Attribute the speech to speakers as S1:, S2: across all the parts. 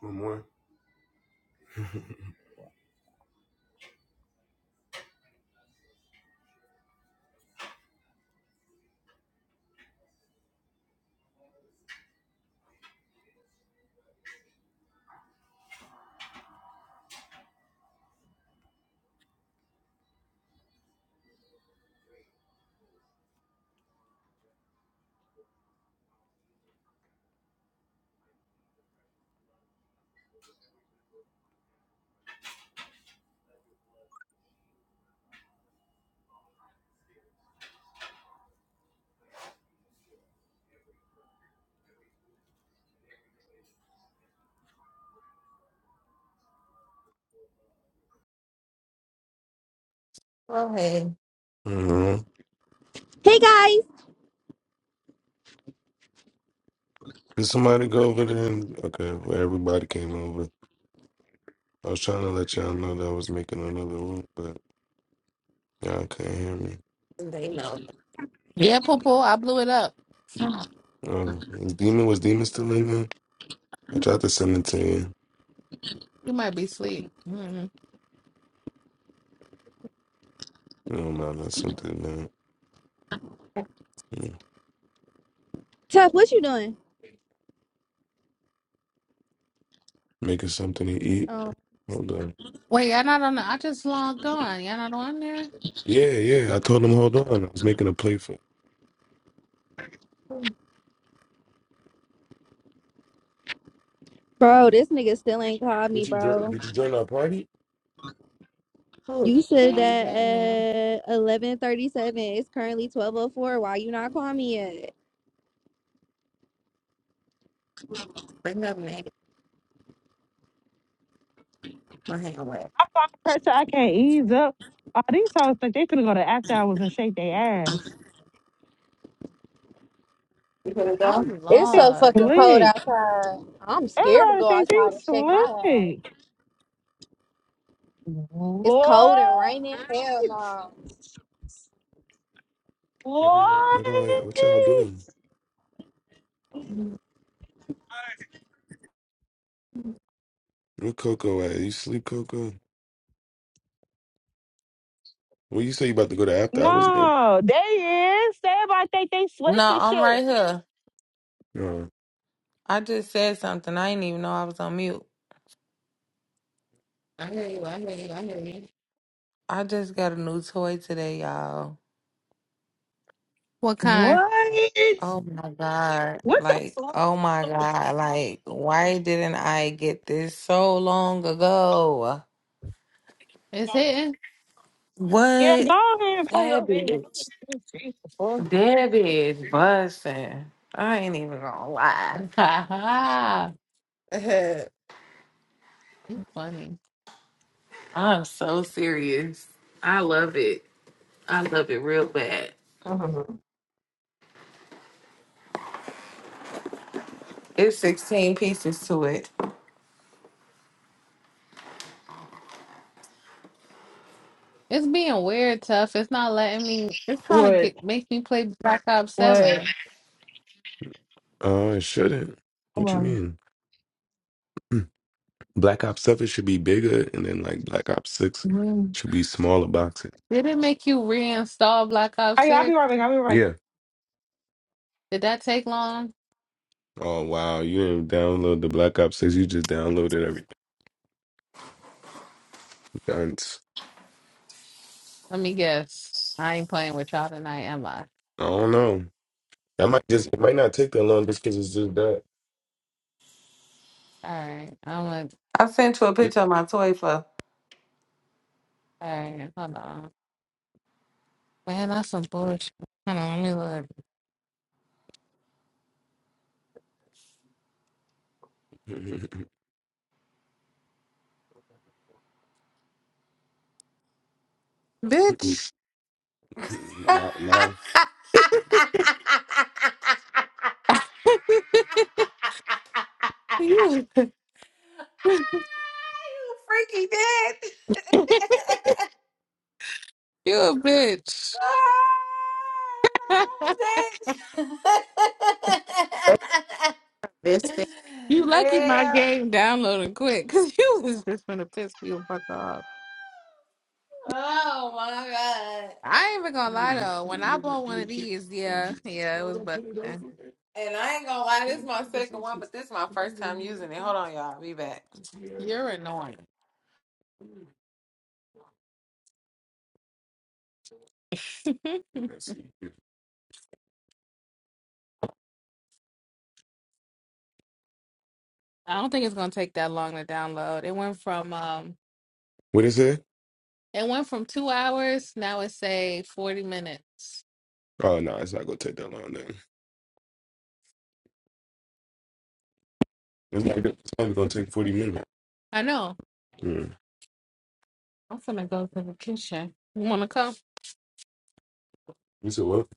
S1: From where?
S2: Go ahead.
S1: Mm-hmm.
S3: Hey guys,
S1: Did somebody go over there? And, okay, well, everybody came over. I was trying to let y'all know that I was making another room, but y'all couldn't hear me.
S2: They know.
S4: Yeah, Popo, I blew it up.
S2: Ah,
S1: Uh, is Demon was Demon still in there? I tried to send it to you.
S4: You might be asleep. Mm-mm.
S1: No, no, that's something that yeah.
S3: Tough, what you doing?
S1: making something to eat.
S3: Oh,
S1: Hold on.
S4: Wait, y'all not on the, I just logged on. Y'all not on there?
S1: Yeah, yeah. I told him hold on. I was making a plate for.
S2: food,
S3: bro, this nigga still ain't called me,
S1: Did you join?
S3: bro.
S1: Did you join our party?
S2: food.
S3: You said
S2: Okay.
S4: I'm
S3: that
S4: getting there.
S3: at eleven thirty-seven. It's currently twelve oh four. Why you not calling me yet?
S2: Bring up name. My hand away.
S5: blood pressure. I can't ease up. All these hoes think they finna go to after hours and shake their ass.
S2: You gonna go?
S4: I'm
S3: It's
S5: They
S3: so
S4: lost.
S3: fucking cold
S5: slick.
S3: outside. I'm scared to
S5: Everybody
S3: go
S5: think they
S3: outside and shake my ass.
S5: slick.
S3: It's cold and
S5: What?
S3: raining. Hell no.
S5: What?
S1: What all? What y'all doing?
S2: Mhm.
S1: Where Coco at? You sleep, Coco? Well, you say you about to go to after. I was there.
S5: No, they is. Everybody think they slick
S6: No,
S5: and
S6: I'm right
S5: shit.
S6: here. I just said something. I didn't even know I was on mute.
S2: I hear you. I hear you. I hear you.
S6: I just got a new toy today, y'all.
S4: What kind?
S5: What?
S6: Oh my God.
S5: What the
S6: Like, oh my
S5: fuck?
S6: God. Like, why didn't I get this so long ago?
S4: It's hitting?
S5: Yeah,
S6: What?
S5: go ahead and pay
S6: That
S5: your
S6: bitch.
S5: bill.
S6: That bitch busting. I ain't even gonna lie.
S4: Ha ha.
S2: Uh-huh.
S4: You funny.
S6: I'm so serious. I love it. I love it real bad.
S2: Mhm.
S6: It's 16 pieces to it.
S4: It's being weird, tough. It's not letting me, it's trying to
S5: What?
S4: get, make me play Black Ops
S5: What?
S4: 7.
S1: Uh, it shouldn't.
S5: Come
S1: What you
S5: on.
S1: mean? Black Ops Seven should be bigger, and then like Black Ops Six
S5: Mm.
S1: should be smaller boxes.
S4: Did it make you reinstall Black Ops
S5: Hey, I'll be
S4: 6?
S5: right back. I'll be right back.
S1: Yeah.
S4: Did that take long?
S1: Oh wow, you didn't download the Black Ops Six. You just downloaded everything. Guns.
S4: Let me guess. I ain't playing with y'all tonight, am I?
S1: I don't know. That might just it might not take that long just because it's just
S4: All right. I'm gonna,
S6: I sent you a picture of my toy for.
S4: all right. Hold on. Man, that's some bullshit. Hold on, let me look.
S1: that.
S4: Bitch,
S6: You
S1: Nah. nah,
S4: you a,
S6: freaky bitch.
S4: you a bitch.
S2: This thing.
S4: you lucky my
S6: yeah.
S4: game downloaded quick, cause you was just gonna piss me the fuck off.
S6: Oh my god.
S4: I ain't even gonna lie
S1: Clean it,
S4: though. When
S1: clean
S4: I
S1: it,
S4: bought one of
S1: clean it.
S4: these,
S1: And
S4: yeah,
S1: you said,
S4: yeah, it
S1: no,
S4: was
S1: don't put it
S4: busting.
S1: over it.
S6: And I ain't gonna lie, this is
S1: Clean it
S6: my
S1: up, it's
S6: second
S1: like
S6: one, but
S1: this.
S6: this is my
S1: And then
S6: first
S1: you'll
S6: time
S1: be like,
S6: using it.
S1: "Mm,
S6: Hold on, y'all. Be back.
S1: it's here."
S4: You're annoying.
S1: Mm,
S4: I
S1: and I see.
S4: don't think it's gonna take that long to download. It went from um,
S1: What is it?
S4: it went from two hours. Now it's say forty minutes.
S1: Oh no, it's not gonna take that long then. It's not gonna, it's probably gonna take forty minutes.
S4: I know.
S1: Mm.
S4: I'm gonna go to the kitchen. You wanna come?
S1: You said what?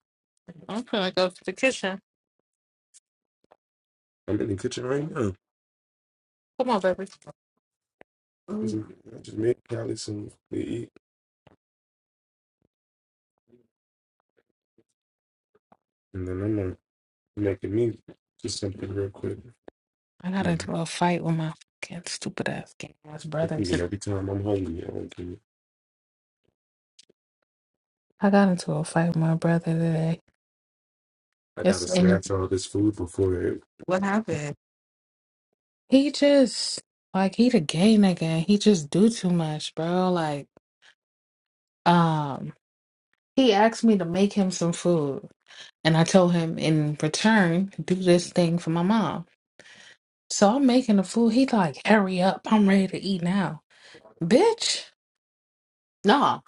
S4: I'm gonna go to the kitchen.
S1: I'm in the kitchen right now.
S4: Come on, baby.
S1: I
S2: mm,
S1: just, I just made Callie some to eat, and then I'm gonna make me just something real quick.
S4: I got
S1: Mm.
S4: into a fight with my fucking stupid ass gay ass
S1: I'm
S4: brother
S1: eating
S4: today.
S1: every time I'm hungry. I don't care.
S4: I got into a fight with my brother today.
S1: I gotta
S4: It's and
S1: snatch all this food before it
S2: What happened?
S4: he just like he the gay nigga and he just do too much, bro. Like um he asked me to make him some food and I told him in return do this thing for my mom. So I'm making the food. He like, hurry up, I'm ready to eat now. Bitch, no,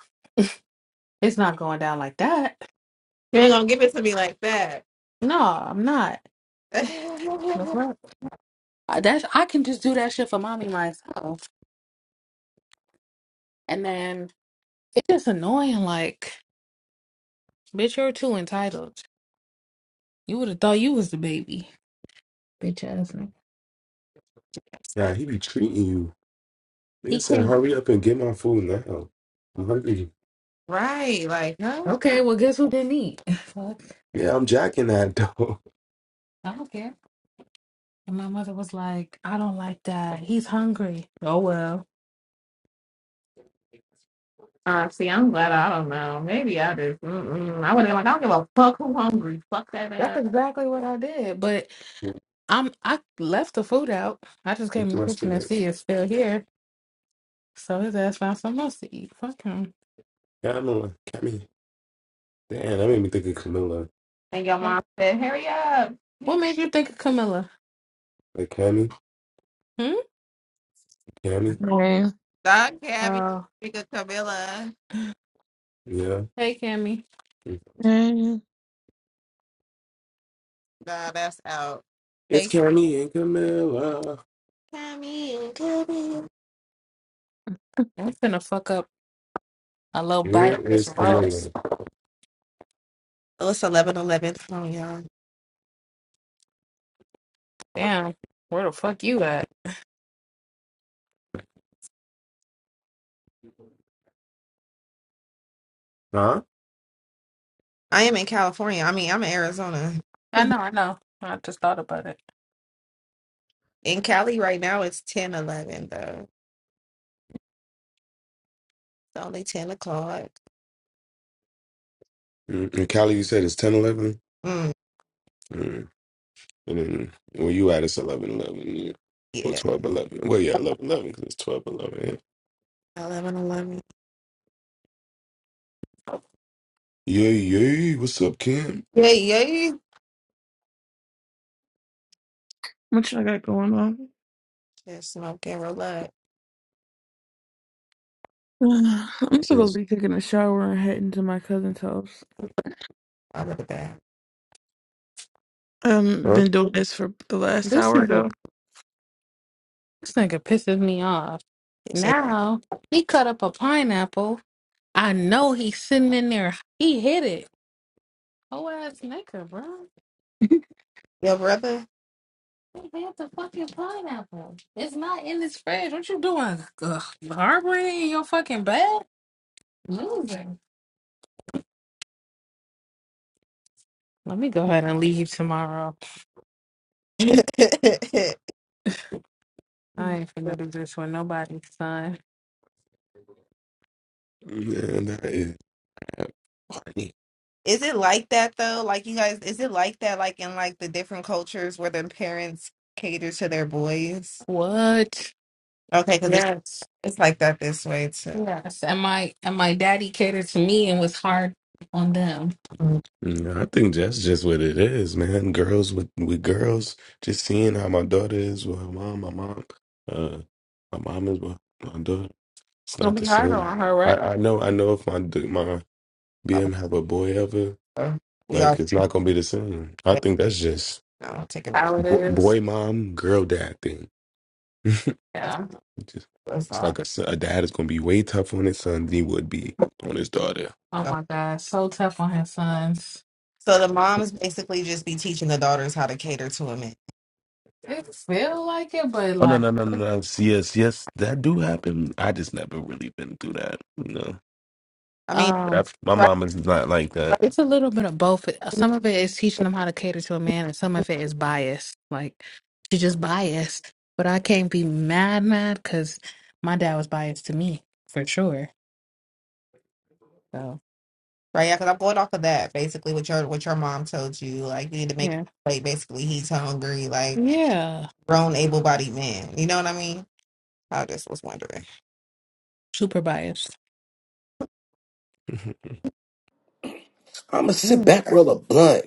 S4: it's not going down like that.
S2: You ain't gonna give it to me like that.
S4: No, I'm not. Mhm. Uh, That's I can just do that shit for mommy myself. And then it's just annoying, like, bitch, you're too entitled. You would have thought you was the baby. Bitch ass nigga.
S1: Yeah, he be treating you. Nigga
S4: He
S1: said,
S4: came.
S1: hurry up and get my food now. I'm hungry.
S2: right. Like, huh?
S4: Okay, well guess who didn't eat? Fuck.
S1: Yeah, I'm jacking that though.
S4: I don't care. And my mother was like, I don't like that. He's hungry. Oh well.
S2: Uh, see, I'm glad I don't know. Maybe I just, mm-mm. I would have like, I don't give a fuck who hungry. Fuck that
S4: That's
S2: up.
S4: exactly what I did. But I'm I left the food out. I just came in the
S1: Interesting.
S4: kitchen and
S1: man.
S4: see it's still here. So his ass found something else to eat. Fuck him.
S1: Yeah, I know. Cammy. Damn, that made me think of Camilla.
S2: And your
S4: Yeah.
S2: mom said, hurry up.
S4: What made you think of Camilla?
S1: Like Cammy, Cammy.
S7: Hey,
S2: Dog Cabby,
S4: Hmm?
S2: nigga Camilla.
S1: Yeah.
S4: Hey, Cammy.
S7: hey,
S2: Nah, that's out.
S1: It's
S2: Hey,
S1: Cammy and Camilla.
S2: come in, come in.
S4: I'm finna fuck up a little
S1: Where
S4: biker's
S1: is Camilla?
S4: roast.
S2: Oh, it's eleven eleven. Come on, y'all.
S4: Damn, where the fuck you at?
S1: Huh?
S2: I am in California. I mean, I'm in Arizona.
S4: I know, I know. I just thought about it.
S2: In Cali right now, it's ten eleven though. It's only ten o'clock.
S1: Mm, And Cali, you said it's 10 11.
S2: Mm,
S1: Mm. And then where you at, it's 11 11 Yeah. Or
S2: yeah,
S1: 12 11. Well, yeah, eleven eleven because it's 12 11.
S2: eleven eleven.
S1: Yeah, yeah. yeah. What's up, Kim?
S2: Yeah, yeah.
S7: what y'all got going on?
S2: Just smoke and relax.
S7: Uh, I'm
S1: Mm,
S7: supposed to be taking a shower and heading to my cousin's house.
S2: Out of the back.
S7: Um,
S1: Huh?
S7: been doing this for the last
S4: This
S7: hour
S4: nigga,
S7: though.
S4: this nigga pisses me off.
S2: You say,
S4: Now he cut up a pineapple. I know he's sitting in there. He hit it. Whole ass nigga, bro.
S2: yo, brother.
S4: He hit the fucking pineapple. It's not in his fridge. What you doing? Ugh, harboring it in your fucking bed? Loser. Let me go ahead and leave tomorrow.
S2: Is
S4: I ain't finna do this with nobody, son.
S1: Man, that is that funny.
S2: it like that though? Like you guys, is it like that? Like in like the different cultures where the parents cater to their boys?
S4: What?
S2: Okay, because
S4: Yes.
S2: It's like that this way too.
S4: Yes. And my and my daddy catered to me and was hard on them.
S2: Mhm.
S1: Mm, I think that's just what it is, man. Girls with, with girls, just seeing how my daughter is with her mom, my mom, uh, my mom is with my daughter. It's not
S4: Gonna
S1: the
S4: be harder
S1: same.
S4: on her,
S1: I,
S4: right?
S1: I know, I know if my d- my BM have a boy ever.
S2: Uh, We all
S1: Like it's not gonna be the same. I think that's just
S2: no, take it back.
S4: How it
S1: bo-
S4: is.
S1: boy mom, girl dad thing.
S2: That's,
S4: Yeah.
S1: Just-
S2: that's
S1: it's
S2: all.
S1: like a, son- a dad is gonna be way tougher on his son than he would be on his daughter.
S4: Oh my God. So tough on his sons.
S2: So the moms basically just be teaching the daughters how to cater to a man.
S4: It feel like it, but
S1: Oh no
S4: like
S1: no no no! no. Yes yes, that do happen. I just never really been through that, you know.
S2: I mean,
S1: But
S4: um
S1: I've, my
S2: right,
S1: mom is not like that.
S4: it's a little bit of both. Uh, Some of it is teaching them how to cater to a man and some of it is biased. Like she's just biased. But I can't be mad mad because my dad was biased to me for sure. So
S2: right? Yeah, because I'm going off of that. Basically, what your what your mom told you, like you need to make
S4: yeah.
S2: plate. basically he's hungry, like
S4: Yeah.
S2: grown, able-bodied man. You know what I mean? I just was wondering.
S4: Super biased.
S8: I'ma sit
S4: Mm,
S8: back, roll a blunt.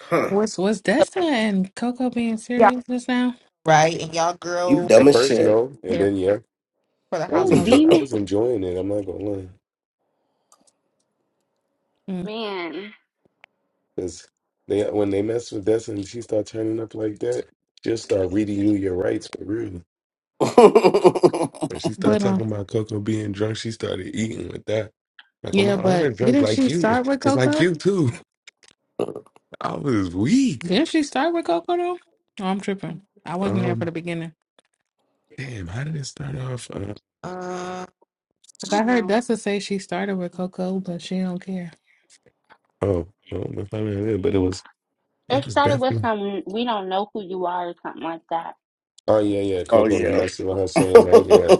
S8: Huh.
S4: What's So was Desta and Coco being
S2: Yeah.
S4: serious just now?
S2: Right, and y'all
S8: You
S2: girl
S8: dumb
S1: At
S8: as
S1: first,
S8: shit.
S1: no, and
S2: here
S1: then yeah,
S2: for the
S1: I was
S2: holiday.
S9: Where's
S4: else?
S1: enjoying. I
S9: Demon?
S1: was enjoying it. I'm not gonna lie,
S4: Mm.
S9: Man,
S1: because they when they mess with this and she start turning up like that, she'll start reading you your rights for real.
S8: oh
S1: When she started
S4: But um,
S1: talking about Coco being drunk, she started eating with that. Like, well, my
S4: yeah, but
S1: other drunk
S4: didn't
S1: like
S4: she
S1: you.
S4: start with
S1: It's like
S4: Coco?
S1: you too. I was weak.
S4: Didn't she start with Coco though? Oh, I'm tripping. I wasn't there for
S1: Um,
S4: the beginning.
S1: damn, how did it start off? Uh,
S2: Um,
S9: I
S4: Cause I
S9: don't
S4: heard
S9: know.
S4: Desta say she started with Coco, but she don't care.
S1: oh, well, if I remember, but it was,
S9: It
S1: it was
S9: started with
S1: definitely.
S9: some we don't know who you are or something like that.
S1: Oh yeah, yeah. Coco was
S8: yeah.
S1: messing with her saying that. Yeah,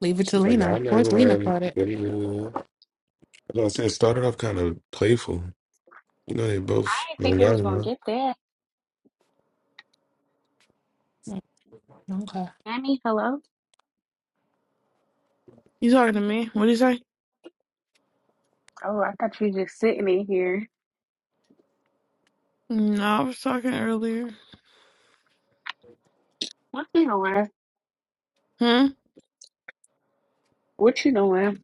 S4: Leave it to
S1: she's like,
S4: Lena.
S1: I
S4: Of
S1: never
S4: course, Lena
S1: won.
S4: caught it.
S1: But I said, it started off kind of playful. You know, they
S9: I
S1: both
S9: didn't think
S1: don't
S9: it
S1: got
S9: was
S1: it.
S9: gonna
S1: huh?
S9: get there.
S4: Mm, Okay.
S9: Annie, hello?
S7: You talking to me? What do you say?
S9: Oh, I thought you just sitting in here.
S7: No, I was talking earlier.
S9: What you doing?
S7: Hmm.
S9: What you doing?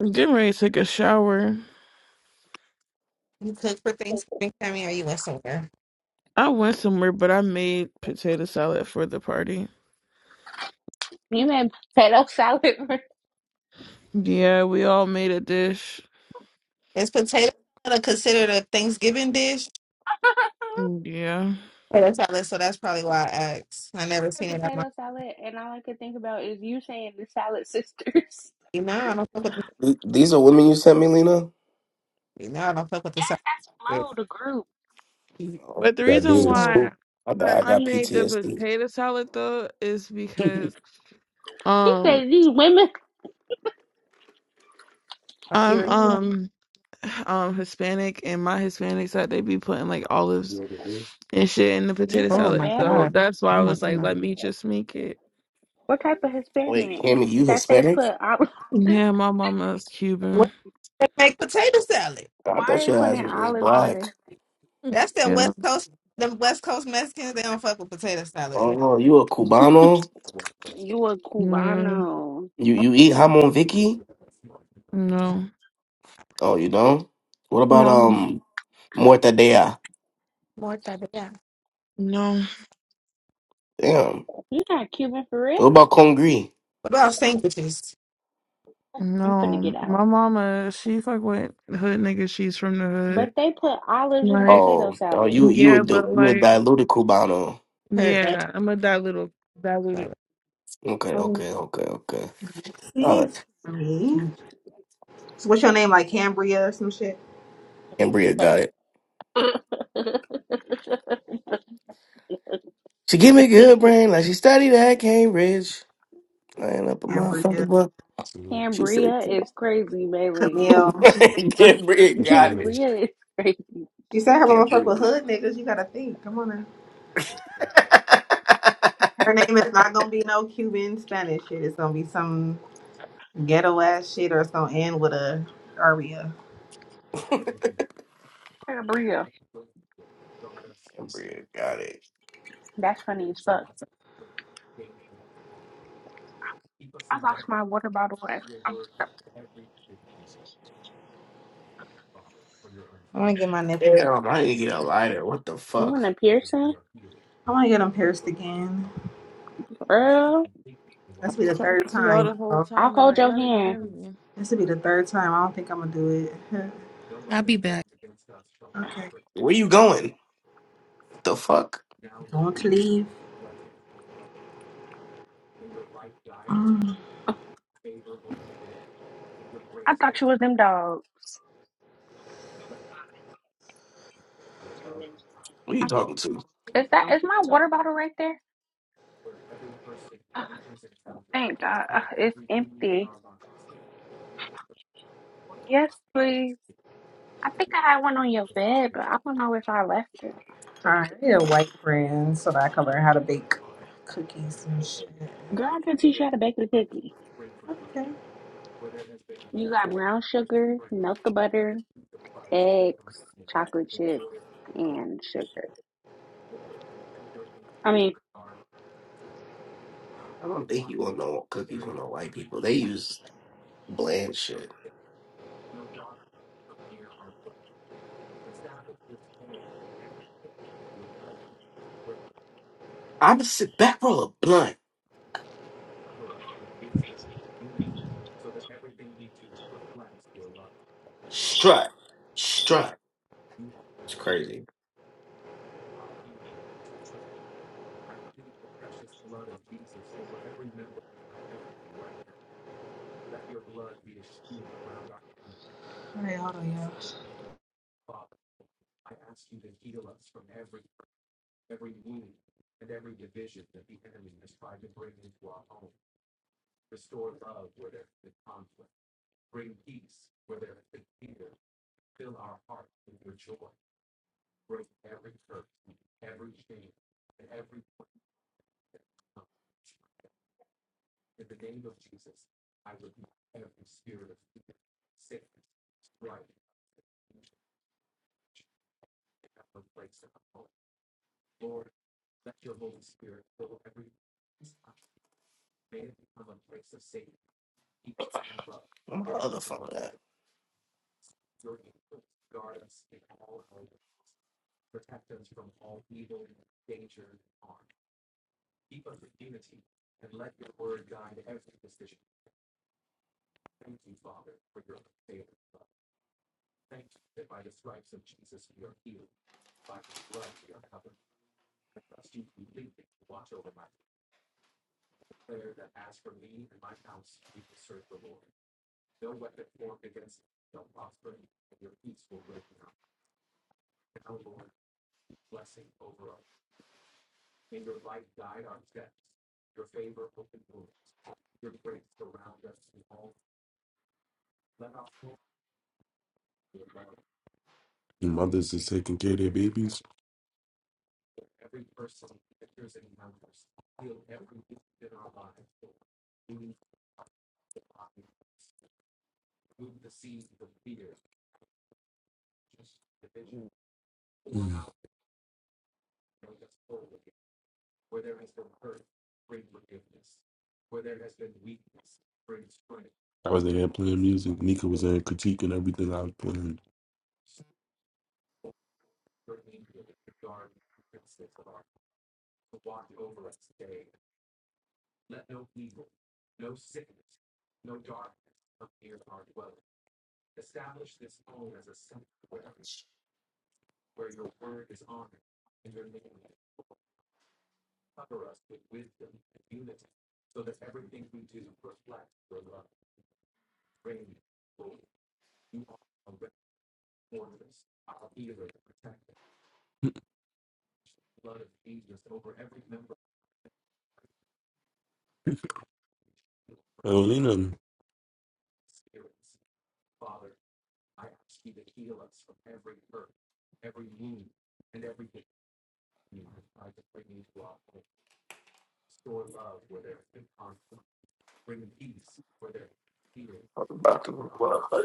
S7: I'm Getting ready to take a shower.
S2: you cook for Thanksgiving, Tammy, or you went somewhere?
S7: I went somewhere, but I made potato salad for the party.
S9: You made potato salad.
S7: Yeah, we all made a dish.
S2: Is potato salad considered a Thanksgiving dish?
S7: Mm, Yeah,
S2: Yeah, that's how so that's probably why I asked. I
S9: She
S2: never
S9: made
S2: seen it. at my,
S9: potato salad and all I could think about is you saying the salad sisters.
S2: like, no, I don't fuck with
S8: Th- These are women you sent me, Lena?
S2: the no, I don't fuck with the salad.
S9: Yes, that's
S2: I
S9: Flo, the group.
S8: Oh,
S7: but the
S1: Got
S7: reason
S4: She's
S8: shit.
S1: demon
S4: like,
S7: why
S1: spook.
S8: I thought I
S7: I
S8: got
S7: made the
S8: PTSD.
S7: potato salad though is because
S9: He
S7: um
S9: said these women
S7: I'm
S2: hear you.
S7: um. um Hispanic and my Hispanic side they be putting like
S1: You
S7: olives
S1: know what it is?
S7: and shit in the
S9: you
S7: potato
S4: oh
S7: salad.
S4: my
S7: So
S9: Hispanic?
S4: god,
S7: that's why
S4: oh
S7: I
S4: my
S7: was
S1: Gotta
S7: like,
S4: goodness.
S7: let
S1: get
S7: me just make it.
S9: What type of
S8: Wait,
S9: Hispanic?
S8: Cammy, you
S9: That they
S8: Hispanic?
S9: put olives
S7: Yeah, my mama's Cuban.
S2: What they make potato salad?
S8: I
S9: why are
S8: thought
S9: they
S8: your ass
S9: putting
S8: was just
S9: olives in this?
S8: black.
S2: That's them
S7: Yeah.
S2: West Coast them West Coast Mexicans, they don't fuck with potato
S8: Oh
S2: salad.
S8: no, you a Cubano?
S9: You a
S7: Mm,
S9: Cubano.
S8: You you eat jamon Vicky?
S7: no.
S8: Oh, you don't? What about
S7: No.
S8: um mortadella?
S2: More type yeah.
S7: No.
S8: Damn.
S9: You not Cuban for real?
S8: What about congri?
S2: What about sandwiches?
S9: I'm finna get
S7: No.
S9: out.
S7: My mama, she fuck with hood niggas, she's from the
S9: But
S7: hood.
S9: they put olives in the
S7: Like
S9: potato
S8: Oh, oh,
S9: salad.
S8: you you a
S7: yeah,
S8: dil-
S7: but
S8: you a
S7: like
S8: diluted Cubano?
S2: Heard that
S7: yeah, I'm a diluted diluted.
S2: salad.
S8: Okay,
S7: Um,
S8: okay, okay,
S2: It's
S8: okay.
S2: me. So what's your name? Like Cambria or some shit?
S8: And Bria got it. She give me good brain, like she studied at Cambridge. Laying up a motherfucker
S2: Cambria.
S8: book.
S1: some-
S8: She said,
S9: Cambria
S8: Cambridge.
S9: is crazy, baby.
S2: Camille. She said she, was,
S8: Cambria
S1: Put it in
S8: got
S1: there.
S8: it.
S9: Cambria is crazy.
S2: she said her mama fuck with
S8: Cambria.
S2: hood niggas. You gotta think. Come on now. Her name is not gonna be no Cuban Spanish shit. It's gonna be some. ghetto ass shit, or it's gonna end with a aria.
S9: Cambria.
S8: Cambria got it.
S9: That's funny as fuck. I lost my water bottle. um,
S2: i want to get my nipples.
S8: Damn, I need to get a lighter. What the
S9: You want a
S8: fuck?
S9: piercing?
S2: i want to get them pierced again.
S9: Girl,
S7: I
S2: That's be
S7: was
S2: the
S7: talking
S2: third
S7: to y'all the
S2: time.
S7: whole
S2: Bro.
S9: I'll
S7: time and
S9: hold
S7: I,
S9: your
S7: y'all didn't
S9: hand.
S7: hear me.
S2: This will be the third time. I don't think I'm gonna do it.
S4: I'll be back.
S2: okay.
S8: Where you going? What the fuck?
S2: Don't leave. Mm.
S9: I
S8: What you
S9: thought,
S8: talking to?
S9: is that is my water bottle right there? Thank God. Uh, It's empty. Yes, please. I think I had one on your bed, but I don't know if I left it. I
S2: All right.
S9: Forget.
S2: I need a white friend so that I can learn how to bake cookies and shit.
S9: Girl, I can teach you how to bake a cookie.
S2: Okay.
S9: You got brown sugar, melt the butter, eggs, chocolate chips, and sugar. I mean,
S8: I don't think you want no cookies from no white people. They use bland shit. I'm sit back roll a blunt. Strut. Strut. It's crazy.
S2: All right. Hold on, y'all.
S8: Where my other phone at?
S1: Mothers is taking care of their babies. Mm. I was in here playing music. Nika was in critiquing everything I was playing. I don't need them.
S8: Fuck about to-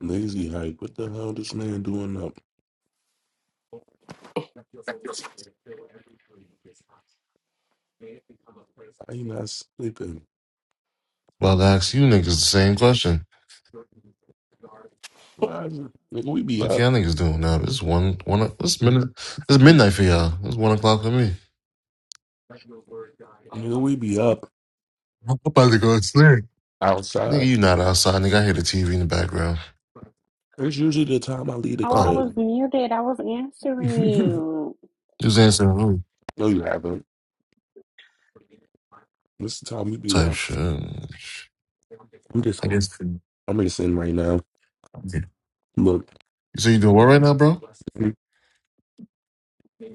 S1: Lazy hype. What the hell this man doing How you not sleeping?
S10: About to ask you niggas the same question.
S1: Why, you- nigga, we be
S10: Like y'all
S1: up.
S10: niggas doing now. It's one one It's minute It's
S1: Nigga,
S10: midnight for y'all. It's one o'clock for me.
S1: nigga, we be up
S10: I'm about to go to sleep. Nigga,
S1: outside.
S10: you not outside, nigga. I hear the TV in the background.
S1: It's usually the time I leave the
S9: oh, I
S10: Oh.
S9: was
S1: crib.
S9: muted. I was answering you.
S10: Just answering the room
S1: no, you haven't. This is the time we be
S10: type
S1: up.
S10: shit.
S1: I'm just,
S10: I guess.
S1: I'm just in right now.
S10: You
S1: Look,
S10: say you doing what right now, bro?
S1: I'm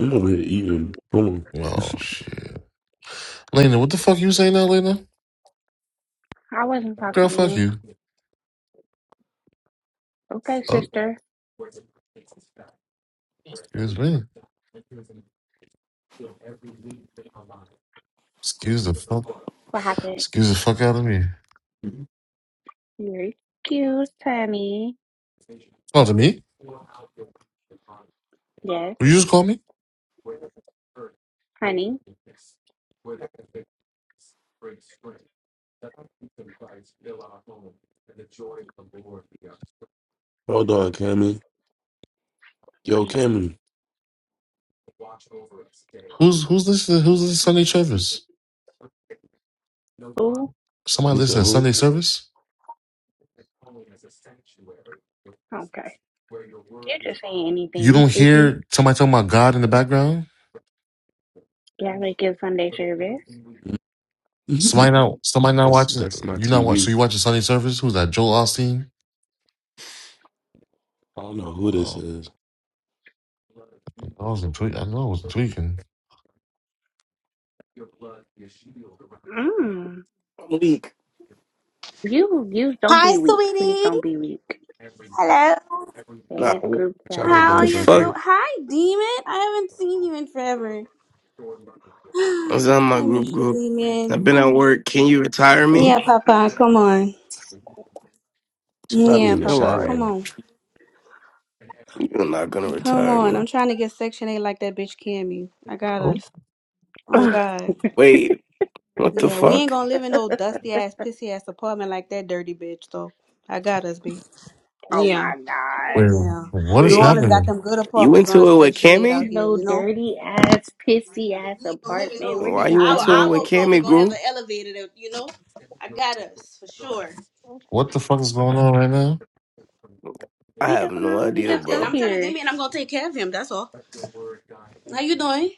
S1: over here eating. Boom.
S10: Oh shit. Lena, what the fuck you saying now, Lena?
S9: I wasn't
S10: Girl,
S9: talking to
S10: fuck
S9: you.
S10: you.
S9: Okay,
S10: Oh,
S9: sister,
S10: excuse me. Excuse the fuck.
S9: what happened?
S10: Excuse the fuck out of me.
S9: You're cute, honey.
S10: Talk to me.
S9: Yes,
S10: Will you just call me?
S9: honey.
S1: Hold on, Cammy. Yo,
S9: I'm
S1: Cammy.
S10: Who's who's this? Who's this Sunday Travis?
S9: cool.
S10: Somebody
S1: You said
S10: listening to
S1: who?
S10: Sunday service.
S9: Okay. You just saying anything.
S10: You
S9: You
S10: don't
S9: sleepy?
S10: hear somebody talking about God in the background.
S9: You like a good Sunday service.
S10: Somebody not somebody not
S1: that's
S10: watching.
S1: that's my
S10: You not watch. So
S1: TV.
S10: you watching Sunday service? Who's that? Joel Osteen.
S1: I don't know who this
S10: Oh,
S1: is.
S10: I wasn't tweaking. I know I wasn't tweaking.
S9: Mm.
S8: Leak.
S9: You you don't
S11: Hi,
S9: be weak. Please
S11: sweetie.
S9: don't be weak.
S11: Hello.
S8: Nah,
S9: Hey,
S8: what
S9: group
S1: Try to
S11: How
S1: invite
S11: are
S9: chat.
S1: her
S8: the
S11: you?
S1: back
S8: fuck?
S11: do-
S1: up.
S11: Hi, Demon. I haven't seen you in forever.
S8: I was on my
S11: I
S8: group
S11: miss you,
S8: group. I've
S11: Demon.
S8: been at work. Can you retire
S10: Oh,
S8: me?
S11: Yeah, Papa. Come on.
S1: She probably
S11: Yeah,
S1: in the
S8: You're
S11: Papa.
S1: shower
S8: lying.
S11: Come
S1: though.
S11: on.
S8: You're not gonna
S11: Come
S8: retire
S11: on.
S8: me.
S11: I'm trying to get Section 8 like that bitch Cammy. I got
S10: oh.
S11: us. Oh, God.
S8: Wait, what the
S11: Yeah, we ain't
S8: fuck?
S11: gonna live in no dusty ass, pissy ass apartment like that dirty bitch, though. I got us, B.
S9: oh
S11: Yeah.
S9: my god.
S10: Wait,
S11: Yeah.
S10: what
S11: New
S10: is
S8: Wait,
S11: Orleans got
S10: happening?
S11: them good
S8: you
S11: apartments on
S8: into it with
S11: Section 8 out
S8: Cammy?
S11: here,
S9: No
S11: you know?
S9: dirty ass, pissy ass
S11: We ain't gonna live in
S9: apartment.
S11: those
S9: Where did
S8: Why
S11: things.
S9: you
S8: you
S11: Our
S9: come
S8: into it
S9: up
S8: with
S11: our
S9: with
S11: apartment
S9: that?
S8: Cammy
S11: gonna have
S8: group?
S11: an elevator that you know. I got us for sure.
S10: What the fuck is going on right now?
S8: I
S9: We
S8: have
S9: don't
S8: no
S9: know. We
S8: idea,
S9: just
S11: Nothing.
S9: got
S8: bro.
S11: I'm telling
S9: here.
S11: Damien I'm gonna take care of him, that's all. How you doing?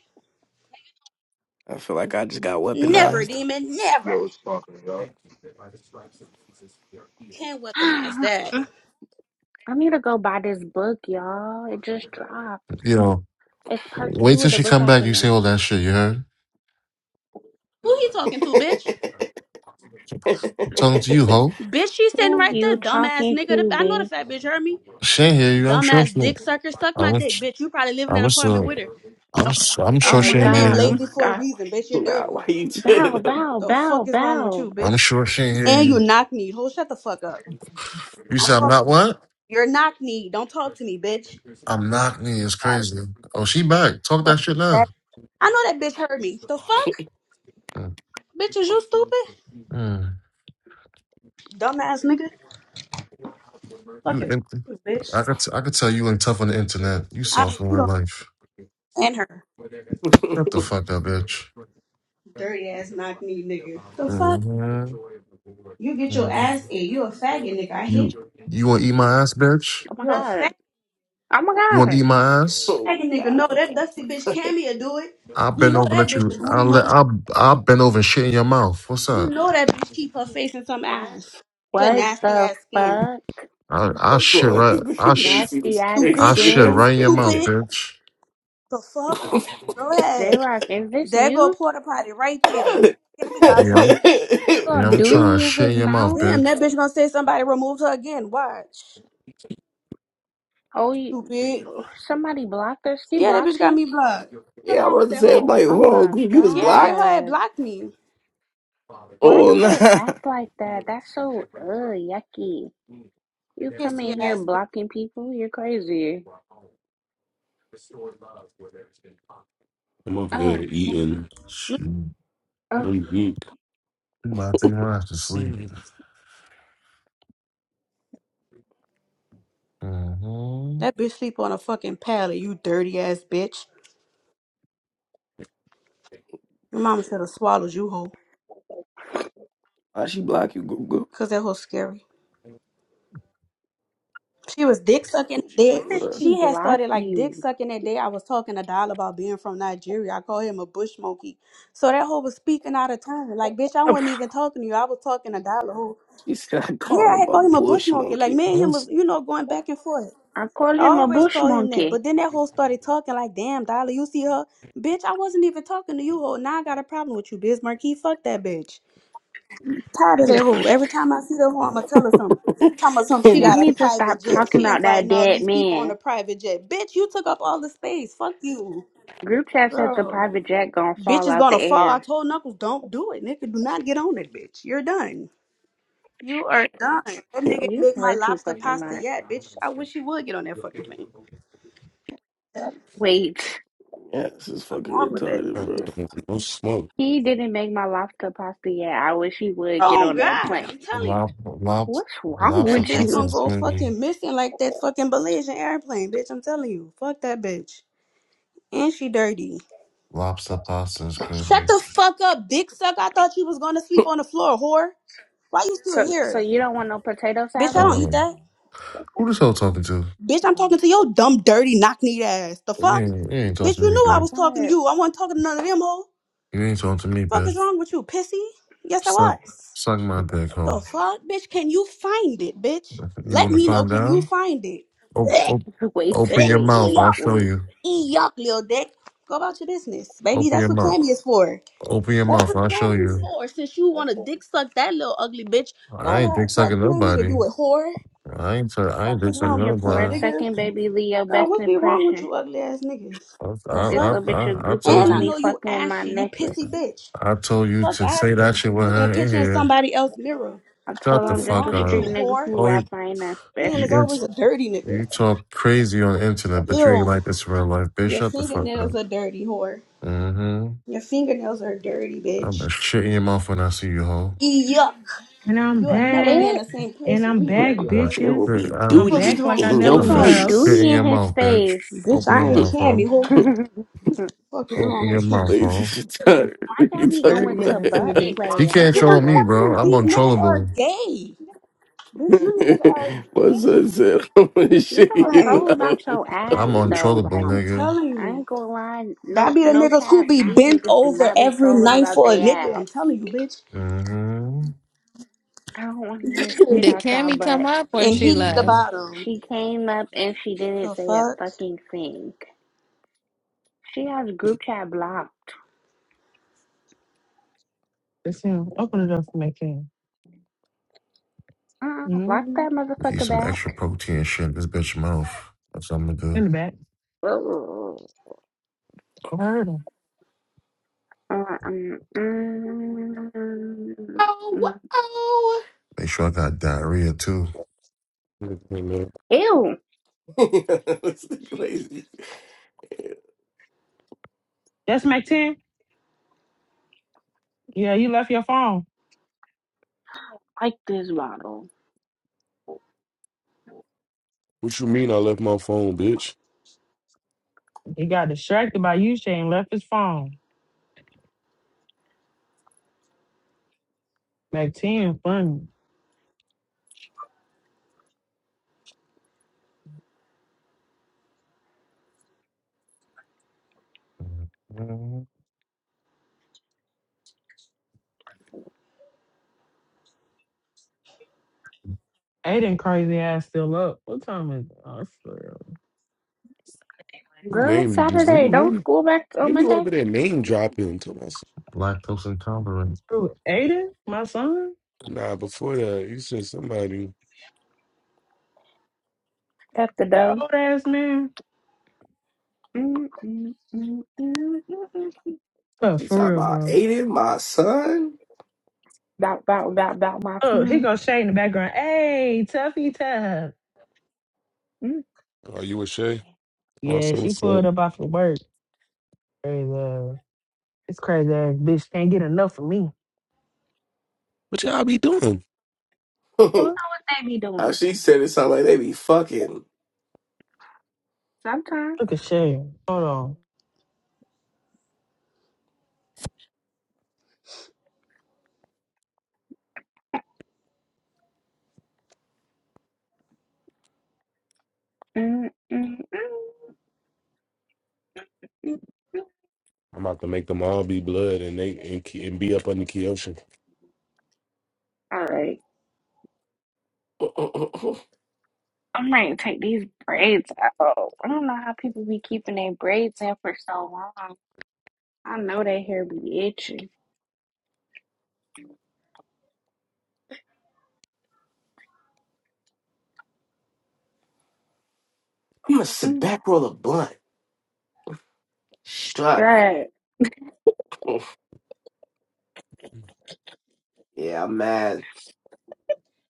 S8: I feel like I just got
S11: Never,
S8: weaponized.
S11: demon, never.
S12: Yo, it's popping, y'all.
S11: Can't weaponize that.
S9: I need to go buy this book, y'all. It just dropped.
S10: You know,
S9: It's part
S10: wait
S9: two of
S10: till
S9: the
S10: she
S9: book
S10: come
S9: I
S10: back. You say all
S9: finished.
S10: that shit. You heard?
S11: Who he talking to, bitch?
S10: I'm talking to you, ho.
S11: Bitch, she's sitting
S9: Who
S11: right
S9: you
S11: there, dumbass
S9: talking
S11: nigga. The-
S9: to,
S11: I know the
S9: bitch?
S11: fat bitch heard me.
S10: She ain't hear you. I'm sure
S11: Dumbass
S10: she.
S11: dick sucker, suck
S10: I
S11: my dick,
S10: wish.
S11: bitch. You probably live in
S10: I
S11: an
S10: wish. Uh,
S11: apartment
S10: I'm.
S11: with her.
S10: i was. I'm
S9: Oh
S10: sure
S11: Yeah,
S9: my
S10: she
S11: your
S10: ain't hear
S11: name
S9: god. Oh my
S10: you.
S11: lazy for a
S9: god.
S11: reason, bitch. You're
S8: nah,
S11: dirty.
S8: why you
S9: Bow,
S8: chilling them?
S9: bow,
S11: The fuck
S9: bow,
S11: is wrong with
S9: bow.
S11: you,
S10: I'm
S11: bitch?
S10: sure she ain't hear
S11: And
S10: you.
S11: you knock me. Hold shut the fuck
S10: You said I'm
S11: up.
S10: not what?
S11: You're knock knee. Don't talk to me, bitch.
S10: I'm knocking it. It's
S11: God,
S10: crazy. Oh, she back. Talk that
S11: fuck
S10: shit now.
S11: that. I know that bitch heard me. The fuck?
S10: Mm,
S11: Bitch, is you stupid?
S10: mm.
S11: Dumbass nigga.
S10: You,
S11: Fucking
S10: in, I
S11: bitch.
S10: could, I could tell you ain't tough on the internet. You
S11: I,
S10: soft in
S11: you
S10: real
S11: don't
S10: life.
S11: and her.
S10: Shut the fuck up, bitch.
S11: Dirty ass knock knee nigga. The fuck?
S10: hmm
S11: You get your ass in. You a faggot nigga. I
S9: Oh
S11: hate
S10: You,
S11: you.
S10: you want to eat my ass, bitch?
S9: my
S11: You're a
S9: god.
S11: fat
S9: Oh my
S10: You want
S9: god.
S10: to eat my ass?
S8: oh,
S11: faggot nigga. No,
S8: nah.
S11: that dusty bitch Cammy will do it.
S10: I'll
S11: We
S10: bend
S11: know
S10: over, and
S11: that
S10: let
S11: bitch
S10: you.
S11: a booty
S10: I'll let.
S11: munch.
S10: I'll, I'll bend over and shit in your mouth. What's
S11: You
S10: up?
S11: know that bitch keep her face in some ass. Your
S9: What
S11: nasty
S9: the
S11: ass skin.
S9: fuck?
S10: I, I
S11: Stupid.
S10: shit right. I sh,
S8: this
S9: Nasty
S8: is
S9: ass
S10: I
S11: Stupid.
S8: crazy
S10: shit
S9: skin?
S8: ass
S10: right in your mouth,
S8: nigga.
S11: Stupid.
S10: bitch.
S11: The fuck? Go
S9: J
S11: ahead.
S9: Rock, is this
S11: There go
S9: you?
S11: porta potty right
S8: yeah,
S11: there. Tammy got
S10: Yeah,
S11: you.
S10: I'm,
S9: You gonna
S10: yeah, I'm
S9: do it
S10: trying to
S9: in
S10: shit
S9: his
S10: in your mouth,
S9: mouth?
S11: Damn, that
S10: bitch.
S11: bitch gonna say somebody removed her again. Watch.
S9: Oh, you,
S11: Stupid.
S9: somebody blocked her? She
S11: Yeah, that
S9: blocked
S11: bitch got
S9: you?
S11: me blocked. What's
S8: I
S11: wrong
S8: was about
S11: with
S8: to
S11: that
S8: say, I'm
S11: hoe?
S8: like,
S9: Oh
S8: hold on,
S9: my
S8: Goop, you was
S11: Yeah, that hoe
S8: blocked?
S11: had
S9: god.
S11: blocked me.
S9: Why
S8: Oh,
S9: do they
S8: nah.
S9: act like that? That's so, uh, yucky. You come in
S11: Pissy
S9: here
S11: ass bitch.
S9: blocking people? You're crazy.
S1: I'm over there
S9: Oh, fuck.
S1: eating.
S11: Mm.
S10: Shit. I'm
S9: Oh,
S1: I'm eating.
S10: about to take my ass to sleep. Mm-hmm.
S11: That bitch sleep on a fucking pallet, you dirty ass bitch. Your mama should have swallowed you, hoe.
S8: Why she block you, Goop Goop?
S11: Cause that hoe's scary. She was dick sucking
S8: What you
S11: that
S9: why
S11: Day
S8: do
S9: did
S8: to her?
S9: she
S11: She had
S9: block
S11: started like dick
S9: you?
S11: sucking that day. I was talking to Dial about being from Nigeria. I call him a bush monkey. So that hoe was speaking out of turn. Like, bitch, I
S9: Ugh,
S11: wasn't even talking to you. I was talking to Dial who
S8: She said, I
S11: yeah,
S8: called
S11: I
S8: him
S11: had
S8: a
S11: called him a bush
S8: bush
S11: monkey. Like
S8: monkey.
S11: me and him was,
S1: No
S11: you know, going back and forth.
S9: I call
S11: I
S9: him a
S11: always
S9: bush
S11: call him that.
S9: monkey.
S11: But then that hoe started talking like, damn, Dollar, you see her? Bitch, I wasn't even talking to you, hoe. Now I got a problem with you, Biz Marquis. Fuck that bitch. Tired of that hoe. Every time I see that hoe, I'ma tell her something. Talking about something,
S8: yeah,
S11: she
S9: Y'all
S11: got a
S9: need to stop
S11: private jet.
S9: talking
S11: She
S9: about that
S11: inviting all
S9: dead
S11: these people on
S9: man.
S11: a private jet. Bitch, you took up all the space. Fuck you.
S9: Group chat said the
S11: Bro.
S9: private jet gonna
S11: Bitch
S9: fall
S11: is
S9: out the
S11: gonna fall. I
S9: air.
S11: told Knuckles, don't do it, nigga. Do not get on it, bitch. You're done. You are done. That nigga ain't
S9: You
S11: make my
S9: play too
S11: lobster
S9: fucking
S11: pasta
S9: much.
S11: yet, bitch. I wish he would get on that fucking plane. What's
S9: Wait,
S8: this is fucking
S11: wrong with that
S8: retarded, bro.
S11: nigga?
S1: smoke.
S9: he didn't make my lobster pasta yet. I wish he would get
S11: Oh
S9: on that
S11: God,
S9: plane.
S11: I'm telling you.
S10: Lop, lop,
S9: What's wrong
S11: That
S10: lobster
S9: with
S11: bitch
S10: pasta
S9: you?
S11: gonna
S10: is
S11: go
S10: crazy.
S11: fucking missing like that fucking Malaysian airplane, bitch. I'm telling you. Fuck that bitch. And she dirty.
S10: Lobster pasta is crazy.
S11: Shut the fuck up, dick suck. I thought you was gonna sleep on the floor, whore. Why you
S9: So,
S11: still
S9: so
S11: here?
S9: you don't want no potato
S11: Bitch, I
S9: salad?
S11: don't
S10: Uh,
S11: eat that.
S10: who this hoe talking to?
S11: Bitch, I'm
S9: Oh,
S11: talking to your dumb, dirty, knock kneed ass. The
S10: You
S11: fuck?
S10: ain't, you ain't
S11: Bitch,
S10: talking
S11: you
S10: to me,
S11: knew I
S10: bitch.
S11: was talking to
S9: God.
S11: you. I wasn't talking to none of them hoe.
S10: You ain't talking to me,
S11: Fuck is
S10: bitch.
S11: wrong with you, pissy? Yes, I
S10: Suck,
S11: was.
S10: suck my dick, hoe.
S11: The fuck, bitch? Can you find it, bitch?
S10: You
S11: Let
S10: want to
S11: me know.
S10: find
S11: Can
S10: out?
S11: you find it?
S10: Op,
S11: Blech,
S10: op,
S9: Wait,
S10: open
S11: blech,
S10: your
S9: wait,
S10: mouth.
S11: Eat
S9: wait,
S10: I'll
S11: yuck,
S10: show
S9: wait.
S10: you.
S11: eat yuck, little dick. Go about your business, baby.
S10: Open
S11: That's
S10: your
S11: what
S10: mouth.
S11: Tammy is for.
S10: Open your
S11: That's
S10: mouth.
S11: what
S10: I'll show
S11: Candy's
S10: you.
S11: for. Since you want to dick suck that little ugly bitch, go
S10: I ain't dick
S11: ahead. Tell
S10: sucking
S11: Candy to
S10: nobody.
S11: do it, whore.
S10: I ain't. T- I ain't
S11: Fuck
S10: dick
S11: is
S9: I'm
S10: sucking
S11: wrong
S9: here
S11: with
S9: for
S11: you,
S9: a
S10: nobody.
S11: nigga?
S9: second, baby Leo.
S11: Girl,
S9: Best
S11: what be wrong with
S9: impression.
S11: you ugly ass niggas?
S10: I,
S11: The
S9: This
S10: I,
S11: fuck?
S9: little
S10: I,
S9: bitch a
S10: I, I
S9: groupie
S10: told
S11: And
S9: want
S11: I
S9: me
S10: you.
S11: know you
S9: fucking my
S11: ashy, you
S9: necklace.
S11: pissy bitch.
S10: I told you
S11: Fuck
S10: to
S11: out of
S10: say that
S11: here.
S10: shit with
S11: Taking a
S10: her in
S11: picture in
S10: here.
S11: somebody else's mirror.
S9: I
S10: Shut
S9: told him
S10: the
S11: Fuck
S9: I'm
S11: is
S9: just
S10: fuck
S9: a
S11: wrong with
S9: street
S10: up.
S11: you,
S9: nigga
S11: whore?
S9: who
S10: Oh,
S9: raps.
S10: you
S9: I ain't that
S11: Damn,
S10: you,
S11: it's
S9: special.
S10: int-
S11: always a dirty
S10: you
S11: nigga.
S10: talk crazy on the internet, but you ain't
S11: Ew.
S10: like this in real life, bitch.
S11: Your
S10: Shut the fuck up.
S11: fingernails are dirty, whore.
S10: Mm-hmm.
S11: Your fingernails are dirty,
S10: I'm
S11: bitch.
S10: gonna shit in your mouth when I see you, hoe.
S11: Yuck.
S5: And I'm
S11: You'll never be
S9: Bitch.
S11: in
S5: back.
S11: the same place
S5: And
S11: with
S5: I'm
S11: me,
S5: back,
S11: dirty
S10: I'm gonna
S11: whore.
S8: There
S5: bitches.
S8: will
S10: shit.
S8: be
S10: I'm
S5: I'm
S11: What is
S5: back
S8: duty
S5: like
S11: wrong
S5: I
S8: in
S11: with
S9: He
S5: never
S8: your
S10: I'm
S11: you?
S10: gonna
S9: gonna
S10: shit
S5: left.
S8: face.
S10: in
S9: duty
S10: your
S9: in his
S10: mouth, bitch.
S9: face.
S11: Bitch,
S10: Open your
S11: I
S8: That
S11: ain't
S10: mouth,
S11: candy.
S10: hoe.
S11: Who the
S9: I
S11: fuck is
S10: Open
S11: wrong
S8: nigga
S10: your
S11: with you?
S10: mouth,
S8: Lazy
S10: hoe.
S8: retarded. What
S9: got
S8: you
S9: me going
S11: Dirty
S9: to
S11: ass
S8: talking
S9: butt
S11: nigga.
S10: He
S11: Cause
S9: play. I
S10: can't
S9: get
S11: I'm
S10: troll me,
S9: grossed
S11: telling
S10: bro.
S11: you,
S10: I'm
S9: out
S11: these niggas
S9: bad.
S11: are
S10: untrollable.
S11: gay. Bitch, you niggas
S8: about?
S11: are
S8: My
S11: gay.
S8: son said, I'm gonna
S9: You
S8: shake
S9: don't
S8: it
S11: Like,
S9: troll about
S8: out.
S9: your ass
S10: I'm
S9: though.
S10: untrollable,
S9: Like
S11: I'm
S10: nigga.
S11: telling
S9: I
S11: you.
S9: ain't gonna lie, no
S11: That be the
S9: no
S11: niggas
S9: cap.
S11: who be
S9: These
S11: bent
S9: niggas do
S11: over
S9: not be
S11: every
S9: trolling
S11: night
S9: about
S11: for a
S9: their
S11: nigga. I'm
S9: ass.
S11: telling you, bitch.
S10: Mm-hmm.
S9: I don't want to hear shit
S4: Did
S9: out y'all.
S4: Cammy come
S9: But
S4: up or
S11: and
S4: she
S11: he's the
S10: Mm-hmm.
S4: left?
S11: bottom.
S9: she came up and she didn't
S11: The
S9: say a
S11: fuck?
S9: fucking thing. She has group chat blocked.
S5: It's him. Open the door for Mac 10.
S9: Uh, lock
S5: Mhm.
S9: that
S10: Eat
S9: motherfucker
S10: some extra
S9: back.
S10: protein and shit in this bitch mouth. That's what I'm gonna
S5: In
S10: do.
S5: the back.
S9: Ugh.
S5: I heard him.
S9: Mm, mm, mm,
S8: Oh,
S9: mm.
S8: oh.
S10: Make sure I got diarrhea too.
S1: What
S9: Ew,
S8: This nigga lazy.
S5: That's Mac 10? Yeah, you left your phone.
S9: like this bottle.
S1: you mean I left my phone, bitch?
S5: He got distracted by you, Shane. Left his phone. Mac 10, funny.
S10: Mhm.
S5: Aiden crazy ass still up. What time is it? Oh, it's for real.
S1: Who
S9: Girl, it's
S1: name you just then
S9: Saturday. Don't
S1: you
S9: school back on
S1: then you
S9: Monday
S1: over there name dropping to us.
S10: Lactose intolerant.
S5: Who, Aiden? My son?
S1: Nah, before that, you said somebody
S9: at the
S5: That
S9: door.
S5: old ass man?
S9: Mm, mm, mm, mm, mm, mm.
S5: Oh,
S8: She
S5: for
S8: talking
S5: real,
S8: about
S5: bro.
S8: Aiden, my son.
S9: About, about, about, about my
S5: Oh, he
S9: son.
S5: goes Shane in the background. Hey, toughy tough.
S9: Mm.
S1: Are you with Shay? Oh, I
S5: Yeah,
S1: said
S5: she
S1: what's up?
S5: pulled up off of work. Crazy. ass. It's crazy ass bitch can't get enough of me.
S1: What y'all be doing?
S9: You
S8: How
S9: know
S5: Look
S9: what they be doing
S8: she said it sounded like they be fucking.
S9: sometimes.
S5: at Shane. Hold on.
S9: Mm, mm, mm, mm, mm.
S1: I'm about to make them all be blood and they and, Ke- and be up under Kyoshi.
S9: All right.
S8: I'm
S9: I'm ready to take these braids out. I don't know how people be keeping their braids in for so long. I know their hair be itchy.
S8: a
S9: Mm.
S8: back roll of blunt. Strut.
S9: right.
S8: Yeah, I'm mad.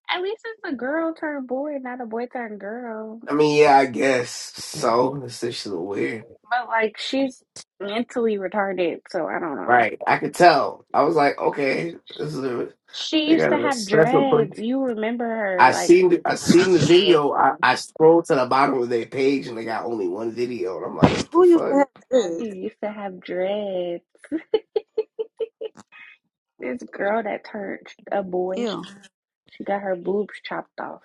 S9: At least it's a girl turned boy, not a boy turned girl.
S8: I mean, yeah, I guess so. This is just weird.
S9: But like she's mentally retarded, so I don't know.
S8: Right. I could tell. I was like, okay, this is a,
S9: She
S8: they
S9: used
S8: got
S9: to
S8: a
S9: have
S8: special
S9: dreads.
S8: person.
S9: You remember her,
S8: I
S9: like
S8: seen the, I seen the
S9: okay.
S8: video. I, I scrolled to the bottom of their page and they got only one video, and I'm like, what the
S11: Who used
S8: fuck?
S11: to have good?
S9: She used to have dreads. This girl that turned a boy,
S11: Ew.
S9: she got her boobs chopped off.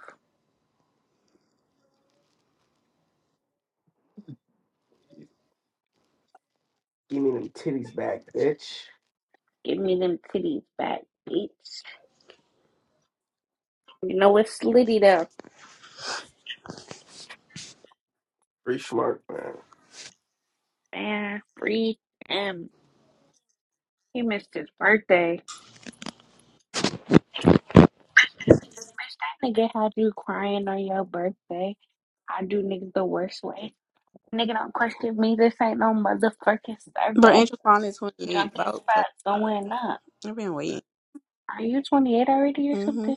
S8: Give me them titties back, bitch.
S9: Give me them titties back, bitch. You know it's slitty though.
S8: Free smart, man.
S9: Man, free him. He missed his birthday. Bitch, that nigga had you crying on your birthday. I do niggas the worst way. Nigga don't question me. This ain't no motherfucking
S11: But
S9: survey.
S11: Angel finally 28.
S9: Drunk as
S11: About fucking
S9: fuck, going
S11: time.
S9: up.
S11: I've been waiting.
S9: Are you 28 already or
S11: Mm-hmm.
S9: something?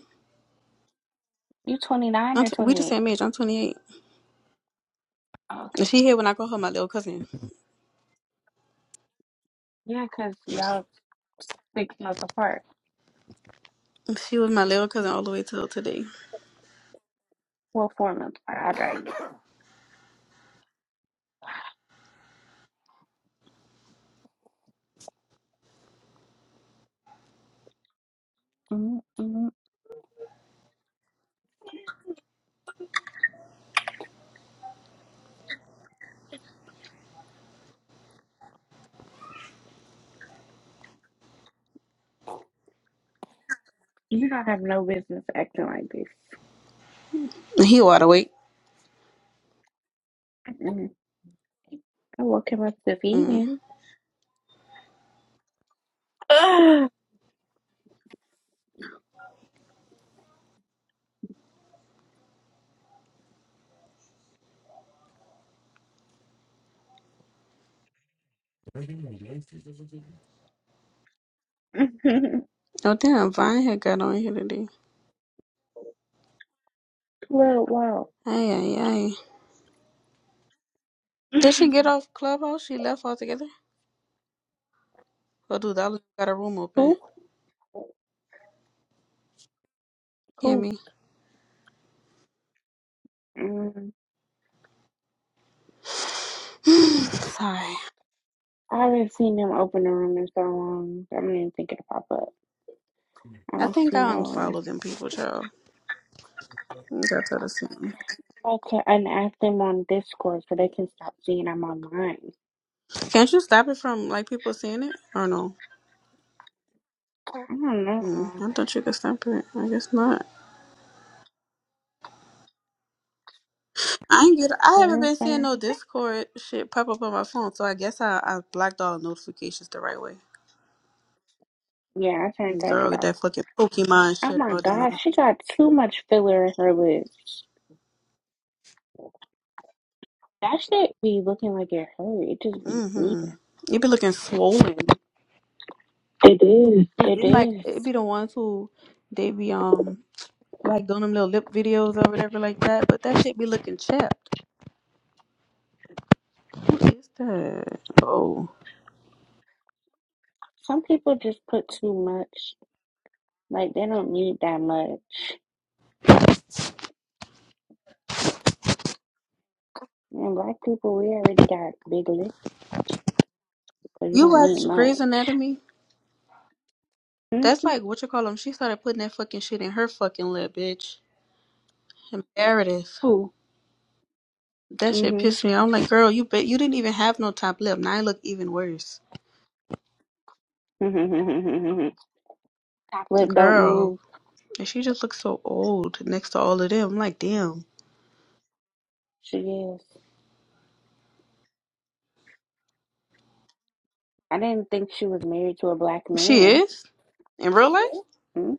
S9: You 29
S11: I'm
S9: or
S11: t- we the
S9: 28?
S11: same age. I'm 28.
S9: Oh, okay.
S11: And she here when I call her my little cousin.
S9: Yeah, because y'all six months apart.
S11: She was my little cousin all the way till today.
S9: Well, four months apart. I dragged it. Mm-mm. You don't have no business acting like this.
S11: He wide awake.
S9: Mm-mm. I woke him up to feed
S11: Mm.
S9: him. Ugh.
S11: Oh damn, Vine had got on here today.
S9: well, wow.
S11: Ay ay ay. Did she get off Clubhouse? She left altogether? Oh dude, I got a room open.
S9: Who?
S11: Hear me?
S9: Who?
S11: Sorry.
S9: I haven't seen them open a room in so long. I don't even think it'll pop up. I
S11: I
S9: don't
S11: think
S9: see
S11: I
S9: no room.
S11: unfollowed them people, child. I got I told her
S9: Okay, and ask them on Discord so they can stop seeing I'm online.
S11: Can't you stop it from like people seeing it or no?
S9: I don't
S11: Mm,
S9: know.
S11: I thought you could stop it. I guess not. I ain't get. I haven't been seeing
S9: Further?
S11: no Discord shit pop up on my phone, so I guess I I blocked all notifications the right way.
S9: Yeah, I turned that
S11: Girl,
S9: shit
S11: get
S9: off.
S11: that fucking Pokemon
S9: Oh
S11: shit
S9: my
S11: all
S9: god,
S11: down.
S9: she got too much filler in her lips. That shit be looking like it hurt. It just be
S11: Mm-hmm.
S9: bleeding.
S11: It be looking swollen. It is. And
S9: It
S11: then like
S9: is.
S11: it be the ones who they be um like doing them little lip videos or whatever like that, but that shit be looking chapped. Who is that? Oh.
S9: Some people just put too much. Like they don't need that much. And black people, we already got big lips, so you
S11: You
S9: don't need
S11: watch Grey's
S9: much.
S11: Anatomy? That's
S9: Mhm.
S11: like what you call them. She started putting that fucking shit in her fucking lip, bitch. Imperative.
S9: Who?
S11: That shit
S9: Mhm.
S11: pissed me. off. I'm like, girl, you bet you didn't even have no top lip. Now I look even worse.
S9: Mhm. Top lip don't
S11: Girl.
S9: move.
S11: And she just looks so old next to all of them. I'm like, damn.
S9: She is. I didn't think she was married to a black
S11: She
S9: man.
S11: is? In real life?
S9: Mhm.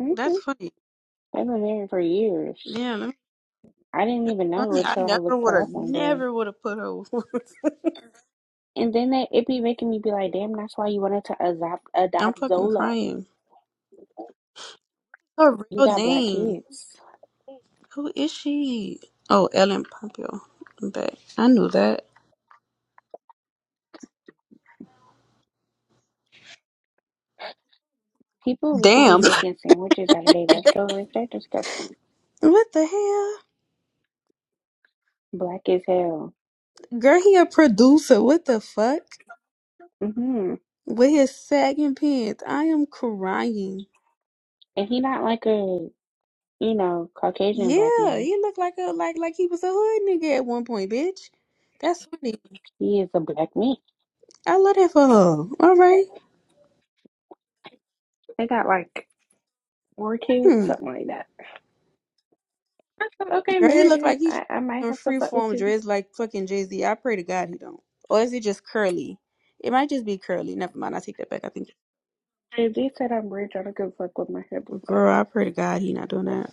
S9: Mhm.
S11: That's funny.
S9: They've been married for years.
S11: Damn, that's
S9: I didn't even know
S11: funny. I
S9: until I
S11: never
S9: looked
S11: would
S9: her
S11: have,
S9: up one day.
S11: never would have put her.
S9: And then they, it be making me be like, damn, that's why you wanted to adopt,
S11: I'm
S9: adopt
S11: fucking
S9: Zola.
S11: crying. Her
S9: You
S11: real
S9: got black
S11: name.
S9: kids.
S11: Who is she? Oh, Ellen Pompeo. I'm back. I knew that.
S9: People really be
S11: Damn.
S9: making sandwiches out of their leftovers. They're disgusting.
S11: What the hell?
S9: Black as hell.
S11: Girl, he a producer. What the fuck?
S9: hmm
S11: With his sagging pants. I am crying.
S9: And he not like a you know, Caucasian black
S11: Yeah,
S9: man.
S11: he looked like a like like he was a hood nigga at one point, bitch. That's funny.
S9: He is a black man.
S11: I love that for her. All right.
S9: They got like four kids,
S11: Hmm.
S9: something like that. I said, okay,
S11: Girl, he look
S9: Meredith,
S11: like he's
S9: I, I might
S11: trying to
S9: have to
S11: free
S9: fuck with
S11: form
S9: you.
S11: dreads like fucking Jay Z. I pray to God he don't. Or is it just curly? It might just be curly. Never mind. I take that back. I think.
S9: And they said I'm rich, I don't give a fuck what my head was
S11: girl, I pray to God he not doing that.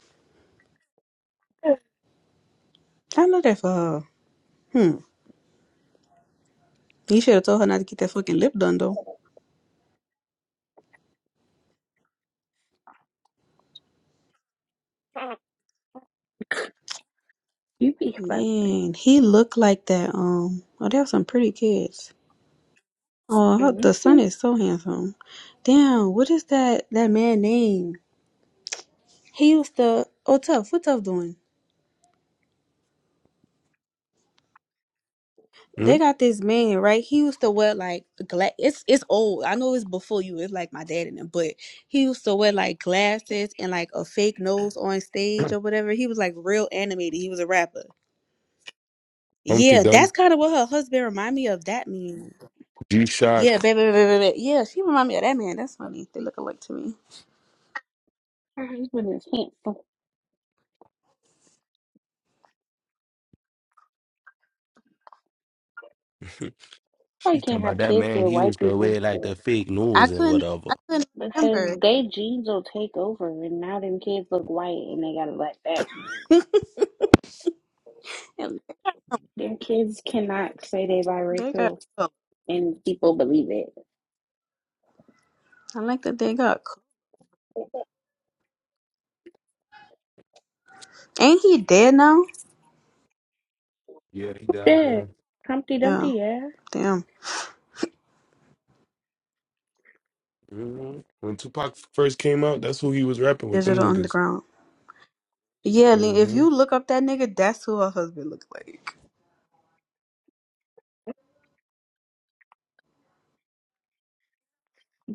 S9: like.
S11: I love that for her. Hmm. He should have told her not to get that fucking lip done though.
S9: you be fussing.
S11: Man, he looked like that. Um. Oh, they have some pretty kids. Oh, her- the
S9: Mm-hmm.
S11: son is so handsome. Damn. What is that? That man name? He was the. Oh, tough. What tough doing?
S1: Hmm?
S11: They got this man, right? He used to wear like glass. It's it's old. I know it's before you. It's like my dad and him, but he used to wear like glasses and like a fake nose on stage or whatever. He was like real animated. He was a rapper.
S1: Humpty
S11: Yeah,
S1: Dump,
S11: that's kind of what her husband remind me of. That man.
S1: G
S11: Yeah,
S1: Shock.
S11: baby, baby, baby. baby. Yeah, she remind me of that man. That's funny. They look alike to me.
S9: Her husband is handsome. I
S1: She talking
S9: can't
S1: about
S9: have
S1: that
S9: kids
S1: man.
S9: with
S1: He was
S9: white
S1: the
S9: people
S1: way like the fake
S11: I
S1: news and
S11: couldn't.
S1: whatever.
S11: I couldn't remember.
S9: because they genes will take over, and now them kids look white and they got a black baby.
S11: And
S9: Their kids cannot say they
S11: they got.
S9: biracial, and people believe it.
S11: I like that they got. Ain't he dead now?
S1: Yeah, he died. Yeah.
S9: Shit, Humpty
S11: Yeah.
S9: Dumpty, yeah.
S11: Damn.
S1: Mhm. When Tupac first came out, that's who he was rapping with, them
S11: Digital
S1: niggas.
S11: Underground. Yeah, Lin- if
S1: hmm
S11: you look up that nigga, that's who her husband looked like.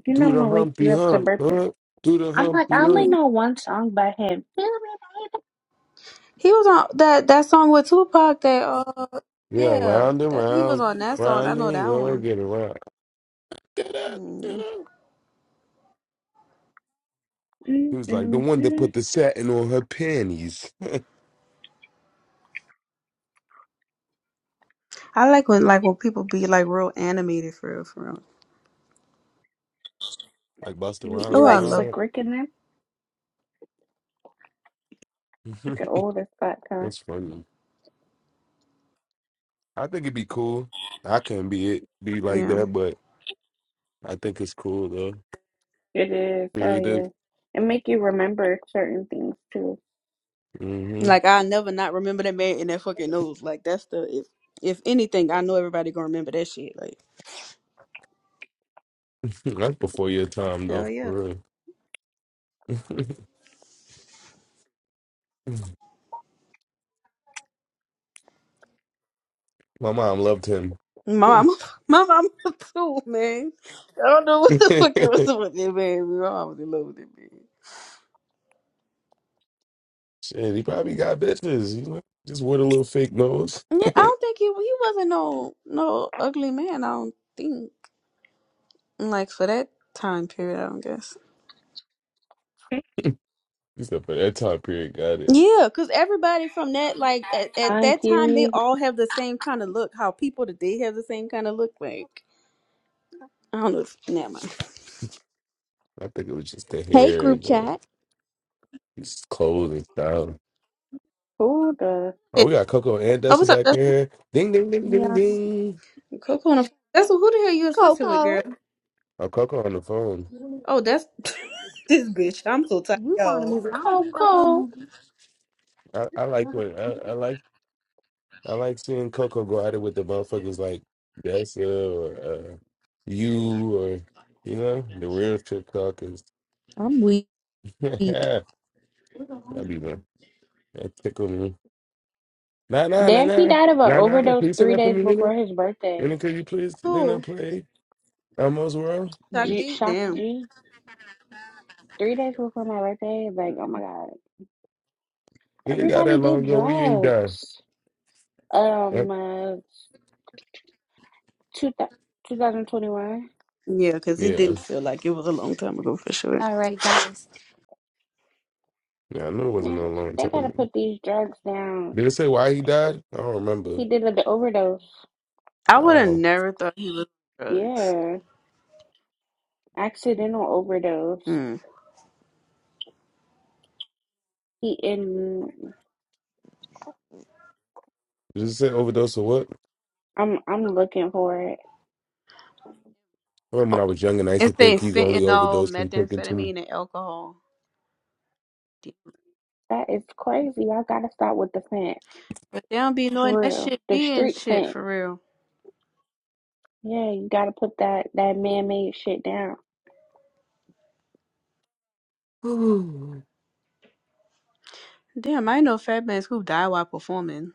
S9: You know
S1: Do
S9: I'm
S1: the
S9: gonna wake you
S1: humpy
S9: up to
S1: hump,
S9: birthday.
S1: huh? Do the
S9: I'm like, I
S1: humpy
S9: only
S1: hump.
S9: know one song by him. Feel me,
S11: He was on that that song with Tupac. That uh,
S1: Yeah,
S11: yeah,
S1: round and
S11: that he was
S1: round,
S11: on that song. I
S1: round
S11: know
S1: and
S11: that
S1: go
S11: one.
S1: get around. Da-da,
S11: Hmm.
S1: da-da.
S9: baby. Mm,
S1: He was like the
S9: mm,
S1: one that
S9: mm.
S1: put the satin on her panties,
S11: I like when like when people be like real animated for real, for real.
S1: like Busta
S9: You, you
S1: Rhymes
S11: Oh,
S1: and
S11: I
S9: like
S1: all
S11: love
S9: Slick
S1: that.
S9: Rick in there? Look at old as fuck, huh?
S1: that's funny. I think it'd be cool. I couldn't be it, be like
S11: yeah.
S1: that, but I think it's cool though.
S9: It is, oh yeah.
S1: Creative.
S9: And make you remember certain things too.
S1: hmm
S11: Like I never not remember that man in that fucking nose. Like that's the if if anything, I know everybody gonna remember that shit. Like
S1: That's before your time though,
S11: hell yeah,
S1: for real. My mom loved him.
S11: my
S1: Shit,
S11: mama, my mama too, man. I don't know
S1: he
S11: what the fuck it was with that man. My mama was in love with that man.
S1: probably got bitches, you know. Just wore the little fake nose.
S11: Yeah, I don't think he he wasn't no no ugly man. I don't think like for that time period. I don't guess.
S1: Except for that time period, got it.
S11: Yeah, cause everybody from that like at, at
S9: Time
S11: that time they
S9: period.
S11: all have the same kind of look. How people today have the same kind of look. Like I don't know. If, never mind.
S1: I think it was just the
S3: Hey,
S1: hair
S3: group
S1: and uh,
S3: chat.
S1: his clothes and style.
S9: Oh, the
S1: Oh,
S11: Yeah.
S1: we got Coco and
S11: Oh,
S1: Dessa
S11: what's up?
S1: back
S11: That's
S1: there. Ding, ding, ding, ding,
S3: Yeah,
S1: ding.
S11: Coco. on the- That's who the hell you was fussing with,
S3: Coco.
S11: girl?
S1: Oh, Coco on the phone.
S11: Oh, that's this bitch. I'm so tired, y'all.
S9: Coco.
S1: I, I like when I, I like I like seeing Coco go at it with the motherfuckers like Dessa or uh, you or you know the real trip talkers.
S3: I'm weak. All
S1: That'd be fun. That tickled me. Nah, nah, nah,
S9: Damn, he
S1: nah.
S9: died of an
S1: Nah, nah, nah.
S9: overdose
S1: Can you sing
S9: three
S1: that for
S9: days
S1: me, Lena?
S9: before his
S1: Lena,
S9: birthday.
S1: could you please, Lena,
S11: Who?
S1: play Elmo's World, please?
S9: G
S11: Takji,
S9: Shock
S11: damn.
S9: G. Three days before my birthday. Like, oh my god.
S1: You ain't got
S9: Everybody
S1: that
S9: did
S1: long ago. We ain't died.
S9: drugs.
S1: Huh?
S9: Um, uh, two thou- 2021.
S11: Yeah, because it
S1: Yeah.
S11: didn't feel like it was a long time ago for sure.
S3: right.
S1: Yeah, I know it wasn't
S9: Man,
S1: a long
S9: they gotta
S1: time.
S9: put these drugs down.
S1: Did it say why he died? I don't remember.
S9: He did an overdose.
S11: I would have
S1: Oh.
S11: never thought he was on drugs.
S9: Yeah, accidental overdose.
S11: Hmm.
S9: He in.
S1: Did it say overdose or what?
S9: I'm I'm looking for it.
S1: I remember when I was young and I used to
S11: Instead,
S1: think you could only
S11: fentanyl,
S1: overdose from cooking too
S11: methamphetamine, and alcohol. Damn.
S9: That is crazy. Y'all gotta stop with the fent
S11: But they don't be knowing
S9: for
S11: that
S9: real.
S11: shit
S9: The
S11: be in
S9: street
S11: shit
S9: fent.
S11: for real.
S9: Yeah, you gotta put that that man made shit down.
S1: much.
S11: Damn, I know fat bands who die while performing.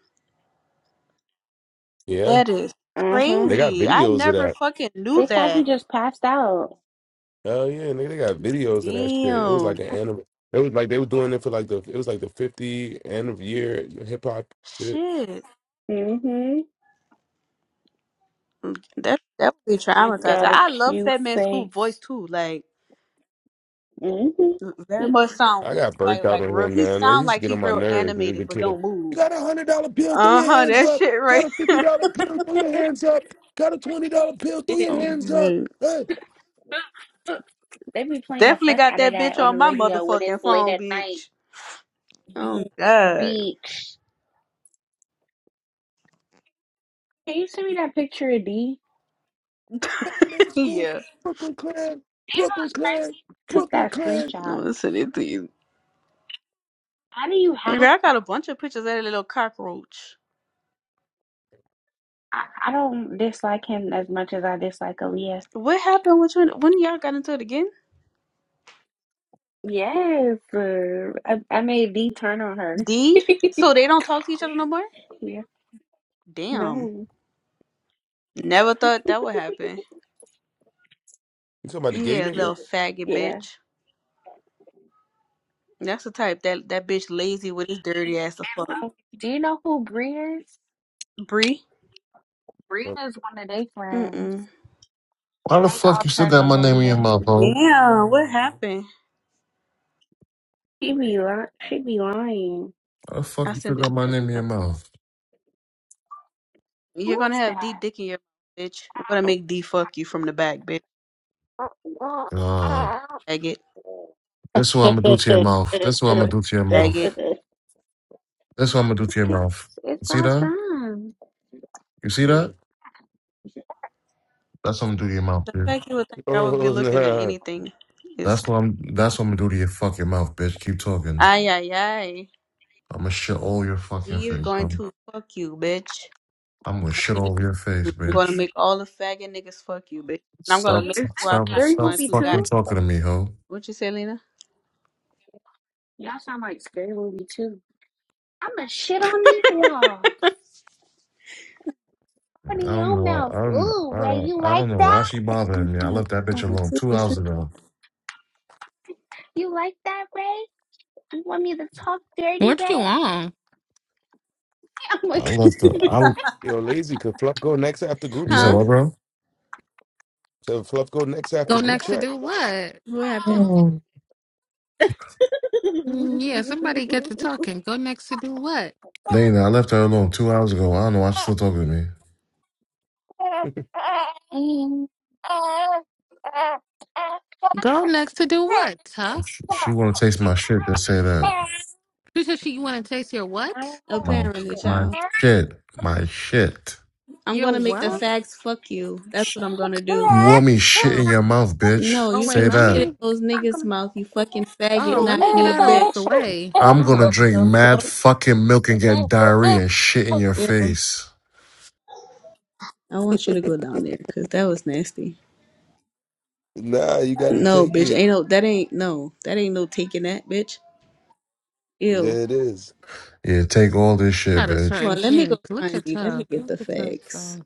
S1: yeah.
S11: That is
S9: Uh huh.
S1: They got
S11: crazy. I
S1: videos of
S11: never
S1: that.
S11: fucking
S9: They
S11: knew
S9: thought he
S11: that.
S9: just passed out.
S1: Oh, yeah. Nigga, they got videos of that shit. It was
S11: Damn.
S1: like an anime. It was like they were doing it for like the, it was like the 50 end of year hip hop shit.
S11: Shit.
S9: Mm hmm.
S11: Mm, That that would be
S9: I
S11: traumatizing.
S9: got a
S11: I love
S9: cute
S11: Fat Man School voice
S9: face.
S11: too. Like
S9: Mm hmm.
S11: Very much sound
S1: I got burnt
S11: like
S1: out
S11: like
S1: on
S11: real.
S1: him,
S11: He
S1: man. He
S11: sound
S1: used to
S11: like
S1: get
S11: he
S1: on my
S11: real
S1: nerves as a
S11: animated, but
S1: kid.
S11: don't
S1: You
S11: move.
S1: got a hundred dollar bill, throw
S11: Uh
S1: your
S11: huh.
S1: hands
S11: That
S1: up.
S11: shit
S1: Got
S11: right.
S1: a fifty dollar bill, throw your hands up. Got a twenty dollar bill, throw
S9: He,
S1: your
S11: Oh,
S1: hands up.
S11: man.
S1: Hey,
S9: They be playing the
S11: Definitely
S9: fuck
S11: got
S9: out of
S11: that
S9: that
S11: bitch
S9: on the
S11: on my
S9: radio when it's
S11: motherfucking
S9: late
S11: phone,
S9: at night.
S11: bitch. Oh god.
S9: Bitch. Can you send me that picture of D? Do You
S1: Batman Scoop,
S11: yeah.
S1: Brooklyn Clan,
S9: know
S1: Brooklyn
S9: what's
S1: Clan,
S9: crazy? Took
S1: Brooklyn
S9: that
S1: Clan.
S11: No,
S9: screenshot.
S11: listen it to you.
S9: How do you
S11: Girl,
S9: have
S11: I
S9: to?
S11: got a bunch of pictures of that little cockroach.
S9: I, I don't dislike him as much as I dislike Aaliyah.
S11: What happened Which one? When y'all got into it again?
S9: Yes. uh, I, I made D turn on her.
S11: D. So they don't talk to each other no more.
S9: yeah.
S11: Damn.
S9: No.
S11: Never thought that would happen.
S1: You talking about the gay
S11: Yeah,
S1: nigga?
S11: little faggot
S9: Yeah.
S11: bitch. That's the type that that bitch lazy with his dirty ass to fuck.
S9: Um, do you know who Bree is?
S11: Bree?
S9: Bree
S1: Oh,
S9: is one of their friends.
S11: Mm-mm.
S10: Why the
S9: They
S10: fuck
S9: all
S10: you still
S9: turned
S10: got
S9: on
S10: my name in your
S9: Aaliyah.
S10: mouth, ho?
S11: Damn, what happened?
S9: She be lying. She be lying.
S10: Why the fuck
S11: I
S10: you still
S11: sent it
S10: got my
S11: to
S10: name in
S11: you.
S10: your mouth?
S11: You're
S9: Who
S11: gonna
S9: is
S11: have D
S9: that?
S11: dick in your mouth, bitch. I'm gonna make D fuck you from the back, bitch.
S10: God.
S11: Bag it.
S10: This is what
S9: I
S10: I'm gonna do
S9: think
S10: to your mouth. This is what I'm gonna
S11: Fuck
S10: do to your
S11: bag it.
S10: mouth. This is what I'm gonna do to your mouth.
S9: It's, it's
S10: You see
S9: all
S10: that?
S9: done.
S10: You see that?
S1: mm.
S10: That's what I'm gonna do to your mouth,
S11: The
S10: dude.
S11: fact you would think I would be
S1: Oh,
S11: looking at
S1: nah.
S11: anything is
S10: That's
S11: cr-
S10: what I'm that's what I'm gonna do to your fucking mouth, bitch. Keep talking.
S11: ay ay ay.
S10: I'm gonna shit all your fucking
S11: He is
S10: face,
S11: going
S10: bro.
S11: to fuck you, bitch.
S10: I'm gonna shit all your face,
S11: I'm gonna
S10: bitch.
S11: make all the faggot niggas fuck you, bitch. And I'm gonna
S10: Stop
S11: make
S9: Is
S11: sure
S9: that
S11: I
S10: stop
S11: find
S9: scary
S10: stop
S11: one
S9: movie
S11: who got
S10: fucking
S11: it.
S9: too?
S10: talking to me, ho.
S11: What you say, Lena?
S9: Y'all sound like scary movie too. I'ma shit on these walls. Put
S10: I
S9: in
S10: don't
S9: your
S10: know. why-
S9: mouth.
S10: I don't.
S9: Ooh, Ray, you
S10: I, I
S9: like
S10: don't know why
S9: that?
S10: she bothering me. I
S11: Goddamn,
S10: left that bitch alone two
S11: 2%.
S10: hours ago.
S9: You like that, Ray? You want me to talk dirty,
S4: What you
S9: Ray?
S4: on?
S9: I'ma
S10: I
S9: sh-
S10: left her. I.
S1: Yo, lazy. Could Fluff go next after group
S10: You said
S11: huh?
S1: chat?
S10: what, bro?
S1: Could Fluff go next after
S4: Go
S1: group
S4: next to
S1: chat?
S4: do what?
S11: What happened?
S10: Mm.
S4: Mm, Yeah, somebody get to talking. Go next to do what?
S10: Lena, I left her alone two hours ago. I don't know why she's still talking to me.
S9: Dang,
S4: Go next to do what, huh?
S10: She, she want to taste my shit. Then say that.
S4: She said she want to taste your what?
S10: My
S11: Apparently,
S10: my
S11: child.
S10: shit. My shit.
S11: I'm
S4: Your
S11: gonna make the
S4: what?
S11: fags fuck you. That's
S10: Sh-
S11: what I'm gonna do.
S10: You want me shit
S4: Oh,
S10: in your mouth, bitch?
S11: No,
S4: oh
S11: you
S4: wait,
S10: Say
S11: can
S4: let
S11: shit
S10: that.
S11: in
S4: me.
S11: those niggas' mouth, you fucking faggot,
S4: Oh, let
S11: knock
S4: me get
S11: me,
S4: out of the
S11: bitch.
S4: way.
S10: I'm
S4: Hold
S10: gonna
S4: on.
S10: drink
S11: The
S10: mad
S11: fuck?
S10: fucking milk and get diarrhea and shit in your
S11: Yo,
S10: face.
S11: I want you to go down there, cause that was nasty.
S1: nah, you gotta
S11: No,
S1: take
S11: bitch,
S1: it.
S11: ain't no, that ain't no, that ain't no taking that, bitch. Ew.
S1: Yeah, it is.
S10: Yeah, take all this shit,
S4: Not a
S10: bitch.
S11: Hold
S4: certain
S11: on, let me go
S4: king. Look
S11: find
S4: at
S11: you. Let me
S4: her.
S11: get
S4: Look
S11: the
S4: at her.
S11: fags.
S4: though.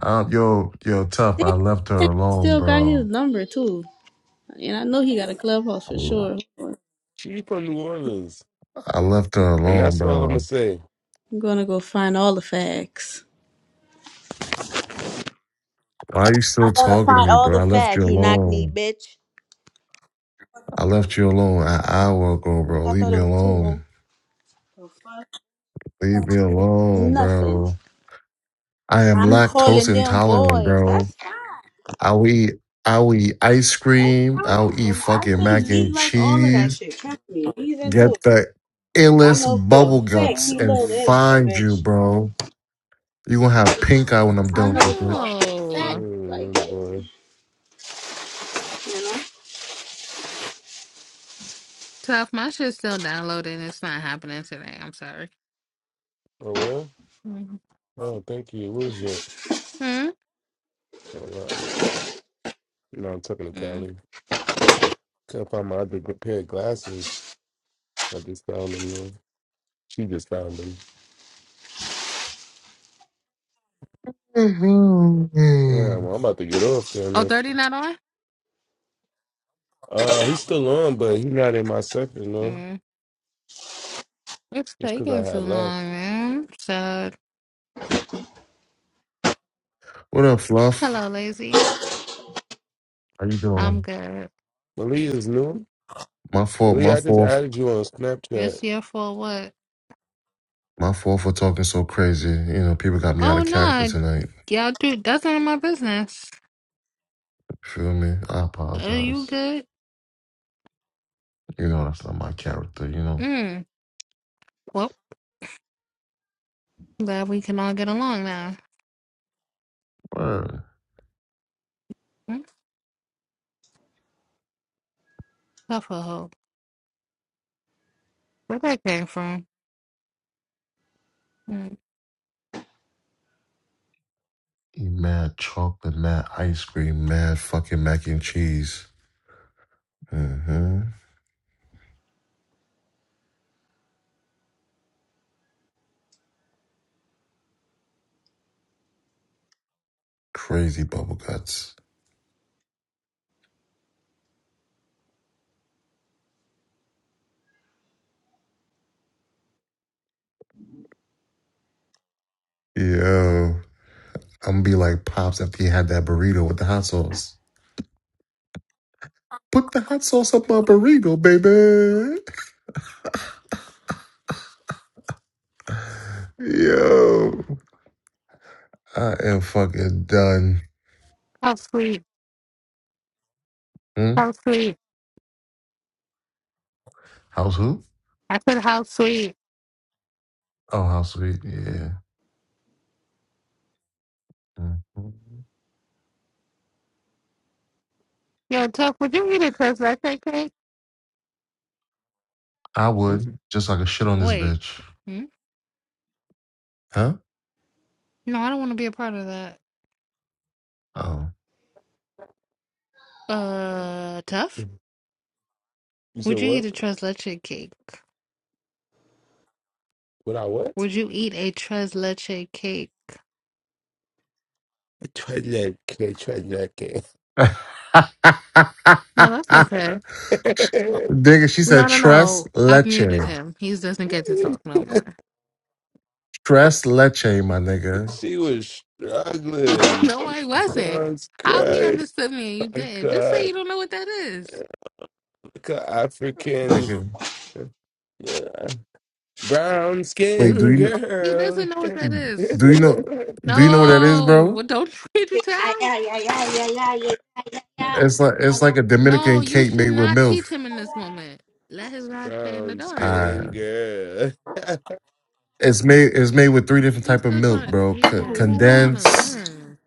S10: Uh, yo, yo, tough.
S11: Damn, I
S10: I left her
S11: think I
S10: alone,
S11: still got his
S10: bro.
S11: number too, and I know he got a clubhouse for sure.
S1: She from New Orleans,
S10: I left her
S1: and
S10: alone,
S1: that's all I'm gonna
S10: bro.
S1: say.
S11: I'm gonna go find all the fags.
S10: Why are you
S11: I'm
S10: still
S11: gonna
S10: talking to
S11: find
S10: me,
S11: all
S10: bro?
S11: the
S10: I left you
S11: fags, you knock me,
S10: alone.
S11: bitch.
S10: I left you alone an hour ago,
S11: Bitch,
S10: bro.
S11: I
S10: Leave
S11: thought
S10: me
S11: it was two,
S10: alone.
S11: ho. The fuck?
S10: Leave me alone,
S11: Nothing.
S10: bro. I am
S11: I'm
S10: lactose
S11: calling them
S10: intolerant,
S11: boys.
S10: bro.
S11: That's fine.
S10: I'll eat, I'll eat ice cream. I'll
S11: That's fine.
S10: eat
S11: And I
S10: fucking
S11: think
S10: mac
S11: he
S10: and
S11: like all of that
S10: cheese.
S11: shit. Trust me. He's into
S10: Get
S11: it.
S10: the
S11: I know
S10: illest
S11: for a
S10: bubble
S11: fact
S10: guts
S11: he
S10: and
S11: love that shit,
S10: find you,
S11: bitch.
S10: bro. You gonna have pink eye when I'm done
S11: I know
S10: with you,
S11: for
S10: bitch.
S11: a fact
S4: No,
S11: he like
S1: Mm,
S11: it.
S1: boy.
S11: You know?
S4: tough. My shit's still downloading. It's not happening today. I'm sorry.
S1: Oh, what?
S4: Mm-hmm.
S1: Oh, thank you. What was that? Oh, wow. No, I'm talking to
S4: Mm.
S1: Callie. Can't find my other good pair of glasses. I just found them, though. She just found them. Yeah,
S10: Mhm.
S1: well, I'm about to get off then.
S4: Oh,
S1: If,
S4: thirty not on.
S1: uh, he's still on, but he's not in my section, though.
S4: Mm. It's
S1: It's because I
S4: taking too
S1: had left.
S4: long, man. So,
S10: what up, Fluff?
S4: hello, lazy.
S10: How you
S4: I'm
S10: doing?
S4: good.
S1: Malia is new.
S10: My fault. My
S1: Malia, I just
S10: fault.
S1: added you on Snapchat.
S4: It's your fault. What?
S10: My fault for talking so crazy. You know, people got me out
S4: Oh
S10: of character
S4: no,
S10: tonight.
S4: y'all do. That's none of my business.
S10: Feel me? I
S4: Are you
S10: apologize.
S4: good?
S10: You know, that's not my character. You know.
S4: Mm. Well, glad we can all get along now.
S10: Word.
S4: Mm. Sufferhood. Where that came from? Mm.
S10: Eat mad chocolate, mad ice cream, mad fucking mac and cheese. hmm Crazy bubble guts. Yo, I'm gonna be like pops after he had that burrito with the hot sauce. Put the hot sauce up my burrito, baby. Yo. I am fucking done.
S4: How sweet.
S10: Hmm?
S4: How sweet.
S10: House who?
S4: I said how sweet.
S10: Oh, house sweet. Yeah. Mhm.
S4: Yo, tough. Would you eat a test that cake? cake?
S10: I
S1: You s-
S10: would just like a shit on this
S4: Wait.
S10: bitch.
S4: Hmm?
S10: Huh?
S4: No, I don't want to be a part of that.
S10: Oh.
S4: Uh, tough.
S1: you said
S4: Would you eat
S1: what?
S4: a tres leche cake?
S1: What I what?
S4: Would you eat a tres leche cake?
S1: Tread that, tread
S4: No, that's okay.
S1: that.
S10: nigga, she
S4: No,
S10: said
S4: no,
S10: tres
S4: no. I muted
S10: leche.
S4: him. He doesn't get to talk no more.
S10: Tres leche, my nigga.
S1: She was struggling.
S4: No, I wasn't.
S1: God's
S4: How he
S1: crying.
S4: understood me and you
S1: I
S4: didn't. Just say
S1: got
S4: you don't know what that is.
S1: like an African
S10: Nigga.
S1: uh, brown
S10: Wait, do
S1: skin
S10: you know
S4: He
S1: girl.
S4: doesn't know what that is.
S10: do you know do you know what that is,
S4: No.
S10: bro?
S4: Well, don't did you
S11: Ay,
S4: tell?
S11: ay, ay, ay, ay, ay, ay, ay, ay,
S10: It's like it's
S11: ay,
S10: like a
S4: No,
S10: Dominican
S4: you
S10: cake
S4: should
S10: made with
S4: not
S10: milk.
S4: teach him in this
S11: ay.
S4: moment. Let his rod stay in the
S1: brown
S4: dark.
S1: skin
S10: Uh,
S1: girl.
S10: it's made it's made with three different
S4: You're
S10: type of
S4: still trying
S10: milk,
S4: to
S10: bro.
S4: teach
S10: C-
S4: him. He don't want to
S10: condensed.
S4: learn.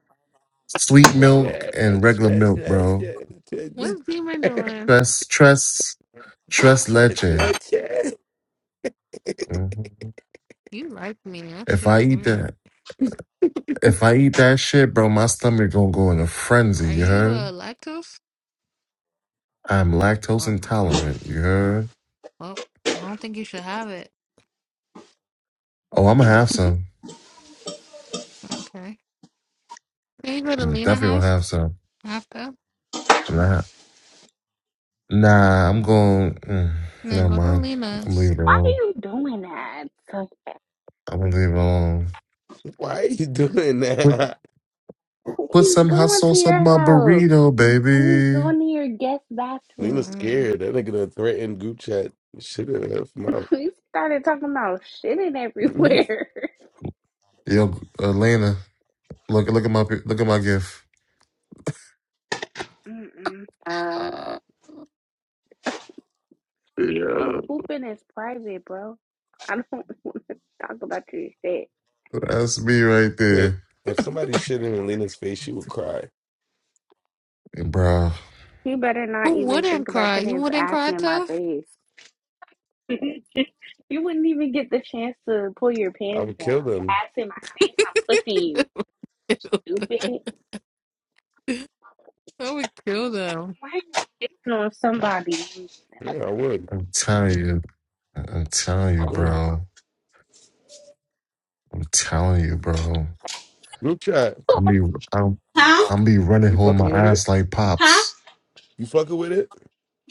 S10: Sweet
S1: Twist
S10: milk and regular milk,
S1: leche.
S10: bro.
S4: What's Demon doing?
S10: Tres, tres, tres
S1: Twist
S10: leche.
S1: leche.
S10: hmm
S4: You like me. That
S10: If
S4: shit
S10: I
S4: is
S10: eat
S4: weird.
S10: that, if I eat that shit, bro, my stomach gonna go in a frenzy.
S4: Are
S10: You
S4: you
S10: heard?
S4: uh, lactose?
S10: I'm lactose
S4: Oh, no.
S10: intolerant. You heard?
S4: Well, I don't think you should have it.
S10: Oh, I'm gonna have some.
S4: Okay. Can you go to
S10: I'm
S4: Lena
S10: definitely gonna
S4: house
S10: have some.
S4: after?
S10: I'm not. Nah, I'm going. Mm,
S4: And then
S10: never
S4: go to
S10: mind. I'm
S4: Lena's.
S10: leaving it
S9: Why are
S10: alone.
S9: you doing that?
S10: I'm gonna leave it alone.
S1: Why are you doing
S10: Put,
S1: that?
S10: put
S9: He's
S10: some hot
S9: going to
S10: sauce on my
S9: your house
S10: burrito,
S9: and he's
S10: baby.
S9: going to your guest
S1: Lena's
S9: bathroom.
S4: Mm-mm.
S1: scared. That nigga done threatened group chat. Shit in her mouth.
S9: We started talking about shitting everywhere.
S10: Yo, Elena, look look at my look at my gift.
S9: Mm-mm. I
S10: Uh,
S9: think
S10: Yeah,
S9: pooping is private, bro. I don't want to talk about your shit.
S10: that's me right there,
S1: if somebody shit in Lena's face, she would cry.
S10: And, bro.
S9: He better
S4: Who
S9: not even
S4: wouldn't
S9: think about
S4: cry?
S9: putting
S4: You
S9: his
S4: wouldn't
S9: ass
S4: cry,
S9: in my
S4: Tough?
S9: face. you wouldn't even get the chance to pull your
S1: I
S9: pants
S1: would
S9: down.
S1: kill
S9: Your
S1: them.
S9: ass in my face, I'm pushing you, stupid.
S4: I would kill them.
S9: Why are you sitting on somebody?
S1: Yeah, I would.
S10: I'm telling you, I- I'm telling you,
S1: Mm.
S10: bro. I'm telling you, bro.
S1: Group chat.
S10: I'm be I'm
S11: Huh?
S10: I'm be running
S1: You
S10: holding my
S1: fucking with it?
S10: ass like
S11: Huh?
S10: pops.
S1: You fucking with it?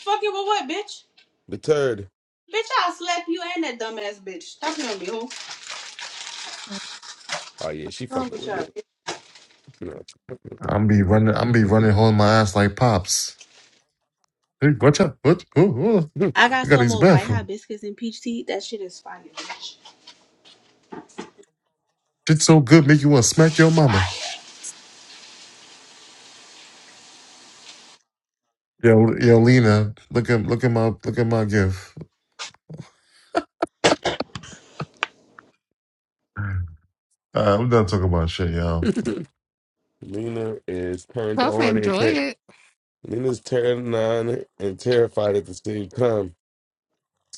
S11: Fuck you with what, bitch?
S1: The turd.
S11: Bitch, I'll slap you and that dumbass bitch. Stop playing with
S1: Oh yeah, she fucking
S11: me,
S1: with it.
S11: ho.
S1: No. she fucking
S10: I'm be running I'm be running holding my ass like pops. Hey, watch out! What? Oh, oh.
S1: with
S11: I
S10: I
S11: got
S10: got
S11: some
S10: these
S11: more white
S10: bathroom.
S11: hibiscus and peach tea. That shit is fire, bitch.
S10: Shit's so good, make you want to smack your mama. Yo, yo, Lena, look at look at my look at my gift. Uh, I'm done talking about shit, y'all.
S1: it. Lena is turned
S4: Tough,
S1: on and
S4: enjoy
S1: ter-
S4: it.
S1: Lena's turned on and terrified at the same time.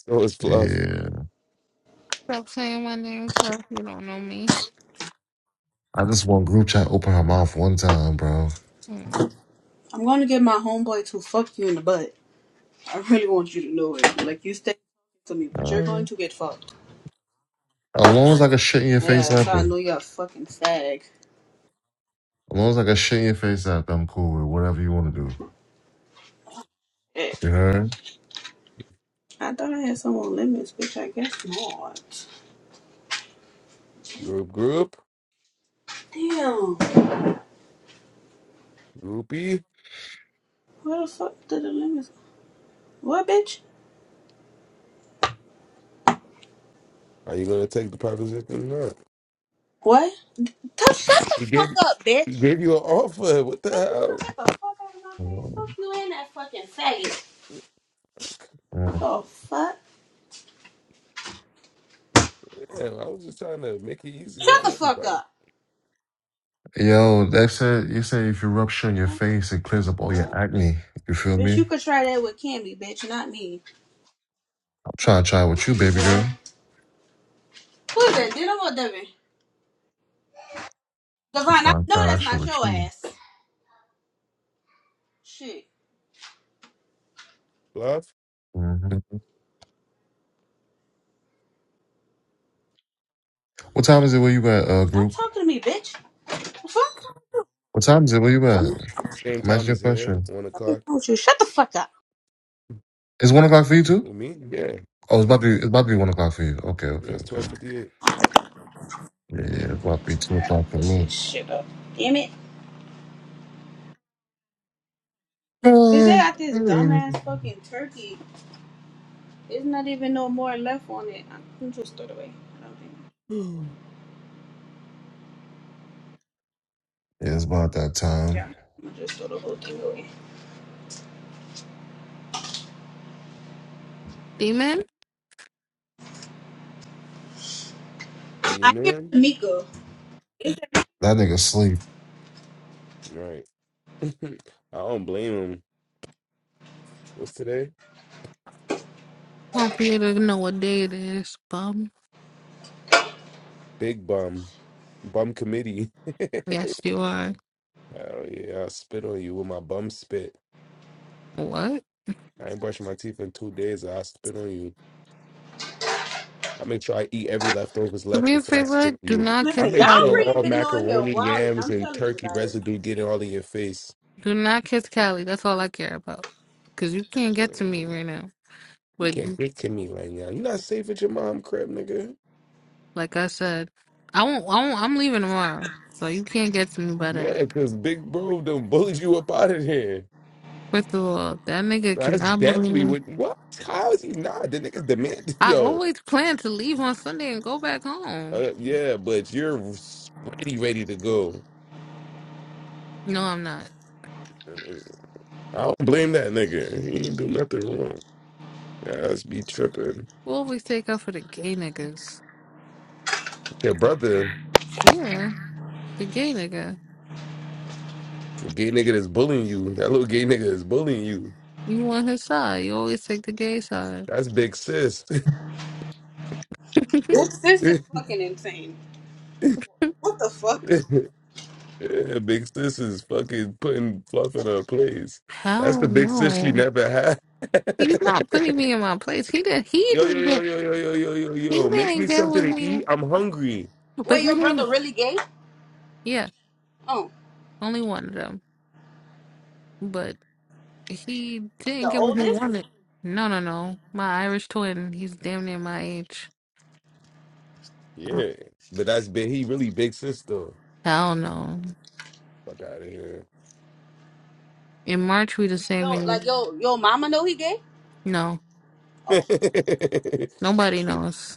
S1: So is Fluff.
S10: Yeah.
S4: Stop saying my name, Tough. You don't know me.
S10: I just want group chat open her mouth one time, bro.
S4: Mm.
S11: I'm gonna get my homeboy to fuck you in the butt. I really want you to know it. Like you stay to me, but you're going
S10: Um,
S11: to get fucked.
S10: as long as I can shit in your
S11: Yeah,
S10: face
S11: that's how
S10: after.
S11: I know
S10: As
S11: you're a fucking fag.
S10: long as I can shit in your face after, I'm cool with whatever you want to do.
S11: Eh.
S10: You heard?
S11: I thought I had some more lemons, bitch. I guess not.
S1: Group, group,
S11: Damn.
S1: groupie.
S11: Where the fuck did the lemons? What, bitch?
S1: Are you gonna take the proposition or not?
S11: What? Touch shut the
S1: He
S11: fuck
S1: gave
S11: up,
S1: he
S11: bitch.
S1: gave you an offer. What the
S11: Bitch, if you
S1: hell?
S11: don't get the fuck out of my face, fuck
S10: Um,
S11: you and that fucking faggot.
S10: yeah.
S11: The fuck?
S1: Damn, I was just trying to make it easy
S11: Shut
S1: on
S11: the fuck
S1: everybody.
S11: up.
S10: Yo, they said you say if you rub shit in your face, it clears up all
S11: Ugh.
S10: your acne. You feel me?
S11: Bitch, you
S10: I'm
S11: could try that with Cammy, bitch, not me.
S10: trying to try it with you, baby girl.
S11: Who is that? Dino or Devin?
S10: I'm
S11: Devon, I
S10: trying to
S11: know
S10: try that
S11: that's
S10: shit
S11: not
S10: with
S11: your
S10: you.
S11: ass. Shit.
S1: Fluff.
S10: hmm What time is it where you at, uh,
S11: Stop
S10: group?
S11: talking to me, bitch. The fuck?
S10: What time is it where you at?
S11: Dumb
S1: Same
S10: I'm
S1: time
S10: asking you
S1: as
S10: a
S1: here,
S10: question.
S1: one
S11: fucking
S1: o'clock.
S11: with you. Shut the fuck up.
S10: It's one o'clock for you too?
S1: With me? Yeah.
S10: Oh, it's about to be, it's about to be one o'clock for you. Okay,
S1: Yeah,
S10: okay,
S1: it's
S10: okay.
S1: twelve fifty eight.
S10: Yeah, about to be two
S11: Put
S10: o'clock for me.
S11: this shit up. Damn it. Bitch, they
S10: yeah,
S11: got this dumbass fucking turkey. There's not even no more left on it. I'm just throw it away. I don't think.
S1: Do
S10: it's about that time.
S11: Yeah. I'm just throw the whole thing away.
S4: Demon?
S1: you
S11: I hear
S1: man?
S11: Mika.
S10: That nigga sleep.
S1: Right. I don't blame him. What's today?
S4: I'm for you to know what day it is, bum.
S1: Big bum. Bum committee.
S4: Yes,
S1: oh
S4: you are.
S1: yeah, I'll spit on you with my bum spit.
S4: What?
S1: I ain't brushing my teeth in two days. I'll spit on you. I make sure I eat every leftovers
S4: Do
S1: left
S4: me a
S1: before I
S4: favor.
S1: spit on
S4: Do
S1: you.
S4: not
S1: I
S4: kiss
S11: Listen, y'all
S1: make
S4: Callie.
S1: sure
S11: really
S1: all
S11: been on here
S1: macaroni,
S11: wilding.
S1: yams,
S11: I'm
S1: and
S11: telling you,
S1: turkey
S11: like,
S1: residue get all in your face.
S4: Do not kiss Callie. That's all I care about. Because you can't
S1: Uh,
S4: get to me right now.
S1: You can't
S4: But
S1: get to me right now. You're not safe at your mom crib, nigga.
S4: Like I said, I won't. I won't. I'm leaving tomorrow, so you can't get to me by then.
S1: Yeah, because Big Bro done bullied you up out of here.
S4: First of all, that nigga
S1: Nah, That's
S4: cannot bully
S1: definitely
S4: me.
S1: what. What? How is he not? The nigga's demented,
S4: I
S1: yo.
S4: always plan to leave on Sunday and go back home.
S1: Uh, yeah, but you're ready, ready to go.
S4: No, I'm not.
S1: Uh, I don't blame that nigga. He ain't do nothing wrong. Yeah, that's be tripping.
S4: We always take up for the gay niggas.
S1: Your brother,
S4: Yeah, the gay nigga.
S1: the gay nigga that's bullying you. That little gay nigga is bullying you.
S4: You on his side. You always take the gay side.
S1: That's big sis.
S11: this, this is fucking insane. What the fuck?
S1: Yeah, big sis is fucking putting fluff in her place. That's the
S4: Hell
S1: big sis she
S4: no.
S1: never
S4: He's
S1: had.
S4: not putting me in my place. He did. He
S1: Yo, yo,
S4: didn't
S1: yo,
S4: get.
S1: yo, yo, yo, yo, yo,
S4: He
S1: yo. Make
S4: didn't
S1: me
S4: get
S1: something
S4: with
S1: to
S4: me.
S1: eat. I'm hungry.
S4: But
S11: Wait,
S4: he
S11: your
S4: didn't.
S11: brother really gay?
S4: Yeah,
S11: Oh,
S4: only one of them. But He didn't
S11: the
S4: get what he
S11: oldest?
S4: wanted. No, no, no. My Irish twin, he's damn near my age.
S1: Yeah. But that's big. He really big sister.
S4: Hell no.
S1: Fuck out of here.
S4: In March, we the same
S11: Yo,
S4: age.
S11: like yo, your mama know he gay?
S4: No,
S11: Oh,
S4: nobody knows.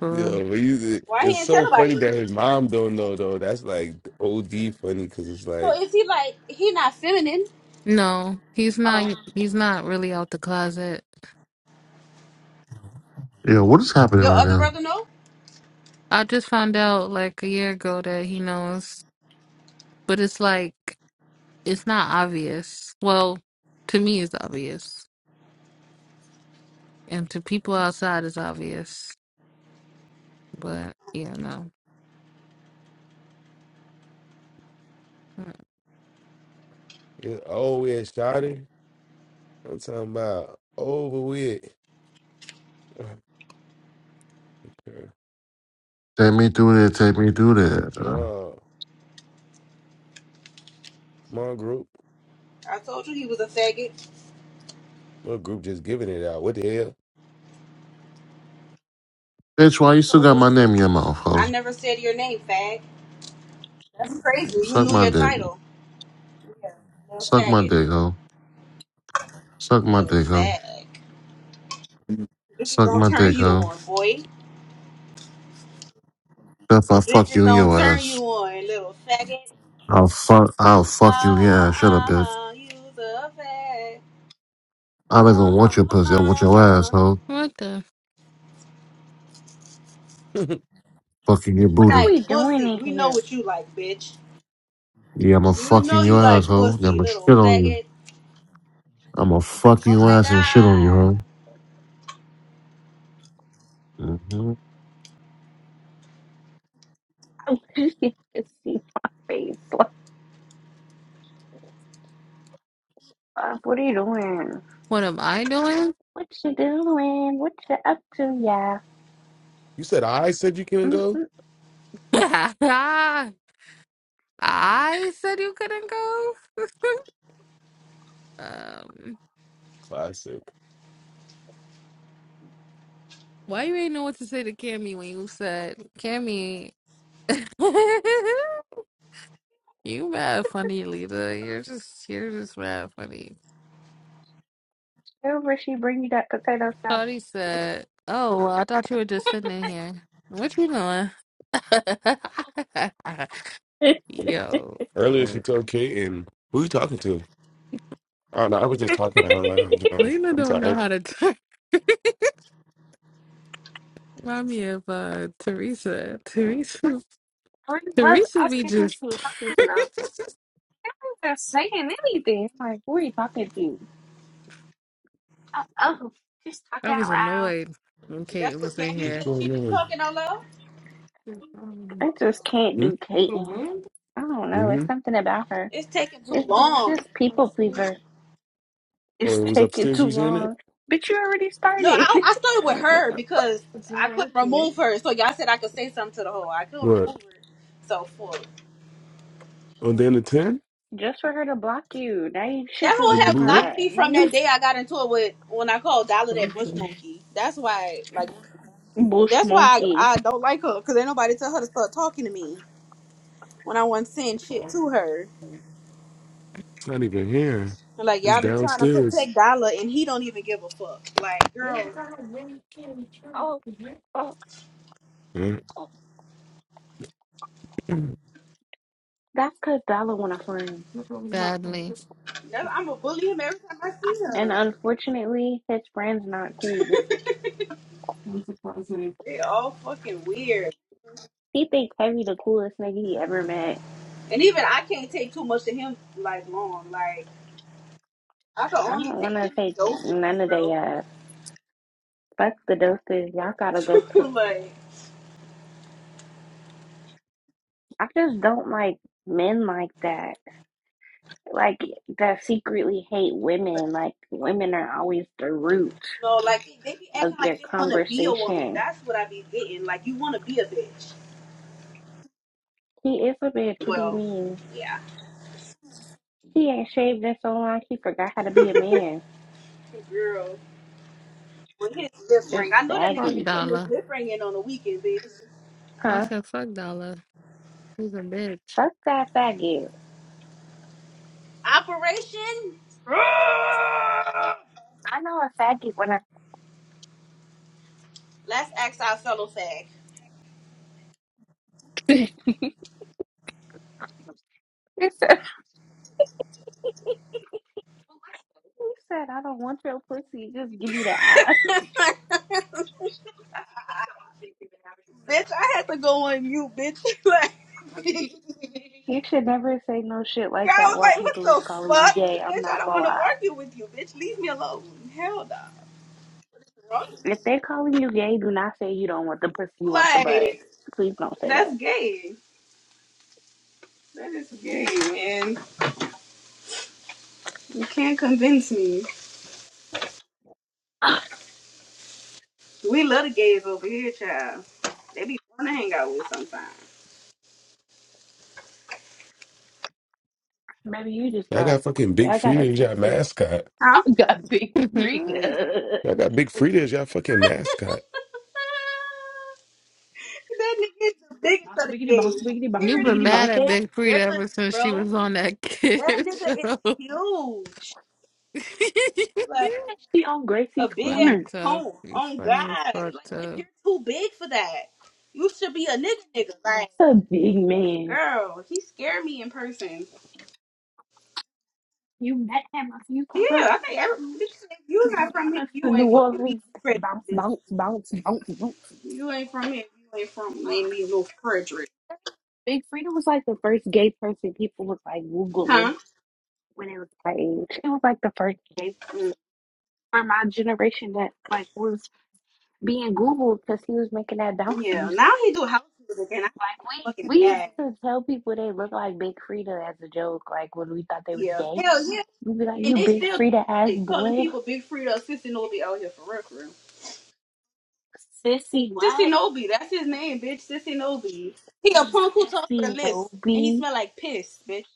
S4: For real.
S1: Yo, but he's,
S11: why he
S1: it's
S11: ain't tell
S1: so
S11: nobody?
S1: funny that his mom don't know though. That's like OD funny because it's like,
S11: So is he like he not feminine?
S4: No, he's
S11: Oh,
S4: not. He's not really out the closet.
S10: Yeah, what is happening
S11: your
S10: right
S11: other
S10: now?
S11: brother know?
S4: I just found out like a year ago that he knows, but it's like it's not obvious. Well, to me, it's obvious, and to people outside, it's obvious. But yeah, no.
S1: it's over we had I'm talking about over with.
S10: Take me through there, take me through there.
S1: Yo, come on, group.
S11: I told you he was a faggot.
S1: What group just giving it out? What the hell?
S10: Bitch, why you still
S11: Told
S10: got
S11: you.
S10: my name in your mouth, ho?
S11: I never said your name, fag. That's crazy. You
S10: Suck
S11: knew
S10: my
S11: your
S10: dick.
S11: title. Yeah, little
S10: Suck my
S11: faggot,
S10: dick, ho. Suck my
S11: little
S10: dick, ho.
S11: fag.
S4: Mm.
S11: Bitches
S10: Suck
S11: don't
S10: my
S11: turn
S10: dick,
S11: you
S10: ho.
S11: on, boy.
S10: If I fuck
S11: Bitches
S10: you in
S11: don't
S10: your
S11: turn you
S10: ass.
S11: on, little faggot.
S10: I'll fuck I'll
S11: Uh
S10: fuck you in your ass.
S11: huh,
S10: Shut up,
S11: uh
S10: bitch.
S11: huh. You's a fag. Uh
S10: I don't even
S11: huh,
S10: want your pussy, I want
S11: uh
S10: your ass,
S11: huh.
S10: ho.
S4: What the?
S10: Fucking your
S11: You
S9: What are
S10: booty.
S11: like
S9: we doing
S11: pussy.
S9: in
S11: We know
S9: here?
S11: what you like, bitch.
S10: Yeah, I'ma
S11: You
S10: fucking
S11: know
S10: your
S11: you like
S10: asshole.
S11: pussy,
S10: I'ma shit
S11: little
S10: on you.
S11: faggot.
S10: I'm gonna fuck
S11: Oh
S10: you
S11: my
S10: ass and shit on you,
S11: god.
S10: huh? Mm-hmm.
S9: You can see my face. Like, uh, what are you doing?
S4: What am I doing?
S9: What you doing? What you up to, yeah?
S1: you said I said you can go.
S9: Mm-mm.
S4: I said you couldn't go. um,
S1: Classic.
S4: why you ain't know what to say to Cammy when you said Cammy? you mad funny, Lita. You're just you're just mad funny.
S9: There was
S4: Shawty said, "Oh, well, I thought you were just sitting in here. What you doing?" Yo,
S1: Earlier, she told Kate, and who you talking to? Oh, no, I was just talking out loud. Um,
S4: Lena
S1: I'm
S4: don't know
S1: sorry.
S4: how to. Remind me of uh, Teresa. Teresa.
S9: I was
S4: Teresa be
S9: asking who she
S4: just.
S9: was talking to. Though. They were saying anything. I'm like, who are you talking to? Oh, oh she's
S4: I
S9: talking
S4: was
S9: out loud.
S4: annoyed when
S11: That's
S4: Caitlyn
S11: what
S4: was in
S11: Cammy
S1: What's
S11: said.
S4: here
S11: She
S1: going
S11: just
S1: on?
S11: talking all low.
S9: I just can't
S1: Hmm?
S9: do Caitlyn. I don't know. It's
S1: Mm-hmm.
S9: something about her.
S11: It's taking too
S9: It's
S11: long.
S9: just people pleaser.
S1: Oh,
S9: It's
S1: it was
S9: taking
S1: upstairs.
S9: too
S1: You was hearing it?
S9: long. But you already
S11: No,
S9: started.
S11: I, I started with her because I couldn't remove her. So y'all said I could say something to the hoe. I couldn't
S1: What?
S11: remove her. So fuck.
S1: On the end of 10?
S9: just for her to block you. Now you should
S11: That
S1: It
S11: hoe
S9: remove
S11: had
S1: blew
S9: her.
S1: it?
S11: blocked me from that day I got into it with when I called Dollar that bush
S1: It's
S11: monkey. That's why, like,
S9: Bush
S11: that's why
S9: monkey.
S11: I, I don't like her because ain't nobody tell her to start talking to me when I wasn't saying shit to her.
S1: not even here.
S11: Like
S1: It's
S11: y'all be trying to
S1: downstairs.
S11: protect Dollar, and he don't even give a fuck. Like, girl,
S9: Oh, oh.
S1: Huh?
S9: That's because Dollar want a friend.
S4: badly.
S11: I'm gonna bully him every time I see
S9: And
S11: him.
S9: unfortunately, his friend's not cool.
S11: They all fucking weird,
S9: He think Heavy the coolest nigga he ever met.
S11: and even I can't take too much of him like long. Like I can
S9: I
S11: only
S9: don't want
S11: take
S9: to
S11: him in
S9: take
S11: doses,
S9: none of they
S11: bro.
S9: ass. Fuck the doses. Y'all gotta go to.
S11: like
S9: I just don't like men like that. Like, that secretly hate women. Like, women are always the root
S11: no, like they, they be
S9: of
S11: acting like
S9: their
S11: they want to be a woman.
S9: conversation.
S11: That's what I be getting. Like you want to be a bitch.
S9: He is a bitch. What do you
S11: Well,
S9: mean?
S11: yeah,
S9: He ain't shaved in so long, he forgot how to be a man.
S11: girl. With his lip ring,
S9: Just
S11: I know that
S4: Fuck
S11: nigga be
S9: saggy.
S11: putting his
S4: Dollar.
S11: lip ring in on the weekend, bitch.
S4: I
S9: Huh?
S4: said, fuck Dollar. She's a bitch.
S9: Fuck that faggot.
S11: Operation.
S9: I know a faggot when I.
S11: Let's ask our fellow fag.
S9: He said, he said, I don't want your pussy. Just give me the ass.
S11: Bitch, I had to go on mute, bitch. like, girl,
S9: You should never say no shit like
S11: I
S9: that
S11: was
S9: while
S11: like, what
S9: people is
S11: the
S9: calling you
S11: fuck?
S9: gay. I'm
S11: Bitch, I
S9: not
S11: don't
S9: gonna
S11: want to
S9: lie.
S11: argue with you, bitch. Leave me alone. Hell no.
S9: If they calling you gay, do not say you don't want the pussy, you want the butt.
S11: Like,
S9: Please don't say that.
S11: that's gay. That is gay, man. You can't convince me. We love the gays over here, child. They be fun to hang out with sometimes.
S9: Maybe you just
S1: I
S9: got.
S1: got fucking
S9: Yeah,
S1: Big
S9: I got a
S1: Frida as your
S9: sixty.
S1: mascot.
S9: I
S11: Huh?
S9: got big freak.
S1: I
S9: Bounce
S1: got Big Frida as your fucking mascot.
S11: That nigga is the biggest of the
S9: biggity bounce
S11: gays.
S9: biggity bounce
S4: You've been
S9: biggity
S11: Figuratively
S4: mad
S9: bounce
S4: at
S9: it.
S11: and
S4: Big Frida
S11: literally,
S4: ever since
S11: bro.
S4: she was on that kid
S11: That nigga
S4: show.
S11: is huge. Like.
S9: And she on
S11: a
S9: Gracie's
S11: big ass
S4: funny,
S9: corner.
S4: tough.
S11: home
S4: You
S11: on
S4: funny as
S11: God.
S4: fuck,
S11: Like, bitch,
S4: tough.
S11: you're too big for that. You should be a nigga, nigga. Like,
S9: That's a big man.
S11: girl, he scared me in person.
S9: You met him a few
S11: Yeah,
S9: times.
S11: I think every, bitch, if you not from here,
S9: To
S11: you
S9: New
S11: ain't fucking me,
S9: Orleans
S11: Frederick.
S9: bounce,
S11: Bitch.
S9: bounce, bounce, bounce, bounce.
S11: You ain't from here, you ain't from made me no Frederick,
S9: Big Frida was like the first gay person people was like
S11: huh?
S9: googling when it was my age. It was like the first gay
S11: Mm,
S9: person for my generation that like was being googled because he was making that bounce
S11: yeah.
S9: music.
S11: Now he do house music, and I think
S9: Like
S11: it's fucking
S9: we we used
S11: ass.
S9: to tell people they look like Big Frida as a joke. Like when we thought they was
S11: Yeah,
S9: gay,
S11: hell yeah.
S9: we'd be like,
S11: And
S9: "You
S11: they
S9: Big
S11: still do
S9: Frida ass
S11: that shit, calling
S9: boy,
S11: people Big Frida, Sister Nobody out here for real for reference.
S9: sissy
S11: Sissy
S9: what?
S11: Nobi, that's his name, bitch. Sissy Nobi. He a punk who talk with a
S9: Sissy no
S11: list, and he
S9: be
S11: smell like piss, bitch.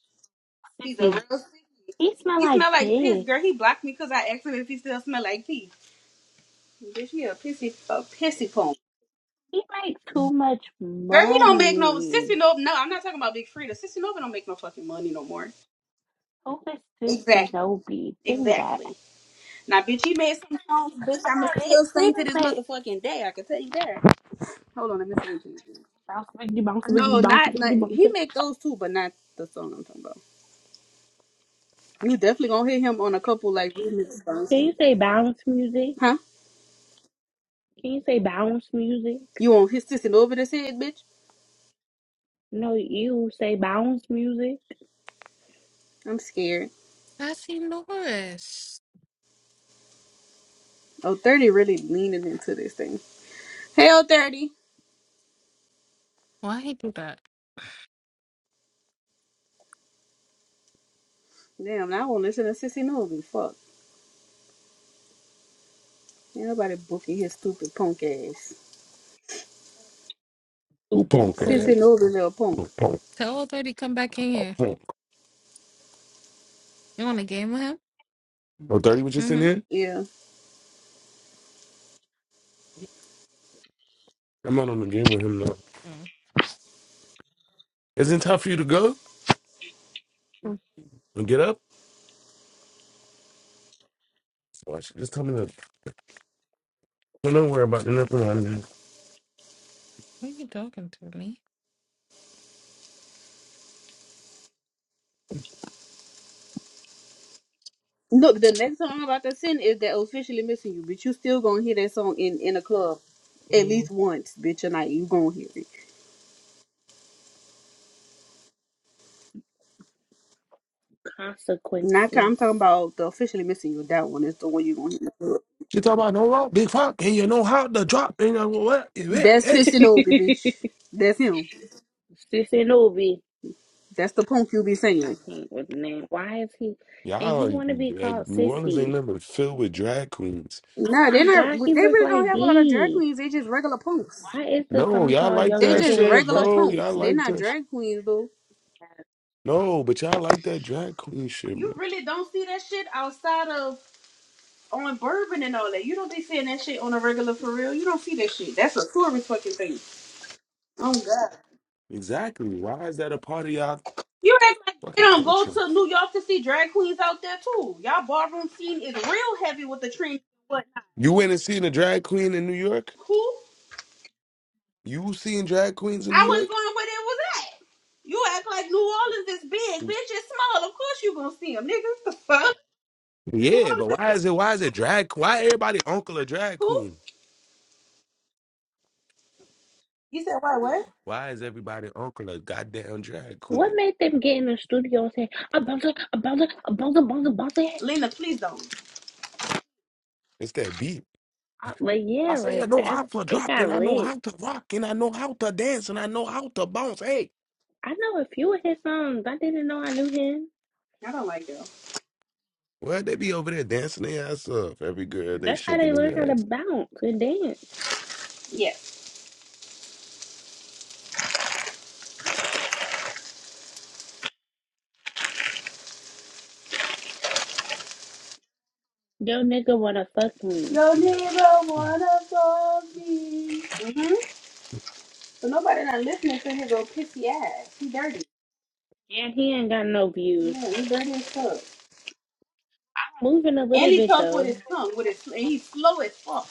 S11: He's a
S9: sissy.
S11: real sissy.
S9: He smell
S11: He
S9: like
S11: smell like piss,
S9: pig."
S11: girl. He blocked me because I asked him if he still smell like pee. Bitch, he a pissy, a pissy punk.
S9: He makes too much
S11: Girl, he don't make no
S9: money.
S11: sissy Nobi. No, I'm not talking about Big Frida. Sissy Nobi don't make no fucking money no more.
S9: Who is this
S11: Exactly.
S9: Shinobi? Give me that.
S11: Exactly. Now, bitch, he made some songs, bitch.
S9: I'm
S11: I'ma
S9: like, man,
S11: still sing
S9: Freedom
S11: to this
S9: make
S11: motherfucking day. I can tell you that. Hold on, let me see. what you do.
S9: bounce, wiggity, bounce, wiggity,
S11: No,
S9: bounce,
S11: not, not
S9: wiggity, bounce.
S11: he make
S9: Can
S11: those too, but not the song I'm talking about. You definitely gonna hit him on a couple like remix songs.
S9: you say bounce
S11: Huh?
S9: music? Can you say bounce music?
S11: You want his sister over this head, bitch?
S9: No, you say bounce music.
S11: I'm scared.
S4: I see Norris.
S11: Oh, 30 really leaning into this thing. Hell 30.
S4: Why he do that?
S11: Damn, now I won't listen to Sissy Novi. Fuck. Ain't nobody booking his stupid punk ass.
S1: Who
S9: Stupid
S1: punk
S11: Sissy
S9: punk
S1: ass?
S11: Novi little punk.
S1: Who punk?
S4: Tell old thirty come back in
S1: Oh,
S4: here.
S1: punk.
S4: You want a game with him?
S1: Oh, 30 was just in
S4: Mm-hmm.
S1: here?
S11: Yeah.
S1: I'm not on the game with him, though.
S4: Mm.
S1: Isn't it tough for you to go?
S4: Who
S1: and Get up? Why she just tell me to don't do worry about nothing like that.
S4: are you talking to, me?
S11: Look, the next song I'm about to send is that officially missing you, but you still gonna hear that song in, in a club at least once, bitch, Tonight You gonna hear it. Not I'm talking
S9: consequences.
S11: about the officially missing you. That one is the one you gonna hear.
S1: She talk about no rock, big fuck, and you know how to drop, and you know what? Hey, hey.
S11: That's
S1: hey.
S11: Fitz and Obi, bitch. That's him.
S9: Sissy Novi.
S11: That's the punk you be
S9: I
S11: saying.
S9: can't with the name. Why is he? And he
S1: Y'all,
S9: want to be
S1: eh,
S9: called
S1: New Orleans ain't
S9: Sissy.
S1: nothing but filled with drag queens.
S9: Oh
S11: Nah,
S9: my
S11: they're not.
S9: God, he
S11: They
S9: look
S11: really don't
S9: like
S11: have a lot of drag
S9: D.
S11: queens. They just regular punks.
S9: Why is the
S1: No,
S9: song
S1: y'all
S9: called
S1: like
S9: Yo
S11: They're
S1: that
S9: Nigga
S11: just
S9: Wanna
S1: shit,
S11: regular
S9: Fuck
S1: bro. Y'all
S11: punks.
S9: Me?
S11: They're
S1: like
S11: not
S1: that. sh-
S11: drag queens, though.
S1: No, but y'all like that drag queen shit,
S11: You
S1: bro.
S11: really don't see that shit outside of on bourbon and all that. You don't be seeing that shit on a regular for real. You don't see that shit. That's a tourist fucking thing. Oh god.
S1: Exactly. Why is that a part of y'all
S11: You act like they
S1: fucking
S11: don't go
S1: culture?
S11: to New York to see drag queens out there too. Y'all ballroom scene is real heavy with the trend and whatnot.
S1: You went and seen a drag queen in New York?
S11: Who?
S1: You seen drag queens in New
S11: I wasn't
S1: York?
S11: going where it was You act like New Orleans is big, bitch. It's small. Of course you gonna see them, nigga. What The fuck? New
S1: Yeah,
S11: Orleans
S1: but
S11: is
S1: why is it? Why is it drag? Why everybody uncle a drag
S11: cool.
S1: queen?
S11: You said why? What?
S1: Why is everybody uncle a goddamn drag
S9: What
S1: queen?
S9: made them get in the studio and say, I'm bouncing, I'm bouncing, I'm bouncing, bouncing, bouncing?
S11: Lena, please don't.
S1: It's that beat.
S9: Uh, Like,
S1: I
S9: yeah,
S1: say, I
S9: like
S1: know
S9: that's,
S1: how to
S9: they
S1: drop
S9: got
S1: and I know
S9: lit.
S1: how to rock and I know how to dance and I know how to bounce. Hey,
S9: I know a few of his songs. I didn't know I knew him.
S11: I don't like them.
S1: well, they be over there dancing their ass off. Every girl, they
S9: That's how they
S1: shaking
S9: learn how
S1: their
S9: to
S1: ass.
S9: bounce and dance.
S11: Yeah.
S9: Yo, nigga wanna fuck me.
S11: Yo, nigga, wanna fuck me? Mhm. So nobody not listening to his old pissy ass. He dirty.
S9: And he ain't got no views.
S11: Yeah, he dirty as fuck.
S9: I'm moving a
S11: And
S9: little
S11: he
S9: bit
S11: tough with
S9: though.
S11: his tongue. With his, and he's slow as fuck.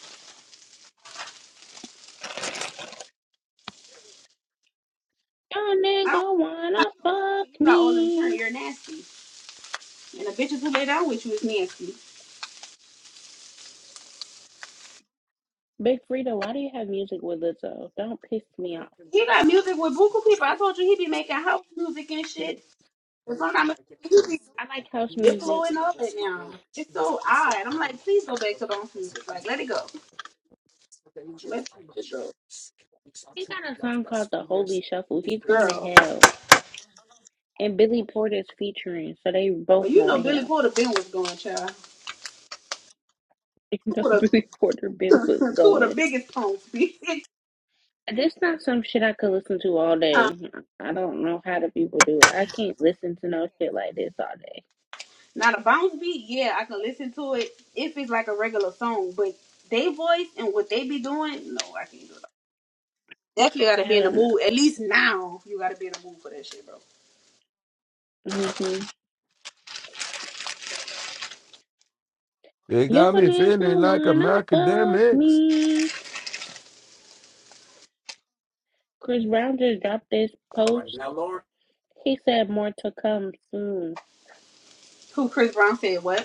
S9: Yo,
S11: I don't
S9: nigga wanna fuck
S11: think you got all them churn.
S9: me.
S11: You're nasty. And the bitches who lay down with you is nasty.
S9: Big Frida, why do you have music with Lizzo? Don't piss me off.
S11: He got music with Buku people. I told you he be making house music and shit. That's what I'm you be
S9: I like house music.
S11: Diplo and all that now. It's so odd. I'm like, please go back to those music. Like, let it go. Let it go.
S9: He got a song called The Holy Shuffle. He's going to
S11: Girl.
S9: hell. And Billy Porter's featuring, so they both
S11: Well, you know
S9: going to
S11: Billy
S9: hell.
S11: Porter been was going, child.
S9: You know,
S11: Two of
S9: Billy Porter been was
S11: the, two of the
S9: going.
S11: biggest songs, bitch.
S9: This not some shit I could listen to all
S11: Huh.
S9: day. I don't know how the people do it. I can't listen to no shit like this all day.
S11: Now the bounce beat, yeah, I can listen to it if it's like a regular song, but they voice and what they be doing, no, I can't do that. Definitely gotta be in
S9: Hell
S11: the mood. At least now, you gotta be in the mood for that shit, bro.
S9: no. hmm
S1: They
S9: Your
S1: got me
S9: nigga
S1: feeling like a
S9: wanna fuck
S1: macadamics.
S9: me. Chris Brown just dropped this post. He said more to come soon.
S11: Who Chris Brown said what?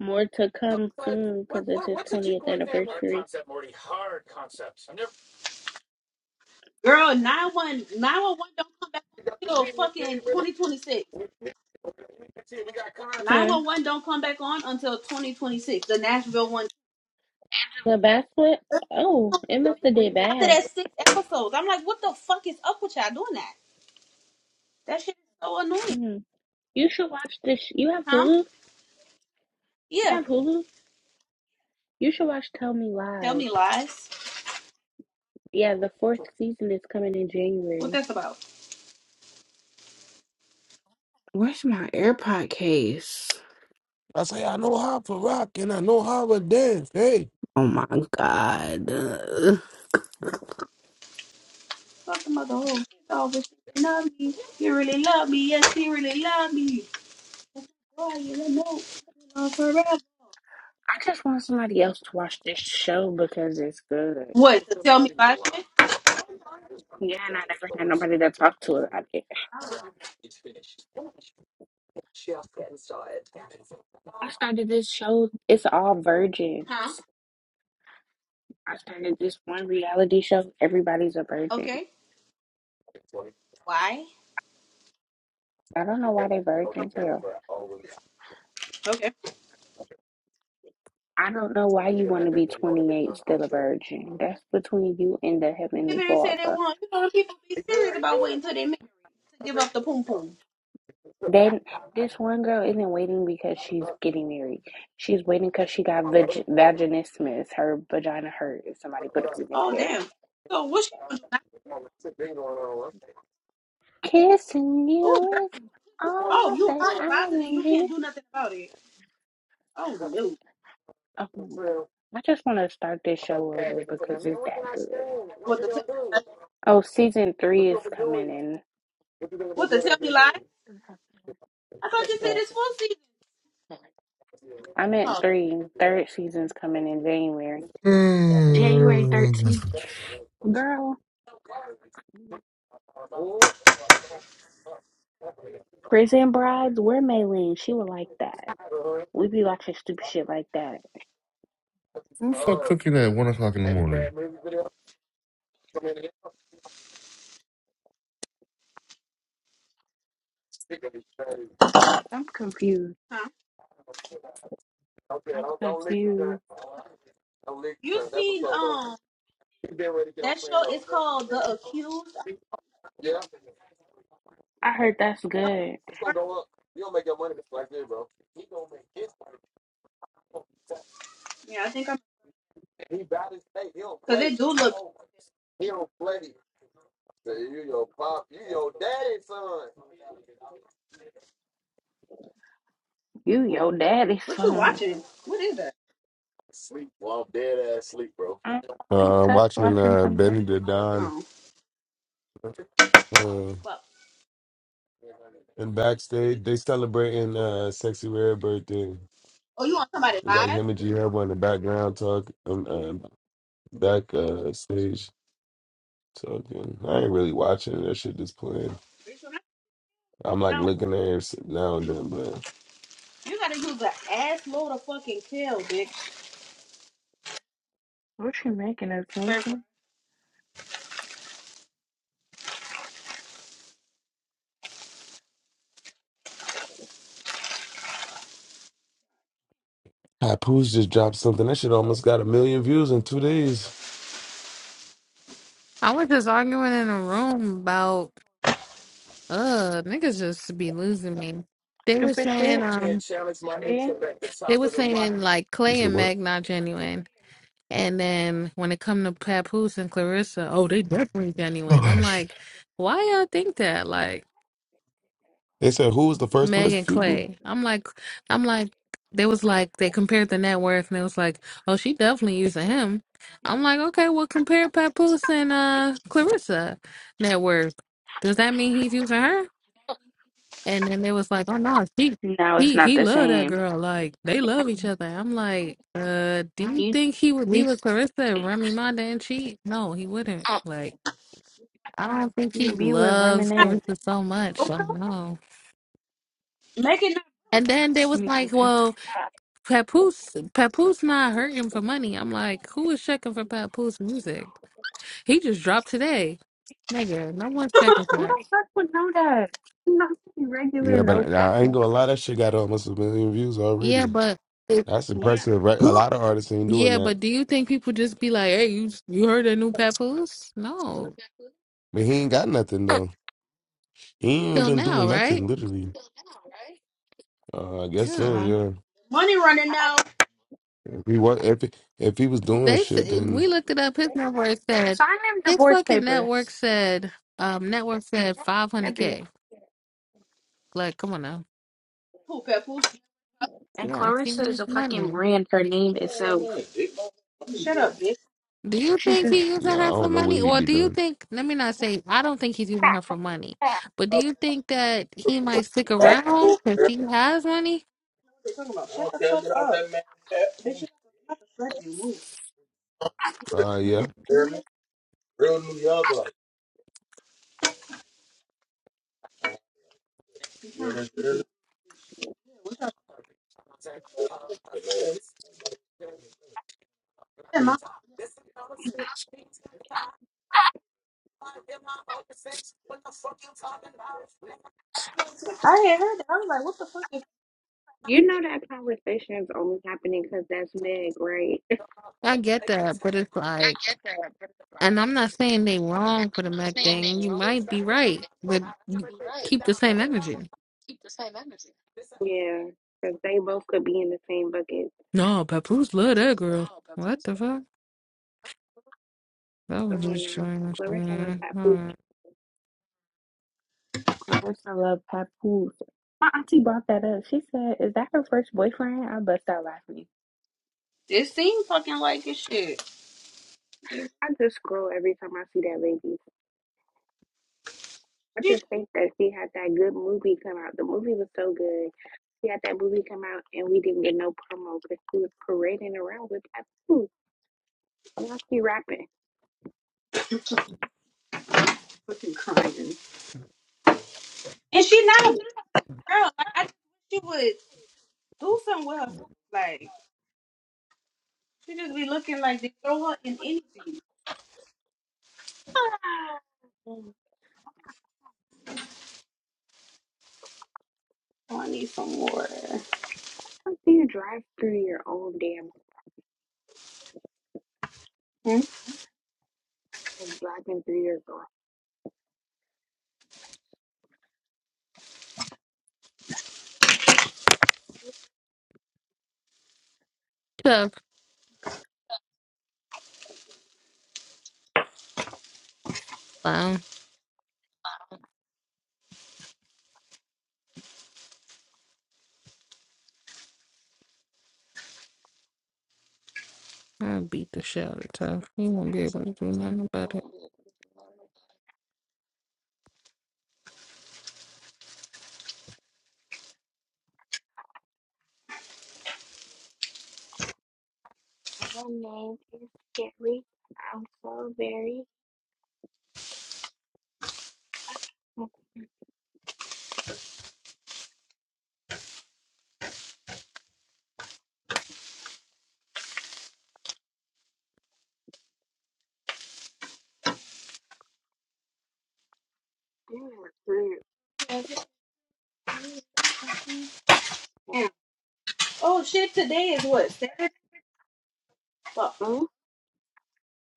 S9: More to come soon because it's his 20th anniversary.
S11: Girl, 911 don't come back on until fucking 2026.
S9: Huh?
S11: 911 don't come back on until 2026. The Nashville one.
S9: The backflip?
S11: The Nashville
S9: Oh,
S11: one,
S9: it must have did
S11: bitch. After
S9: bad.
S11: that six episodes. I'm like, what the fuck is up with y'all doing that? That shit is so annoying.
S9: hmm You should watch this. sh- You have
S11: Huh?
S9: Hulu? You
S11: Yeah.
S9: have Hulu? You should watch Tell Me
S11: Tell
S9: Lies.
S11: me lies.
S9: Yeah, the fourth season is coming in
S11: What
S9: January.
S11: that's about?
S9: Where's my AirPod case?
S1: I say, I know how to rock and I know how to dance. Hey.
S9: Oh my god. Ugh.
S11: Fuck the mother hoe. It's always thinking of me. You really love me. Yes, you really love me. Boy, you don't know. Love forever.
S9: I just want somebody else to watch this show because it's good.
S11: What? The tell me lies shit?
S9: Yeah, and I never had nobody to talk to about it. I started this show. It's all virgin.
S11: Huh?
S9: I started this one reality show. Everybody's a virgin.
S11: Okay. Why?
S9: I don't know why they
S11: Oh,
S9: virgins here.
S11: okay.
S9: I don't know why you want to be 28 still a virgin. That's between you and the Heavenly
S11: They said they
S9: Father.
S11: want. You know, people be serious about waiting till they married to give up the poom poom.
S9: Then this one girl isn't waiting because she's getting married. She's waiting because she got vag- vaginismus. Her vagina hurt if somebody put a penis
S11: Oh
S9: there.
S11: damn. So what she gonna do now?
S9: Kissing
S11: Oh girl.
S9: you is
S11: Oh,
S9: all
S11: you
S9: that
S11: hot and
S9: I'm
S11: bothered and
S9: in
S11: you can't
S9: need.
S11: do nothing about it. Oh no.
S9: Oh my God. I just want to start this show over because it's that good.
S11: What to tell me?
S9: Oh, season three is coming in.
S11: What to tell me lies? I thought you said it's full
S9: Yes.
S11: season.
S9: I'm at
S11: Oh,
S9: three. Third season's coming in January. January
S10: Mm.
S9: 13th. Girl, Prison Brides, we're Maylene. She would like that. We be watching stupid shit like that.
S10: Who the fuck cooking at one o'clock in the morning?
S9: I'm confused.
S11: huh?
S9: I'm confused.
S11: You seen um that show? It's called The Accused. I,
S9: I heard that's
S11: I'm
S9: good.
S11: sorry. Yeah, I think I'm because it do look.
S9: You your daddy's
S11: What you
S9: son.
S11: watching? What is that?
S1: Sleep, well, I'm dead ass sleep, bro.
S9: I think
S1: Uh, I'm
S9: tough
S1: watching
S9: watching
S1: uh,
S9: something.
S1: Benny the Don.
S11: Oh,
S1: Uh,
S11: well.
S1: and backstage, they celebrating uh, Sexy Red birthday.
S11: Oh, you want somebody
S1: It's like
S11: live?
S1: him and G Herbo in the background talk, um, um, back uh, stage talking. I ain't really watching that shit. Just playing.
S11: Bitch,
S1: I'm like looking at it now and then, but
S11: You gotta use an ass load of fucking kale, bitch.
S9: What you making us
S11: Fair
S9: Lindsay?
S11: price.
S1: Papoose just dropped something. That shit almost got a million views in two days.
S4: I was just arguing in a room about uh niggas just be losing me. They were
S9: Stupid
S4: saying
S9: shit,
S4: um
S9: see?
S4: they were saying like
S1: You
S4: Clay
S1: said
S4: and
S1: what?
S4: Meg not genuine. And then when it come to Papoose and Clarissa, oh they definitely
S10: Oh
S4: genuine. I'm
S10: gosh.
S4: like, why y'all think that? Like
S1: They said who was the first
S4: Meg
S1: person
S4: and
S1: people?
S4: Clay. I'm like I'm like they was like they compared the net worth and it was like, oh she definitely using him. I'm like, okay, well compare Papoose and uh Clarissa net worth. Does that mean he's using her? And then they was like, "Oh no, he
S9: No, it's
S4: he
S9: not
S4: he
S9: the
S4: loved that
S9: same.
S4: girl. Like they love each other." I'm like, "Uh, do you
S9: You at
S4: think he would be with
S9: least
S4: Clarissa if Remy Ma didn't cheat? No, he wouldn't. Like, I don't think
S9: you
S4: he
S9: would be with
S4: loves
S9: reminisce.
S4: Clarissa so much. Like, no."
S11: Making that
S4: And then they was like,
S9: together.
S4: "Well, Papoose Papoose not hurting for money." I'm like, "Who is checking for Papoose music? He just dropped today, nigga. No one's checking for
S9: Who
S4: that."
S9: the fuck would know that? Not regular,
S1: Yeah,
S9: no
S1: but I, I ain't
S9: fucking
S1: gonna lie. That shit got almost a million views
S4: Yeah,
S1: already.
S4: but
S1: That's
S9: Yeah.
S1: impressive, right? A
S10: All
S1: lot of artists ain't doing
S4: Yeah,
S1: that,
S4: but do you think people just be like, "Hey, you you heard the new Papoose?" No,
S1: but he ain't got nothing though. He ain't
S4: till
S1: been doing
S4: now, right?
S1: nothing literally. Uh, I guess so.
S4: Yeah,
S1: Yeah.
S11: money running now.
S1: If he was, if he, if he was doing
S4: they s-
S1: shit, then
S4: we looked it up. His network said his fucking network said um network said five hundred k. Like, come on now.
S11: Who Pepple?
S4: Yeah, she needs money.
S11: Shut up, bitch.
S4: Do you think he's
S1: yeah,
S4: using her
S1: I
S4: for
S1: don't know what
S4: money,
S1: he'd
S4: or
S1: be
S4: do you
S1: doing.
S4: think? Let me not say. I don't think he's using her for money, but do you think that he might stick
S11: What
S4: around because she has money?
S11: you talking about? Shut the Okay, fuck up. How the fuck you move?
S1: Uh, yeah,
S4: Mm,
S11: Really? Real New York, like. Yeah, Yeah, my- I had heard that. I was like, what the fuck is
S9: You know that conversation is only happening because that's Meg, right?
S4: I get that, but it's like. And I'm not saying they wrong for the Mac thing. You might be right, but keep the same energy.
S9: Yeah, because they both could be in the same bucket.
S4: No, Papoose love that girl. What the fuck? That was
S9: Come on
S4: just
S9: now.
S4: strange,
S9: Clarissa love
S4: man.
S9: Papoose.
S4: Alright.
S9: Clarissa love Papoose. My auntie brought that up. She said, Is that her first boyfriend? I bust out laughing.
S11: It seems fucking like it shit. She
S9: I just scroll every time I see that lady. I just
S11: just
S9: think that she had that good movie come out. The movie was so good. She had that movie come out and we didn't get no promo because she was parading around with Papoose. Woman, do
S11: fucking crying. And she not a girl. Like, I think she would do something with herself. Like, she just be looking like they throw her in anything. Oh, I need some water.
S9: you drive through your own damn
S11: Hmm?
S9: driving through your garage?
S4: Tough clown. I beat the shit out of tough. He won't be able to do nothing about it.
S9: Yeah, through your-
S11: Damn. Oh shit! Today is what Saturday? Well,
S9: Hmm?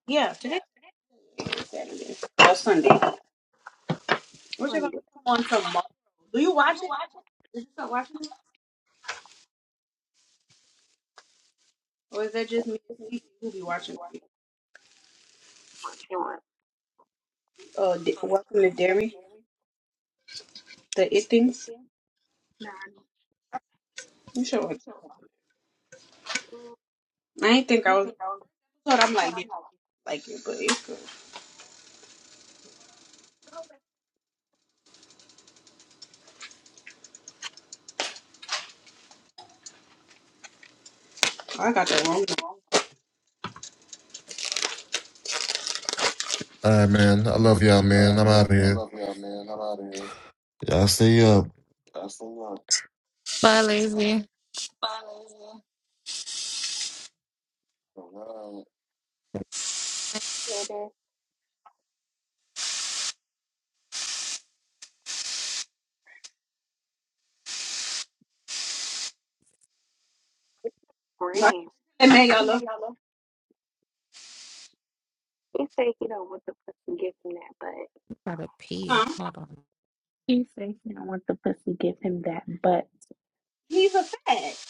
S11: yeah, today is Saturday or Sunday. What's it
S9: Yeah.
S11: gonna come on tomorrow? Do you watch it? Did you start watching it, or is that just me and Cece who be watching it?
S9: What you want?
S11: Uh, D- Welcome to Dairy, the It Things.
S9: Nah, I just
S11: You should watch.
S9: want-
S11: It. I ain't think I was. I thought I'm like, yeah, I like it, but it's good. I got that wrong one.
S10: right, man. I love y'all,
S9: All
S10: man.
S9: right,
S10: I'm out
S9: man.
S10: of
S9: I
S10: here.
S9: love y'all, man. I'm out of here.
S10: Y'all stay up.
S9: That's a lot.
S4: Bye, lazy.
S9: All right.
S4: I
S11: No,
S9: Green.
S11: That man, y'all love him,
S9: He said he don't want the pussy give him that butt.
S4: gotta pee.
S11: huh?
S4: Hold on.
S9: He said he don't want the pussy give him that butt.
S11: He's a fag.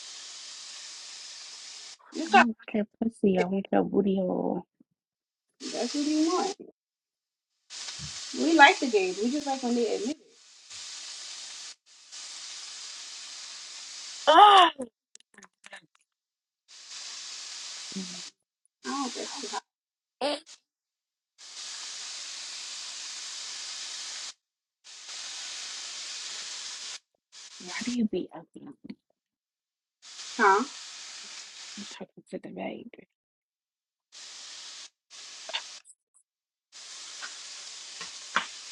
S11: It's
S9: I
S11: all
S9: don't want your pussy. I
S11: right.
S9: want your booty hole.
S11: That's what he want. We like the games. We just like when they admit it. I don't get too hot.
S9: Why do you be open
S11: Huh?
S9: and talking to the babe?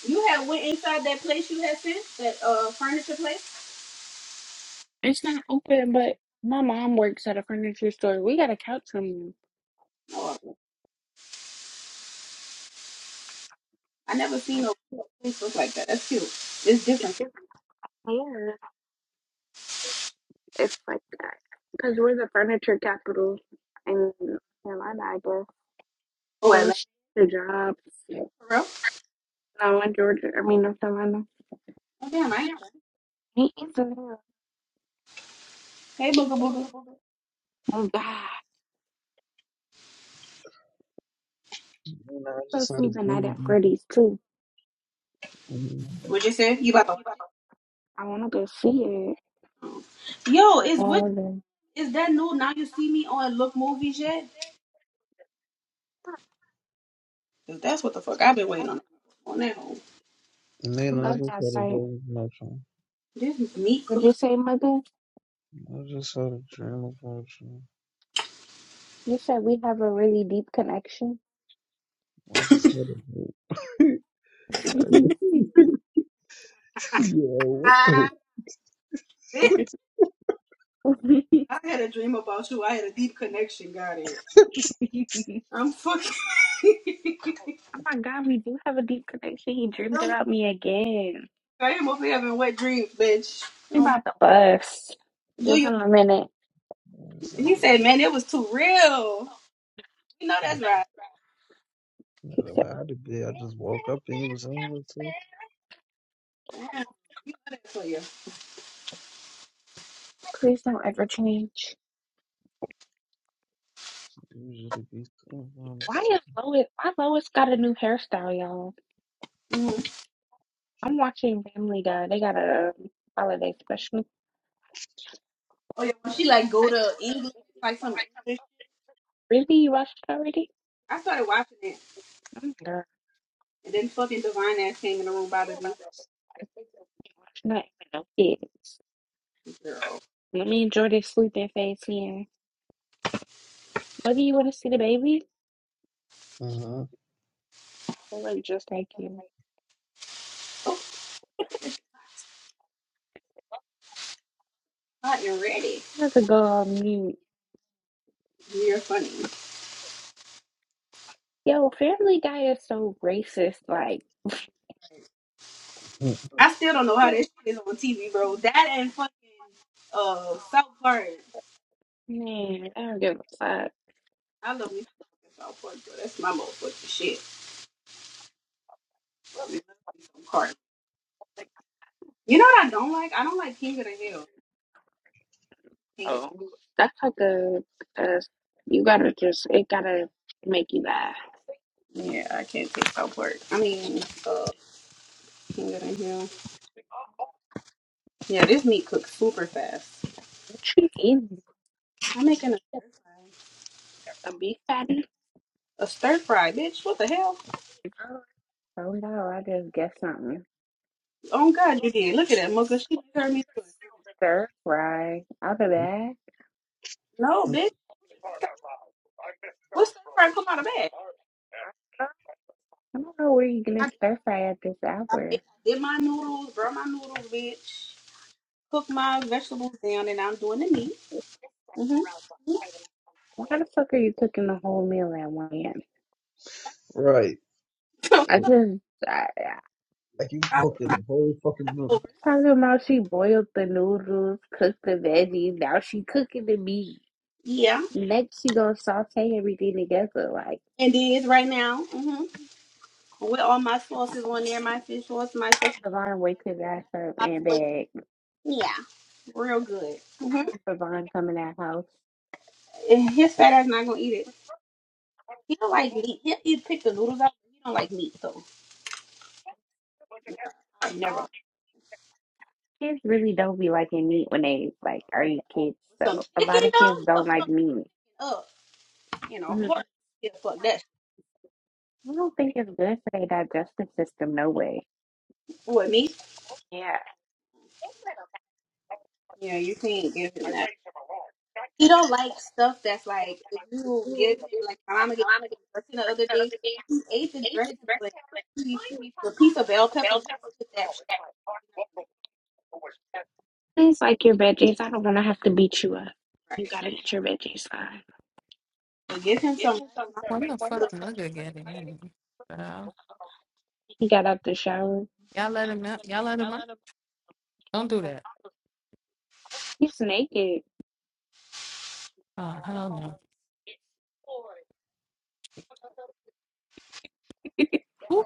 S11: You had went inside that place you had sent, that uh furniture place.
S9: It's not open, but my mom works at a furniture store. We got a couch somewhere.
S11: No, I never seen no place look like that. That's cute. It's different.
S9: If I can, if like, because we're the furniture capital in North Carolina, I guess.
S11: Oh,
S9: So
S11: Atlanta
S9: it's the jobs.
S11: for real?
S9: No, in Georgia, I mean North Carolina.
S11: Oh damn, I
S9: Yeah,
S11: ain't. know
S9: He is a little-
S11: that. Hey, booga booga.
S9: Oh God,
S13: And I
S9: I'm
S13: just had a
S9: sleeping night at
S13: dream.
S9: Freddy's too.
S13: about you.
S11: What you say? You about to watch it?
S9: I don't see it,
S11: Mm. Yo,
S9: but
S11: is which
S9: all of them.
S11: is that new? Now you see me on Look Movies yet? 'Cause that's what the fuck I've been waiting on. On that home.
S13: And
S9: I
S13: then I
S9: love
S13: just
S9: that
S13: had a
S9: site.
S13: dream about you.
S11: This is meat
S9: But you
S11: cooks.
S9: said
S13: I just had a dream about you.
S9: you said we have a really deep connection.
S13: I just had a dream.
S9: I'm
S13: Yo, what the?
S11: Bitch,
S9: like,
S11: I had a dream about you. I had a deep connection. Got it. I'm fucking.
S9: you have a deep connection. He dreamed
S11: I'm-
S9: about me again.
S11: I am over here having wet dreams, bitch. Um, do
S9: Give
S11: you?
S9: him a minute.
S13: I just had
S11: He said,
S13: a-
S11: man, it was too real. You know that's right.
S9: He said,
S13: I had to be. I just woke up and he was on the too.
S11: Damn, you know that for you.
S13: Usually be sitting on the side.
S11: Mhm.
S9: um, I'll let you
S11: Oh yeah, when she like go to England, like some English.
S9: Really? You watched it already?
S11: I started watching it,
S9: Oh, girl.
S11: and then fucking divine ass came in the room bothered me.
S9: Not even no kids.
S11: Girl,
S9: Let me enjoy this sleeping phase here. Whether you want to see the baby,
S13: Uh huh.
S9: I look just like you.
S11: so hot and ready.
S9: I have to go on mute.
S11: You're funny.
S9: Yo, Family Guy is so racist. Like,
S11: I still don't know how this shit is on TV, bro. That and fucking uh South Park.
S9: man, I don't give a fuck.
S11: I love me some fucking South Park, bro. That's my motherfucking shit. Me Some Park. You know what I don't like? I don't like King of the Hill. Hate it.
S9: That's like a, a you gotta just, it gotta make you laugh.
S11: Yeah, I can't take South Park. I mean, uh, King of the Hill. Yeah, this meat cooks super fast.
S9: Easy.
S11: I'm making a stir fry.
S9: a beef patty?
S11: A stir fry, bitch. What the hell?
S9: Oh no, I just guessed something.
S11: Oh God, you did. Look at that mugger. She heard me to
S9: Right. I'll be back.
S11: No, bitch. What stir fry come out of that?
S9: I don't know where you gonna stir fry at this
S11: I
S9: hour.
S11: made- I did my noodles, burn my noodles, bitch. Cook my vegetables down, and I'm doing the meat. Mm-hmm.
S9: Why the fuck are you cooking the whole meal at 1 a.m.?
S13: Right. Yeah,
S9: I just, I, I
S13: Like you
S11: I was
S13: cooking the whole fucking meal.
S11: leftovers.
S9: talking about she boiled the noodles, cooked the veggies, now she cooking the meat.
S11: Yeah,
S9: Next she gonna saute everything together. Like,
S11: and it is right now. Mm-hmm. With all my sauces on there, my fish sauce, my
S9: I
S11: sesame
S9: have Devon
S11: oil,
S9: wait till that serve
S11: my,
S9: and
S11: my soy.
S9: bag.
S11: Yeah, real good.
S9: I
S11: Mm-hmm.
S9: have Devon come in that house.
S11: And his fat ass not gonna eat it. He don't like meat. He'll eat pick the noodles out. but He don't like meat, so I
S9: Oh,
S11: never.
S9: kids really don't be liking meat when they like are you kids.
S11: Some
S9: So a lot
S11: chicken
S9: of
S11: though,
S9: kids
S11: he'll
S9: don't like
S11: fuck
S9: meat.
S11: it up. You know,
S9: Mhm.
S11: horse, he'll fuck that shit.
S9: I don't think it's good for their digestive system. No way.
S11: with me.
S9: Yeah.
S11: Yeah, you can't give him that. He don't like stuff that's like if you give him like my mama gave him some dressing the other day. He ate the dressing, but he, the piece of bell pepper he put that shit
S9: Please like your veggies. I don't want to have to beat you up.
S11: in.
S9: You
S11: right.
S9: gotta get your veggies on.
S11: So give him some rice. My boy,
S4: When the fuck
S11: good.
S4: nigga get it in? Girl?
S9: He got out the shower.
S4: Y'all let him out. Y'all let him out. Don't do that.
S9: He's naked.
S4: Oh, hell no. Who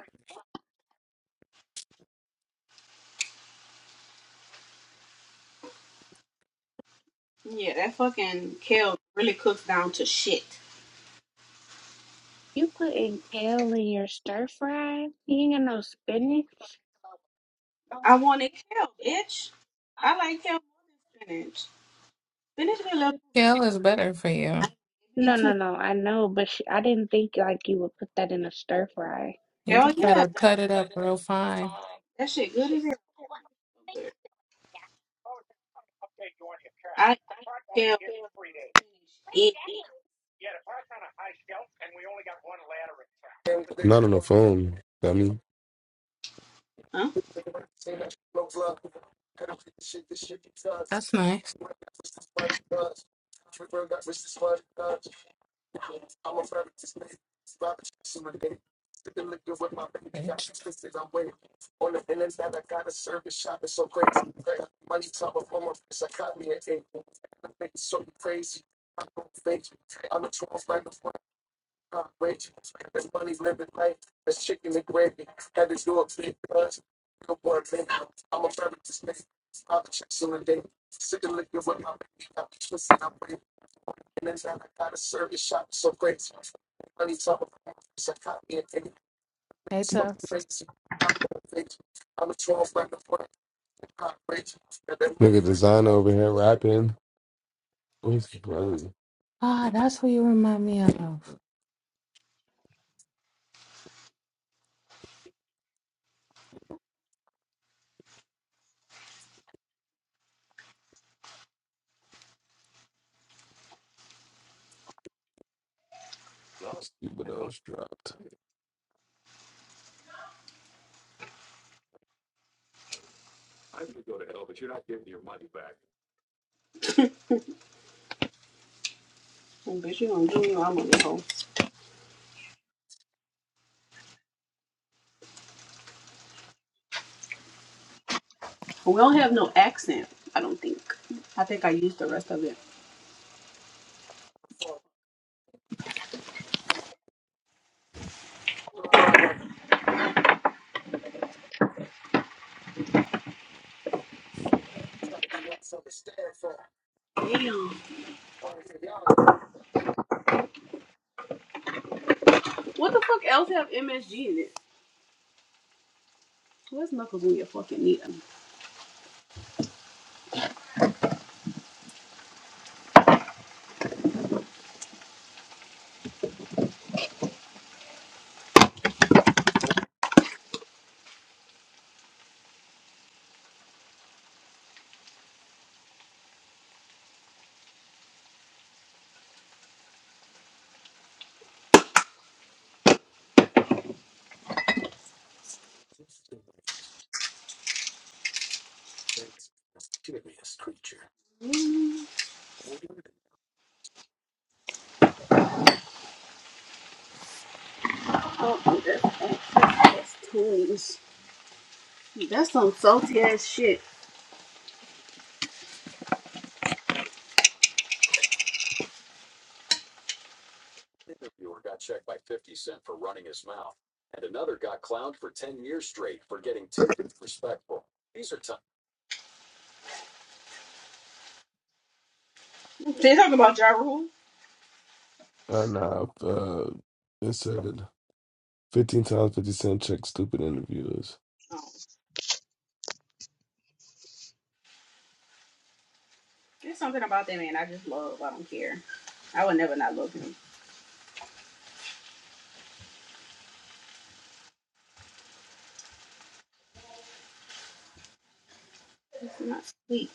S11: Yeah, that fucking kale really cooks down to shit.
S9: You putting kale in your stir fry? He ain't got no spinach.
S11: I want it kale, bitch. I like kale more than spinach. Spinach be a little too
S4: the hell is better for you?
S11: spicy. It be
S9: No, no,
S11: too
S9: no. I know, but sh I didn't think like you would put that in a stir fry.
S4: You
S11: hell
S4: just
S11: yeah.
S4: gotta cut it up real fine.
S11: That shit good as hell. So good. I eat kale over spinach. It
S1: not on the phone. I mean,
S11: huh?
S4: That's nice. Bitch. Hey, tough.
S1: nigga, designer over here rapping. What's the brother?
S4: Ah, that's who you remind me of.
S1: Stupid ass dropped.
S11: Oh, bitch, you gonna do me? while I'm on the hoe. We don't have no accent. I don't think. I think I used the rest of it. Damn. What the fuck else have MSG in it? Where's knuckles when you fucking need them? Oh, that's accent. That's tunes. That's some salty ass shit. They talking about Ja Rule?
S1: Uh, nah, uh, it said fifteen times fifty cent check. Stupid interviewers.
S11: Oh. There's something about that man I just love. I don't care. I would never not love him. It's not sweet.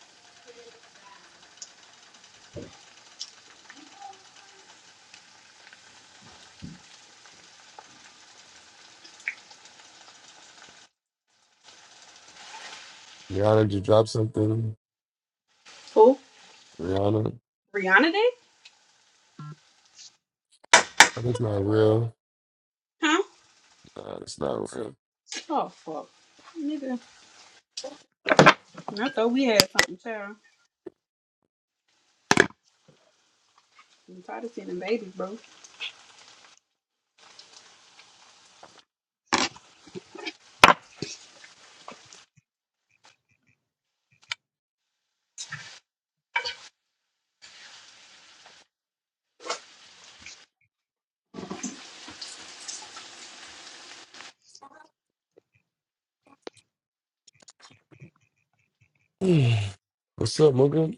S1: Rihanna just dropped something.
S11: Who?
S1: Rihanna,
S11: Rihanna Day?
S1: that's not real.
S11: Huh?
S1: Nah, it's not real.
S11: Oh fuck. Nigga. I thought we had something, child. I'm tired of seeing them babies, bro.
S1: What's up, Morgan?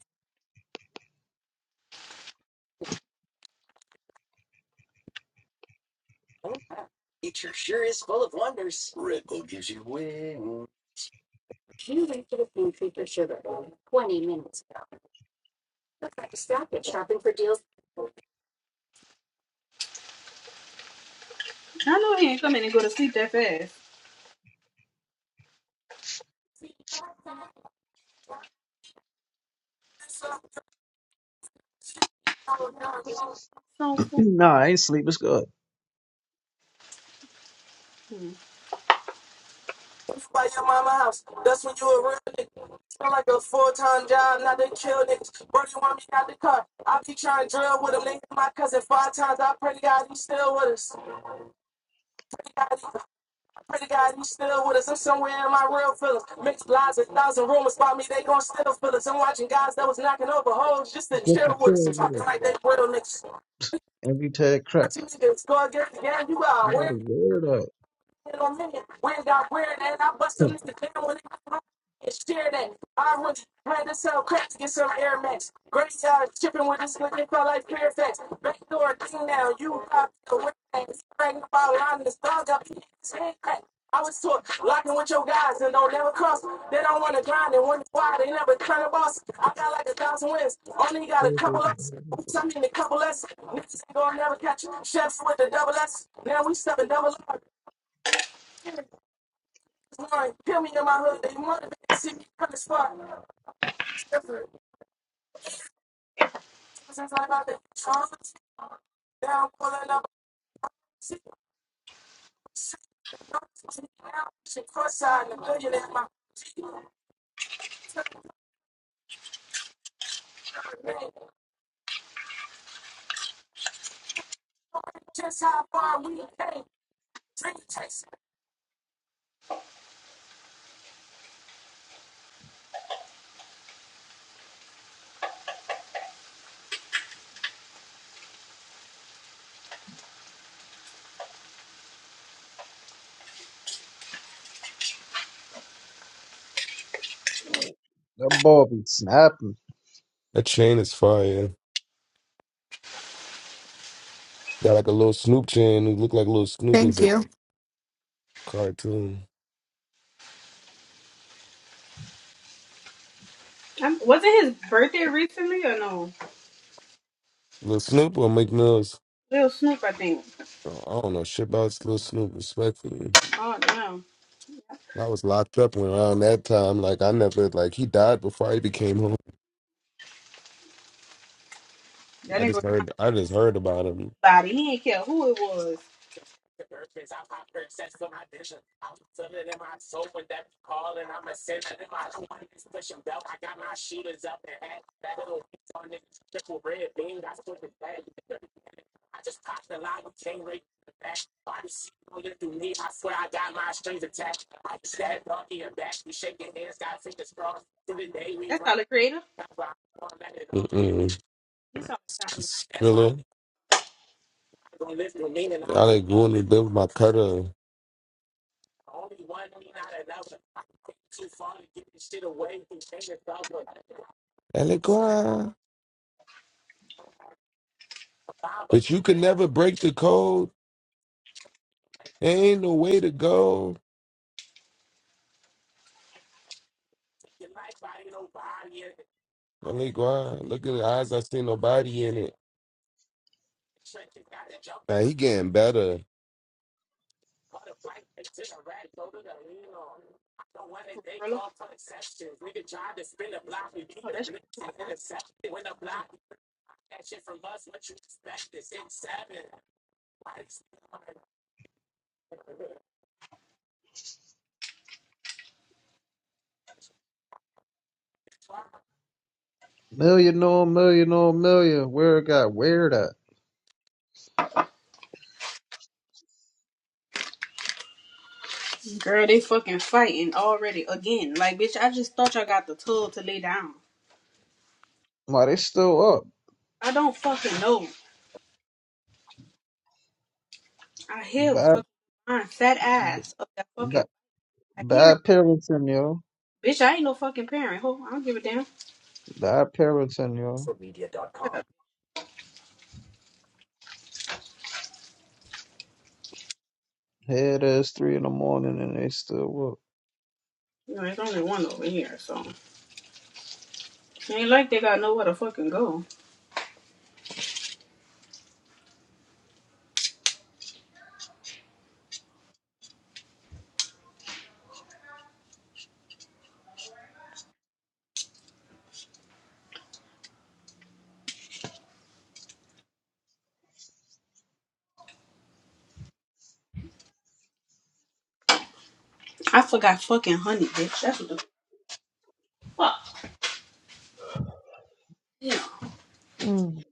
S11: I know he ain't coming and go to sleep that fast. So fu-
S13: nah, I ain't sleep. It's good.
S11: hmm.
S13: Just a chill with it. Every tag crap. You gotta wear it out. That ball be snapping.
S1: That chain is fire. Got like a little Snoop chain. It look like a little Snoop is
S4: Thank
S1: it?
S4: you.
S1: cartoon.
S11: was it his birthday recently or no?
S1: Little Snoop or McNubbs?
S11: Lil Snoop, I think.
S1: I don't know shit about Little Snoop, respectfully.
S11: Oh damn.
S1: I was locked up when around that time. Like I never like he died before I became home.
S11: That
S1: I
S11: ain't
S1: just
S11: gonna
S1: heard I just heard about him.
S11: body. He ain't care who it was. That's Tyler Creator.
S1: Mm-mm.
S11: He's on Tyler.
S1: Skrilla. Allegory live with my cutter. Allegory. But you can never break the code. There ain't no way to go. Allegory. Look at the eyes. I see nobody in it. Now he getting better.
S11: Oh, Umbrella.
S13: Million on million on million. Where it got weird at?
S11: Girl, they fucking fighting already again. Like, bitch, I just thought y'all got the tool to lay down.
S13: Why they still up?
S11: I don't fucking know. I hear
S13: Bad,
S11: fucking my fat ass of that fucking.
S13: bad,
S11: I hear,
S13: bad
S11: it.
S13: parenting, yo.
S11: bitch. I ain't no fucking parent. Ho, I don't give a damn.
S13: Bad parenting, yo. Here it is, three in the morning, and they still
S11: You know, there's only one over here, so it ain't like they got nowhere to fucking go. I forgot fucking honey, bitch. That's what the fuck. Yeah.
S13: up. Mm.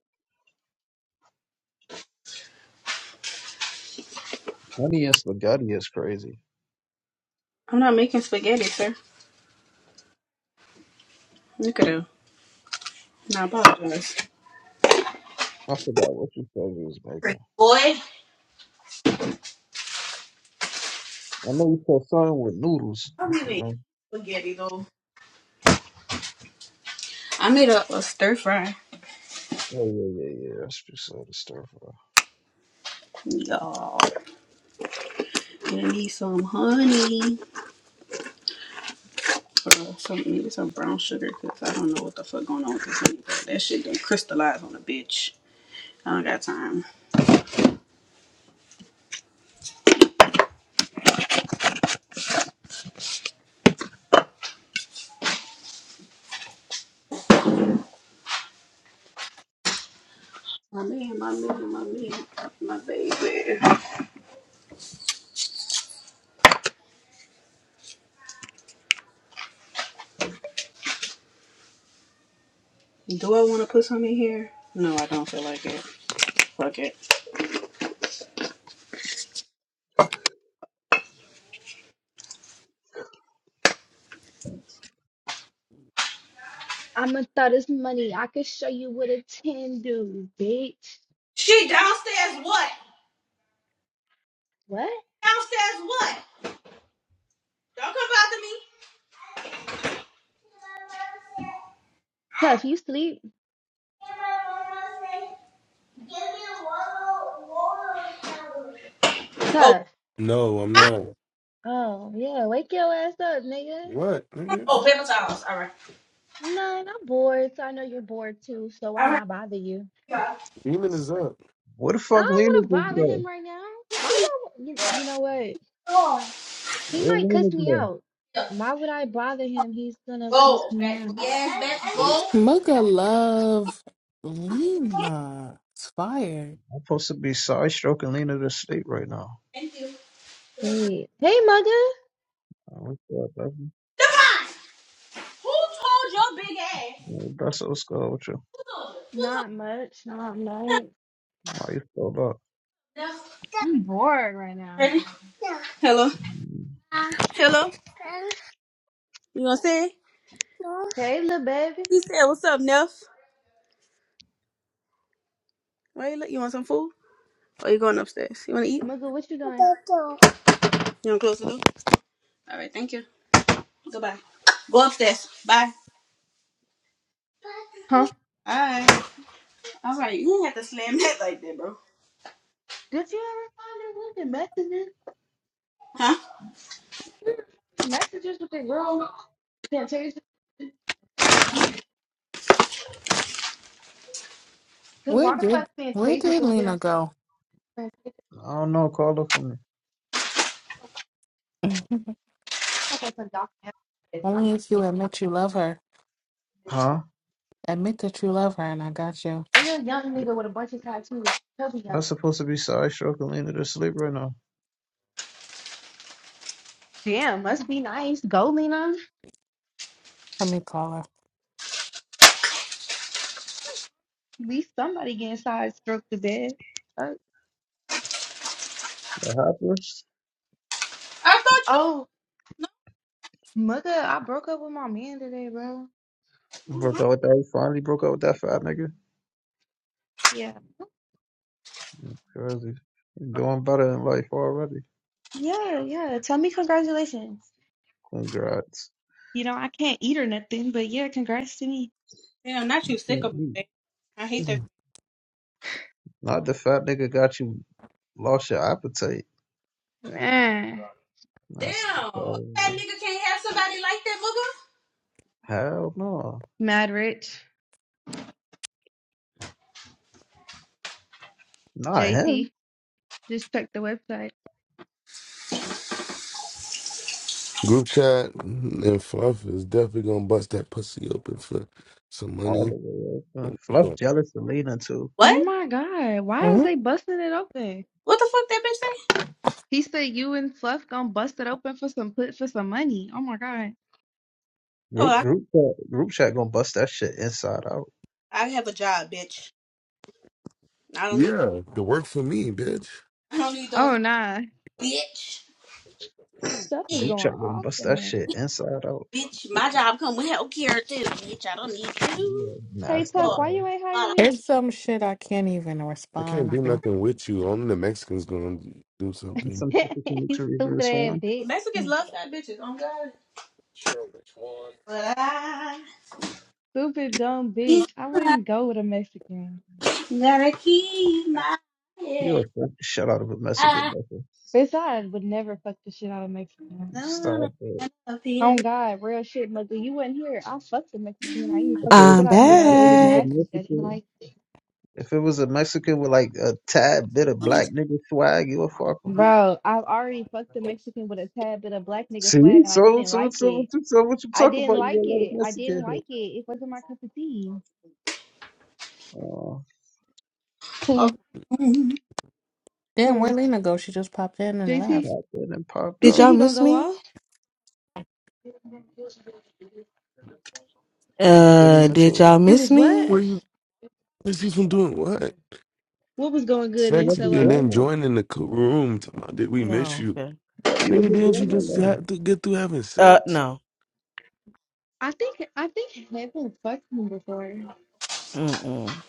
S13: Honey and spaghetti is crazy.
S11: I'm not making spaghetti, sir. Look at her. I apologize.
S13: I forgot what you said you was making. I know you said something with noodles. I forgot.
S11: So, I made a, a stir fry.
S13: Oh yeah, yeah, yeah. That's what you said. The stir fry.
S11: Y'all, gonna need some honey. Bro, some need some brown sugar because I don't know what the fuck going on with this honey. That shit done crystallized on a bitch. I don't got time. My man, my man, my man, my baby. Do I want to put some in here? No, I don't feel like it. Fuck it.
S3: I'ma throw this money. I can show you what a 10 do, bitch.
S11: She downstairs what?
S3: What?
S11: Downstairs what? Come back to me.
S3: Tough, you sleep?
S11: water, water. Oh,
S3: Tough.
S1: No, I'm not.
S3: Oh, yeah, wake your ass up, nigga.
S1: What, nigga?
S3: Nah, I'm bored, so I know you're bored too, so why not bother you?
S1: Demon is up.
S13: Where the
S3: I
S13: fuck
S3: don't
S13: Lena
S3: want to
S13: just
S3: bother
S13: go?
S3: him right now. Why y'all, you, you know what? He might
S13: Where Lena
S3: cuss me
S13: go?
S3: out. Why would I bother him? He's gonna cuss me out.
S4: Mugga love Lena. It's fire.
S13: I'm supposed to be side stroking Lena to sleep right now.
S3: Wait. Hey, mugga.
S13: Uh, What's up, baby? Yeah, That's what's good with you.
S3: Not much, not much.
S13: Why you still up?
S3: I'm bored right now.
S11: hello,
S13: Mm,
S11: hello. You gonna say?
S3: Hey, little baby.
S11: He said, "What's up, Neff? Why you look? You want some food? Or you going upstairs? You wanna eat?
S3: Mugga, what you
S11: You
S3: doing?
S11: wanna close the door? All right, thank you. Goodbye. Go upstairs. Bye.
S3: Huh?
S11: All right. All
S3: Did
S11: right. You didn't have to slam that like that, bro.
S3: you ever find your fucking messages?
S11: Huh?
S3: Messages with that girl Fantasia. Because
S4: Where
S3: why the
S4: did
S3: fuck
S4: where
S3: Fantasia
S4: did
S3: gonna get
S4: Lena
S3: her
S4: go?
S3: friend?
S13: I don't know. Call her for me.
S4: Mhm.
S3: That's a I'm
S4: Only if you
S3: getting out of
S4: admit you love her.
S3: this.
S13: Huh?
S4: Admit that you love her, and I got you.
S3: real young nigga with a bunch of tattoos. Tell me
S13: I'm
S3: young. nigga.
S13: supposed to be side stroking Lena to sleep right now.
S3: Damn, must be nice. Go Lena.
S4: Let me call her.
S3: At least somebody getting side stroke to bed. Uh,
S13: What happened?
S11: I thought you.
S3: oh, mother, I broke up with my man today, bro.
S13: Broke out with that. You finally broke out with that fat nigga.
S3: Yeah.
S13: Crazy. You're doing better in life already.
S3: Yeah. yeah.
S13: Congrats.
S3: You know, I can't eat or nothing, but yeah, congrats to me.
S11: Damn, not you sick
S13: Can't
S11: about
S13: eat.
S11: it. I hate that.
S13: Not the fat nigga got you lost your appetite.
S11: Damn.
S13: That's
S11: That nigga can't have somebody like that, booger.
S13: hell no. Not
S3: Jason
S13: him.
S3: said,
S1: Group chat and Fluff is definitely gonna bust that pussy open for some
S13: all
S1: money.
S13: the way up.
S1: They
S13: Fluff
S1: gonna-
S13: jealous of Lena too.
S11: What?
S3: Oh my, why is
S4: hmm
S3: they busting?
S11: What the fuck that bitch say?
S3: He said you and busted me. Oh my god.
S11: Oh,
S13: Group
S11: I,
S13: group chat, group chat gonna bust that shit inside out.
S11: I have a job, bitch. I don't need.
S1: Yeah, the work for me, bitch.
S11: I don't need those.
S3: Oh nah.
S11: Bitch. Yeah,
S13: Group chat gonna bust that shit inside out.
S11: bitch. My job come with health care too, bitch. I don't need you.
S13: Yeah,
S3: Hey
S13: nasty.
S3: Tough,
S11: Oh,
S3: why
S13: Uh,
S3: you ain't hire
S11: my-
S4: It's
S3: me?
S4: some shit I can't even
S1: I can't
S4: respond
S1: do
S4: to.
S1: nothing with you. Only the Mexicans gonna do
S13: and
S1: something.
S13: some shit that you make
S3: He
S13: sure you respond.
S3: said,
S11: Mexicans love fat bitches. Oh God. But I
S3: Stupid dumb bitch. I wouldn't go with a Mexican.
S11: gotta keep my
S13: You are the shit out of a Mexican nigga.
S3: Bitch, I would never fuck the shit out of Mexican.
S11: That was
S13: Stop
S11: on
S13: it.
S11: a appear
S3: Oh God, real shit, mother. You wasn't here. I fucked the Mexican. I even
S13: If
S3: fucked the
S13: it,
S3: shit out
S13: if,
S3: of him
S13: if,
S3: though.
S13: if
S3: It
S13: it
S3: was
S13: was a
S3: nasty. That's
S13: Mexican,
S3: like
S13: if it was a Mexican with like a tad bit of black nigga swag, you would fuck him.
S3: Bro, I've already fucked the Mexican with a tad bit of black nigga
S13: See,
S3: swag and I
S13: so
S3: didn't
S13: so
S3: like
S13: so what
S3: it.
S13: you so what you
S3: I
S13: talk
S3: didn't
S13: about? You
S3: like
S13: gonna let a
S3: it. I didn't
S13: Mexican
S3: like
S13: hit?
S3: it. It wasn't my cup of tea.
S13: Oh,
S3: Who?
S4: Damn, where
S3: Who?
S4: Lena go? She just popped in and
S3: JC?
S4: left.
S13: popped in and popped
S3: You
S5: Did
S3: said
S13: out.
S5: y'all
S3: he gonna
S5: miss
S3: go
S5: me?
S3: off?
S13: Did we
S5: Uh,
S13: miss
S5: did
S13: who?
S5: y'all
S3: It
S5: miss
S3: was what?
S5: me?
S1: Where you? This is from doing what?
S3: What was going good in
S1: Sexy
S13: Nothing
S1: and
S3: SLO?
S13: going
S1: then
S13: on.
S1: joining the co- room. Talking about, Did we miss
S5: No,
S1: you,
S5: okay.
S13: Right, He was
S1: nigga?
S13: just
S1: Didn't you
S13: going
S1: just
S13: on
S1: have to get through having
S5: Uh,
S1: sex?
S5: no.
S3: I think I think Heaven fucked them before.
S5: Mm-mm.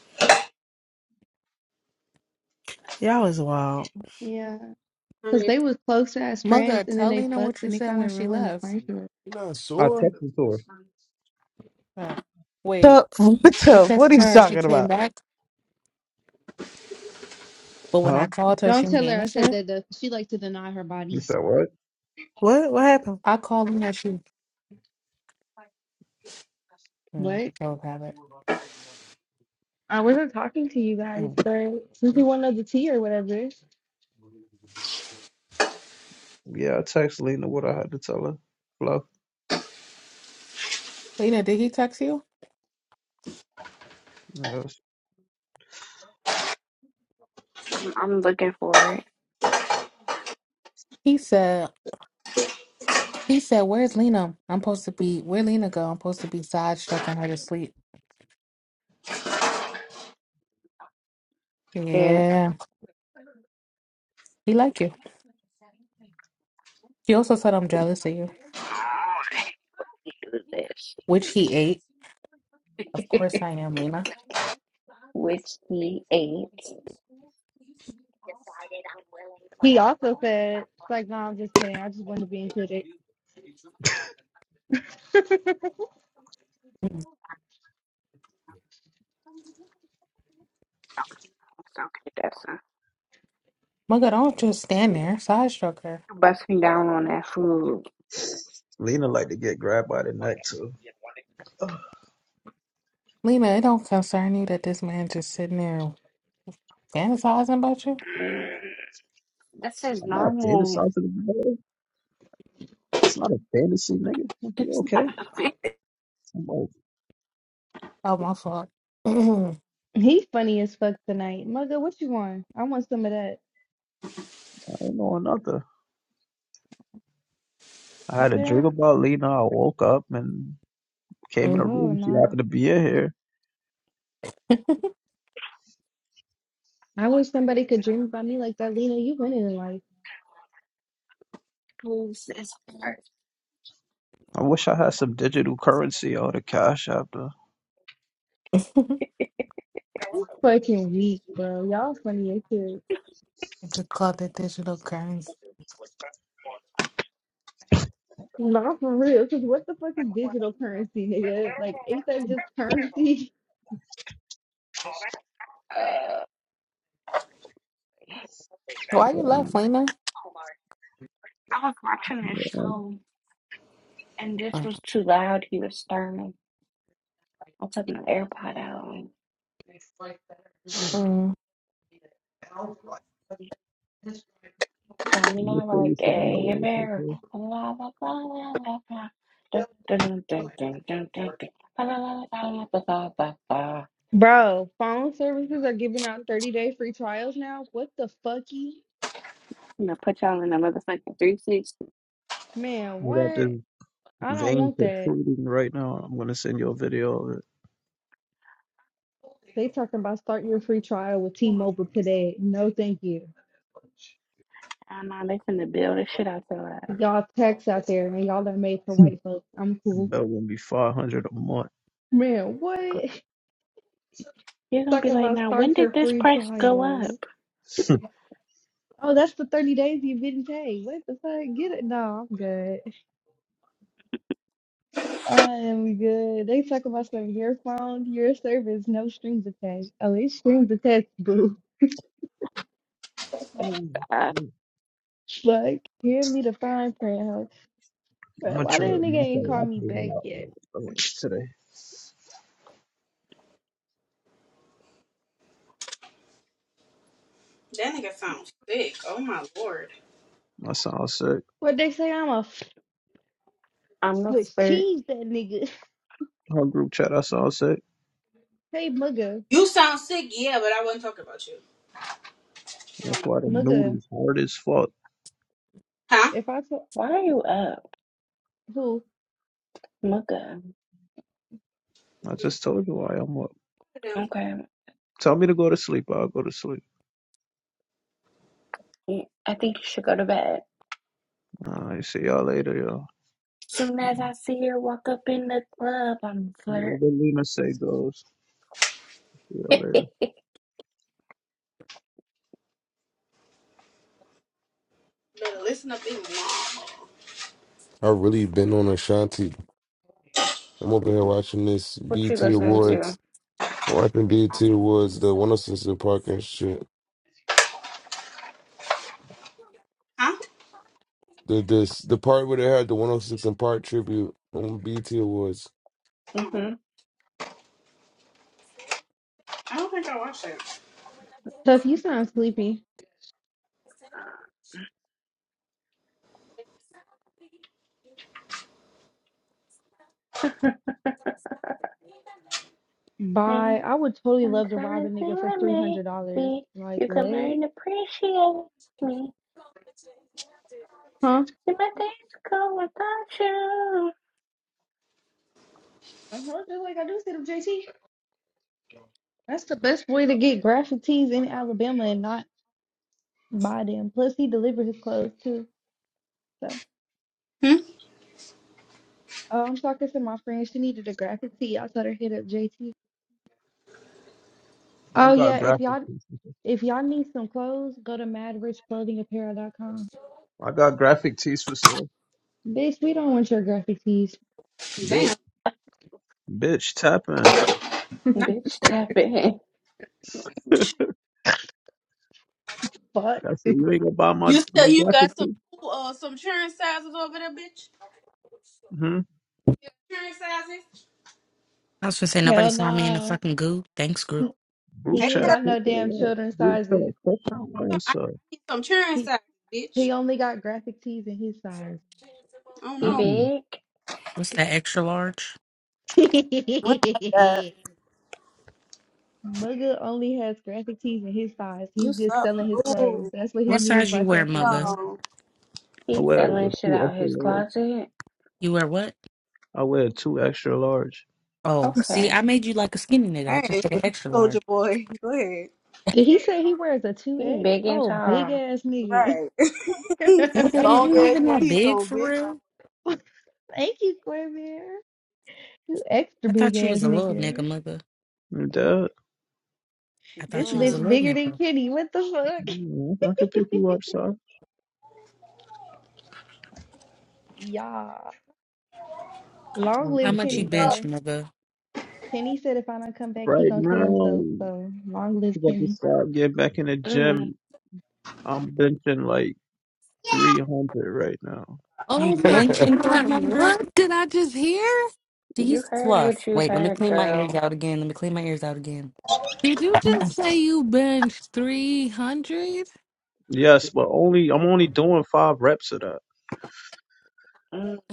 S5: Y'all is wild.
S3: Yeah, because they
S11: that
S3: was close as friends,
S4: Mugga,
S3: and then
S4: tell
S3: they
S4: Lena
S3: fucked,
S4: what you
S3: and it
S4: said
S3: kind
S4: when
S3: of
S4: she
S3: ruined the
S4: left.
S3: friendship.
S1: You not
S13: there. I
S1: sore?
S13: texted to her.
S5: What's
S4: Oh, wait,
S5: up? What's
S4: you
S5: up? What are
S4: texted
S5: you
S4: her and she
S5: talking
S4: came
S5: about?
S4: back, but when I
S13: Huh?
S4: called her, she
S3: Don't tell
S4: didn't
S3: her I said
S4: answer.
S3: that. Though. 'cause She like to deny her
S13: You
S3: bodies.
S13: said what?
S5: What? What happened?
S4: I called Lena. She let
S3: What?
S4: the dog have it.
S3: I wasn't talking to you guys,
S5: Mm.
S3: but since we wanted the tea or whatever,
S13: Yeah, I texted Lena what I had to tell her. Fluff.
S4: Lena, did he text you?
S13: Yeah.
S9: I'm, I'm looking for
S4: He said, he said, where's Lena? I'm supposed to be, where Lena go? I'm supposed to be side stroking her to sleep.
S9: it.
S4: Yeah, he like you. He also said I'm jealous of you,
S9: Yeah.
S4: which he ate. Of course I am, Lena.
S9: Which he ate. It's
S3: he also said, "Like, no, I'm just kidding. I just wanted to be included."
S9: okay, that's a
S4: Mugga, don't just stand there. Side stroke her.
S9: busting down on that food.
S13: Lena like to get grabbed by the neck too. Ugh,
S4: Lena, it don't concern you that this man just sitting there fantasizing about you?
S13: I'm not fantasizing about it. It's not a fantasy, nigga. Like, You okay? I'm like,
S4: Oh, my fault.
S3: He funny as fuck tonight, mugga. What you want? I want some of that.
S13: I ain't on nothing. I
S3: You
S13: had a dream
S3: sure?
S13: about Lena. I woke up and came in a
S4: you
S3: Oh
S13: room. She
S3: no.
S13: happened to be in here.
S3: I wish somebody could dream about me like that, Lena. You winning in life.
S13: I wish I had some digital currency or the cash after.
S3: Fucking weak, bro. Y'all funny as shit.
S4: could call that digital currency.
S3: Not for real. Cause what the fuck is digital currency, nigga? Like, ain't that just currency?
S4: Why
S13: Yeah,
S4: you left,
S13: I'm-
S4: Lena?
S9: I was in there.
S4: Mm.
S9: Down
S13: I'm gonna
S9: my
S13: say
S9: right
S13: you something. I
S9: day,
S13: wanna say,
S9: bear.
S13: too.
S9: La la la la la la. Dun dun dun dun dun dun dun. La la la la la la la la.
S3: Bro, phone services are giving out 30 day free trials now. What the fucky?
S9: I'm gonna put y'all in the motherfucking 360.
S3: Man,
S13: I got
S3: what?
S13: this.
S3: I don't
S13: vein
S3: want that.
S13: protruding right now. I'm gonna send you a video of
S3: They talking about start your free trial with T-Mobile today. No, thank you.
S9: I know they finna build this shit out your
S3: Y'all text out there and y'all are made for
S13: it.
S3: white folks. I'm cool.
S13: That will be five hundred a month.
S3: Man, what?
S9: ass. You're gonna be
S3: Talking
S9: like,
S3: about
S9: now when
S3: start
S9: did
S3: your
S9: this
S3: free
S9: price go up?
S3: trial. Oh, that's the 30 days you've been paid. What the fuck? Get it? No, I'm good. I am good. They talk about some your phone, your service, no strings attached. Oh, it's strings attached, boo.
S13: Oh,
S9: I,
S3: Fuck. Give me the fine print, huh?
S13: I'm
S3: But
S13: gonna
S3: why that
S13: try it.
S3: nigga
S13: My
S3: ain't
S13: thing,
S3: call
S13: I
S3: me
S13: paid it
S3: back
S13: out
S3: yet?
S13: uh, uh, today.
S11: nigga sounds sick. Oh my lord.
S13: I sound sick.
S3: What they say I'm a a
S9: I'm gonna
S3: switch
S9: start.
S3: cheese that nigga.
S13: Our group chat, I sound sick.
S3: Hey mugga.
S11: You sound sick, yeah, but I wasn't talking about you.
S13: That's why the
S3: Mugga.
S13: noodles hard as fuck.
S11: Huh?
S3: If I told
S9: Why are you up,
S3: who?
S9: Mugga?
S13: I just told you why I'm up.
S11: Damn.
S9: Okay,
S13: Tell me to go to sleep. I'll go to sleep.
S9: mm, I think you should go to bed.
S13: All right, see y'all later, y'all.
S9: Soon as I see her walk up in the club, I'm flirt.
S13: Whatever Lena say goes. See y'all later.
S11: Better listen up, even more.
S1: I really been on Ashanti. I'm over here watching this
S9: what you
S1: BT
S9: listening to?
S1: Awards. What happened did to was the 106 in Park and shit.
S11: Huh?
S1: The this the part where they had the 106 in Park tribute on BT Awards.
S9: hmm
S11: I don't think I watched that.
S3: Tough, you sound sleepy. Bye. I would totally love to rob a nigga for three hundred dollars. Like what? Huh? I know, just like I do see them, JT. That's the best way to get graphic tees in Alabama and not buy them. Plus, he delivered his clothes too. So
S11: Hmm?
S3: uh, I'm talking to my friend. She needed a graphic tee. I told her hit up JT.
S13: I
S3: Oh
S13: got
S3: yeah, if
S13: graphic
S3: y'all
S13: tees.
S3: if y'all need some clothes, go to mad rich clothing Apparel dot com.
S13: I got graphic tees for sale.
S3: Bitch, we don't want your graphic tees.
S13: Bitch,
S11: Damn.
S13: bitch, tapping.
S11: No.
S9: Bitch, tap in.
S3: Fuck.
S13: That's it. You ain't gonna buy my
S11: You
S13: my
S11: still you
S13: graphic
S11: got some uh some cheering sizes over there, bitch?
S13: hmm
S11: Yeah, cheering sizes.
S14: I was gonna say nobody
S3: Hell
S14: saw me in the
S3: no.
S14: fucking goo. Thanks group.
S13: Blue
S3: He ain't
S13: check.
S3: got
S13: Check
S3: no damn
S13: that out.
S3: children's
S13: Blue check.
S3: sizes.
S13: Check that out,
S11: I
S13: sir.
S11: need some cheering
S3: He
S11: sizes, bitch.
S3: he only got graphic tees in his size.
S11: Oh
S9: He
S11: no.
S13: Mm-mm.
S9: big.
S14: What's that extra large?
S3: Mugga only has graphic tees in his size. He's
S11: You
S3: just
S11: suck.
S3: selling his clothes.
S11: Ooh.
S3: That's what he
S14: What
S3: means
S14: size you
S3: by
S14: wear,
S3: tapping
S14: muggas?
S3: in.
S11: Oh.
S13: I
S9: He
S13: wear
S9: selling
S13: the
S9: shit
S13: two
S9: out
S13: extra
S9: his
S13: large.
S9: closet.
S14: You wear what?
S13: I wear two extra large.
S14: Oh, see,
S9: Okay.
S14: I made you like a skinny nigga. I just
S11: Hey,
S14: said extra
S11: soldier
S14: large.
S11: boy. Go ahead.
S3: Did he say he wears a
S9: He
S3: 2X?
S9: big and
S3: Oh, big
S9: tall.
S3: ass nigga.
S11: Right.
S14: Nigga, is
S11: Long
S14: you
S11: ass
S14: even
S11: one
S14: that
S11: piece
S14: big
S11: on,
S14: for
S11: bitch.
S14: real?
S3: Thank you, Quimby. You extra
S14: I
S3: big
S14: thought you was
S3: ass
S14: a little nigga,
S3: nigga.
S14: mugga.
S13: You dead?
S14: I
S3: This
S14: thought you was a
S11: Damn.
S3: bitch
S14: little
S3: bigger than
S14: nigga.
S3: Kenny. What the fuck?
S13: Mm, I can pick you up, sir.
S3: Yeah. Long
S13: I'm
S14: How
S3: live
S14: much you
S3: Kenny,
S13: definitely-
S14: bench,
S3: bro.
S14: mugga?
S3: Kenny said if I don't come back, he
S13: Right
S3: gonna kill himself.
S13: now,
S3: So long live
S13: 'cause I just
S3: Kenny.
S13: started getting back in the
S9: mm
S13: gym. I'm benching like 300 right now.
S14: You
S4: Oh my
S1: first
S14: benching three
S9: mm.
S4: God,
S14: hundred?
S4: what did I just hear?
S14: See,
S9: You
S14: he's
S9: heard what
S14: fluff.
S9: you
S14: Wait, let me
S9: heard,
S14: clean my ears
S9: girl.
S14: out again. Let me clean my ears out again.
S4: Did you
S3: Mm,
S4: just say you benched 300?
S13: Yes, but only I'm only doing five reps of that.
S9: Mm.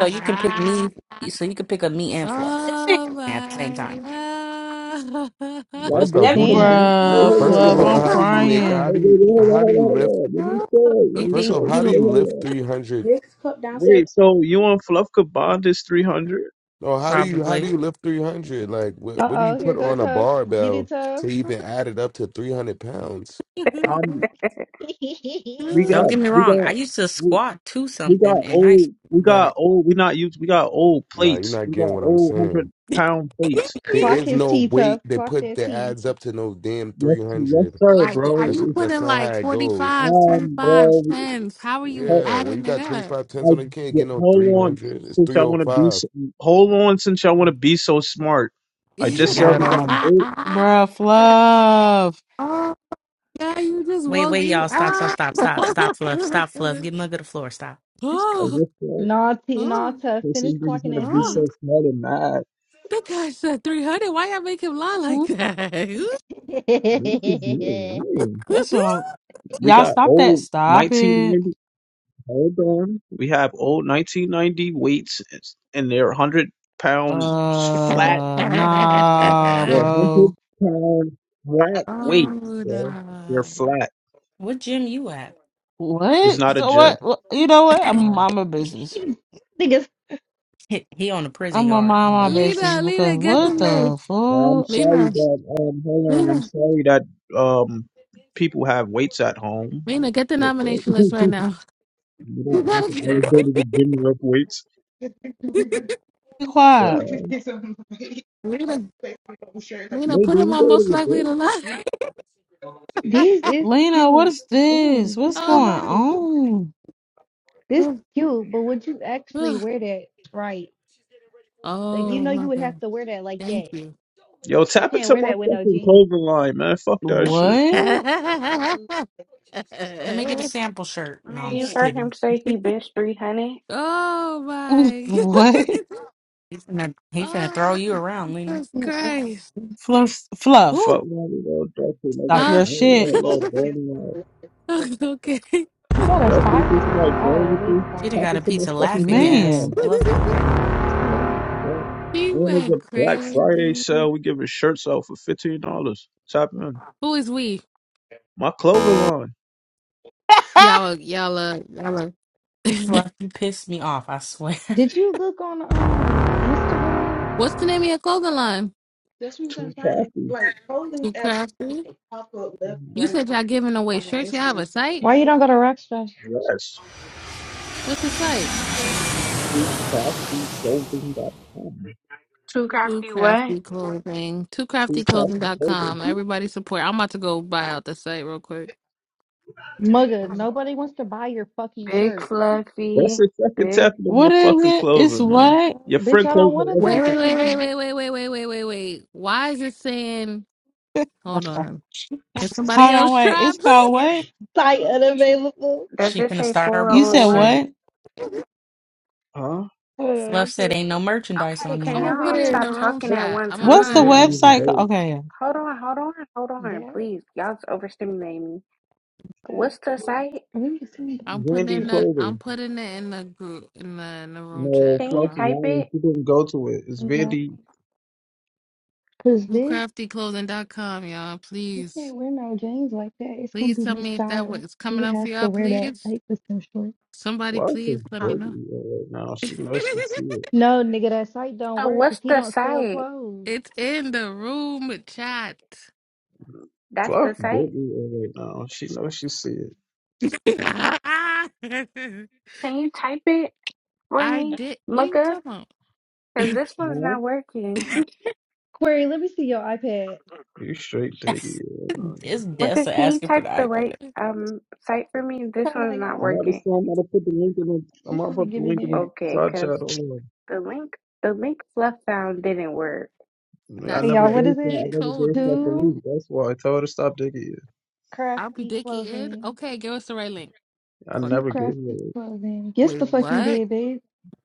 S14: So you can pick me. So you can pick up me and fluff
S4: oh
S14: at the same
S4: my
S14: time.
S4: God.
S13: Y'all both
S1: off,
S11: That
S1: who
S13: can
S1: do,
S3: Damn.
S13: do. Wait,
S5: Bruh,
S1: first
S13: hold on.
S1: of
S5: Fluff,
S1: all,
S5: I'm
S1: how do you make how
S13: Wait,
S5: crying.
S1: do
S13: wait,
S1: you
S13: wait, hold on,
S1: how do
S13: hold
S1: you
S13: on,
S1: lift
S13: hold on. Let me tell. Let
S14: You
S13: me
S1: first
S14: think
S1: off,
S13: tell.
S14: you
S1: how do
S14: don't-
S13: Wait,
S1: you
S13: hold
S1: lift
S13: on.
S1: 300?
S11: Next cup downstairs.
S13: Wait, so you and Fluff could bond is three hundred?
S1: No, how do you how do
S14: probably?
S1: you lift 300? Like what
S3: Uh
S1: what do you
S3: oh, here
S1: put
S3: go
S1: on a
S3: Tough. Get it,
S1: barbell
S3: Tough.
S1: to even add it up to 300 pounds?
S13: Um, we
S14: Don't
S13: got,
S14: get me
S13: we
S14: wrong. I
S13: got,
S14: used to
S13: we,
S14: squat to
S13: we got
S14: something in high
S13: old,
S14: school,
S13: we
S14: but
S13: got old. We not used. We got old
S1: Nah, you're
S13: plates.
S1: not
S13: We got
S1: getting what I'm
S13: old hundred
S1: saying.
S13: pound plates.
S1: There
S3: Clock
S1: is
S3: his
S1: no
S3: T,
S1: weight
S3: Tough.
S1: that
S3: Clock
S1: put
S3: that
S1: that
S3: T.
S1: adds up to no damn
S13: Yes, yes,
S1: 300.
S13: sir,
S4: like,
S13: bro.
S4: are
S1: That's
S4: you
S1: that's
S4: putting
S1: not how
S4: like
S1: it goes.
S4: 45,
S13: Um,
S4: 25, tens?
S13: bro,
S4: How are you
S13: ho-
S1: Yeah, when you
S4: adding
S1: got twenty
S4: it
S1: five tens
S13: I
S1: on it, you can't
S13: yeah,
S1: get no
S13: hold on
S1: 300. It's
S13: since I want to be.
S1: 305.
S13: So, hold on since I want to be so smart.
S4: up?
S13: I just said
S14: yeah,
S13: we got
S14: um.
S13: eight.
S5: Bruh, Fluff.
S4: Oh. Yeah, you just
S14: Wait,
S4: woke
S14: wait,
S4: me
S14: y'all. Stop, stop,
S4: up.
S14: stop, stop, stop, fluff, stop, fluff. Get mug of the floor. Stop.
S13: I
S4: oh,
S13: just said.
S3: Nah, T, nah,
S4: oh,
S3: Tough.
S13: This is
S3: Finish
S13: niggas
S3: clocking
S13: gonna
S3: that
S13: be
S3: T.
S4: oh.
S13: so smart and mad.
S4: That guy said 300. Why y'all make him lie
S5: Hmm?
S4: like that?
S13: Niggas is new. man.
S5: That's what I'm.
S13: We
S5: Y'all
S13: got
S5: stop that.
S13: old
S5: Stop it.
S13: 1990. Hold on. We have old 1990 weights, and they're 100 pound flat.
S5: Uh, nah,
S13: They're 100
S5: bro.
S13: pound flat weights,
S4: oh,
S13: bro. They're
S4: nah.
S13: flat.
S14: What gym you at?
S13: It's
S5: What?
S13: not a
S5: So
S13: gym.
S5: what? what- You know what? I'm a
S14: Oh,
S5: my business.
S3: Niggas,
S14: he, he on the prison
S5: I'm gonna
S14: yard.
S5: mind
S14: My
S5: my
S14: bad.
S5: business
S4: Lena,
S5: because
S4: Lena, get the
S5: what
S4: list.
S5: the
S13: I'm
S5: fuck?
S13: sorry
S4: Lena,
S13: that um. Hold on. I'm
S4: Lena,
S13: sorry that um. People have weights at home.
S4: Lena, get the nomination
S13: you
S4: list right now. You
S13: don't have
S4: gotta
S13: to
S4: get
S13: always
S4: it.
S13: go to the gym to lift weights.
S5: Be
S13: But
S5: quiet.
S13: uh,
S4: Lena, Lena,
S13: maybe
S4: put him
S13: you go
S4: on
S13: to
S4: most
S13: the gym.
S4: likely to lie.
S3: this is
S5: Lena, what
S3: cute.
S5: is this?
S3: Ooh, this
S5: What's
S4: Oh,
S5: going
S3: one's
S4: my.
S3: cute.
S5: on?
S3: This
S4: Oh,
S3: cute, but would you actually
S4: oh
S3: wear that right? Like you
S4: oh,
S3: know you
S4: my
S3: would have
S4: God.
S3: to wear that like
S4: Thank
S3: that.
S4: you.
S13: Yo,
S3: You
S13: tap
S3: can't
S13: into
S3: wear
S13: my
S3: that with no
S13: fucking
S3: jeans.
S13: clothing line, man. Fuck that shit.
S5: What?
S4: oh
S3: Mm-mm.
S14: Let me get a sample shirt. No, I'm just kidding.
S4: my God.
S5: what?
S14: He finna, he finna
S4: Oh,
S14: throw you around, Lena.
S4: Jesus Christ.
S5: Fluff, fluff.
S13: Fuck
S4: Ooh,
S13: man, you know, Duffy. Like
S5: Stop
S13: I'm
S4: huh?
S5: your
S13: burning
S5: shit.
S13: that little burning line.
S4: okay.
S3: You got a
S13: Duffy, you think
S3: stylist?
S13: somebody
S3: Oh,
S13: playing
S3: a
S13: with
S3: wig
S13: you?
S14: She done
S13: Tap
S3: stylist.
S14: got a
S13: into my
S14: piece of
S13: fucking
S14: laughing
S13: clothing
S14: gas.
S13: line.
S5: Man,
S14: Love her, girl.
S3: That's a...
S13: Yeah.
S4: she
S13: And it's
S4: went
S13: a Black Friday
S4: crazy.
S13: sale. We giving shirts out for fifteen dollars. Tap in.
S4: Who is we?
S13: My clothing line.
S4: Y'all, are- y'all, uh, y'all. are-
S14: Fluff, you pissed me off, I swear.
S3: Did you look on um Instagram?
S4: What's the name of your clothing line?
S13: Too crafty.
S4: Too crafty. You
S13: Mhm.
S4: said y'all giving away shirts. Y'all have a site?
S3: Why you don't go to Rockstar?
S13: Yes.
S4: What's the site?
S13: Too crafty Clothing dot Com.
S9: Too
S4: Too
S9: crafty what?
S4: crafty clothing. Too crafty
S13: Too crafty clothing.
S4: clothing.com. Everybody support. I'm about to go buy out the site real quick.
S3: Mugga, nobody wants to buy your fucking
S9: Big
S3: shirt.
S13: That's
S9: fluffy.
S13: the second tap
S9: Big.
S13: into my
S5: what is
S13: fucking
S5: it? It's
S13: clothing, man.
S5: what?
S13: Your
S3: Bitch,
S13: friend
S3: I don't want
S13: clothing.
S3: to
S4: Wait,
S3: tap
S13: everything.
S4: wait, wait, wait,
S3: in.
S4: wait, wait, wait, wait, wait, wait, wait. Why is it saying, hold on. Can somebody
S5: Hold on,
S4: else
S5: wait.
S4: try,
S5: It's
S4: please?
S5: called what?
S3: Site unavailable.
S9: Does
S14: She
S9: it
S14: finna
S9: say
S14: start her
S5: You said
S9: 404?
S14: bullshit.
S5: what?
S13: Huh?
S3: Uh,
S9: What?
S14: Fluff said
S3: 'cause
S14: ain't no merchandise
S9: Okay,
S14: on
S3: I
S9: can
S4: I'm
S14: there.
S3: would
S4: gonna
S9: y'all
S4: put
S9: all
S4: it in
S9: stop
S4: the
S3: wear
S4: room
S9: talking
S13: Fluff
S9: at
S4: chat.
S9: one
S4: I'm gonna
S13: Fluffy
S4: put
S5: What's
S4: it
S5: the
S4: in the
S9: time?
S13: didn't
S4: room
S13: even
S5: website?
S4: chat.
S5: ca-
S13: go.
S5: Okay.
S9: Hold on, hold on, hold on,
S3: that.
S9: please. Y'all's overstimulating me.
S3: that
S9: What's the site?
S3: we can
S4: I'm putting
S13: Vandy
S4: in
S3: send
S4: the
S13: Clover.
S4: I'm putting it in the group in the in the room
S13: No,
S4: chat.
S9: Can
S4: Hold
S9: you
S13: Fluffy
S4: on.
S9: type
S13: Lonnie,
S9: it?
S13: she didn't go to it. It's
S3: that
S13: Vandy
S3: because this
S4: WhoCraftyClothing.com, y'all.
S3: you
S4: Please.
S3: can't wear no jeans like that. It's gonna
S4: Please
S3: be
S4: tell me if that
S3: misstyled.
S4: was coming
S3: You
S4: up for
S3: have to
S4: y'all,
S3: wear that
S4: please.
S3: tight with some shorts.
S4: Somebody
S13: Fluff is
S4: please let
S3: Oh,
S4: me know.
S13: dirty right now. She
S4: it's
S13: knows she see it.
S3: No, nigga, that site don't
S9: Oh,
S3: work
S9: what's
S3: because he
S9: the
S3: don't sell
S9: site?
S3: clothes.
S4: in the room chat.
S9: That's the
S13: Fluffy
S9: site.
S13: dirty right now. She knows she see it.
S9: Can you type it for
S4: I
S9: me,
S4: did what are you
S9: Mugga?
S4: talking about?
S9: Because this one's
S13: Huh?
S9: not working.
S3: Query, let me see your iPad.
S13: You straight
S14: it's
S13: dirty right now.
S9: Mugga,
S14: Dessa
S9: can you
S14: asking for
S9: type
S14: the
S9: the
S14: iPad.
S9: right um site for me? This
S3: Hold
S9: one's
S3: on,
S9: not
S3: y'all.
S13: Notice
S9: working.
S13: I'm gonna put the link in the I'm
S3: You
S13: gonna
S3: gonna
S13: put the
S3: get
S13: link in the
S3: there.
S9: Okay,
S13: side chat
S9: because
S13: Hold on.
S9: the link, the link Fluff found didn't work.
S13: I
S3: Okay,
S4: That's
S13: never
S3: y'all. What
S4: what
S13: gave
S3: is
S13: her
S4: he
S13: I
S3: it?
S13: never
S4: told
S13: gave her the
S4: me.
S3: Two
S13: link. That's why I told her to stop digging you.
S4: I'll be
S3: crafty
S4: dickhead.
S3: clothing.
S4: Okay, give us the right link.
S13: I
S4: Fuck
S3: Two
S4: it.
S13: never gave you
S3: crafty
S13: a link.
S3: clothing. Guess
S4: Wait,
S3: the fuck you
S4: what?
S3: did, babe.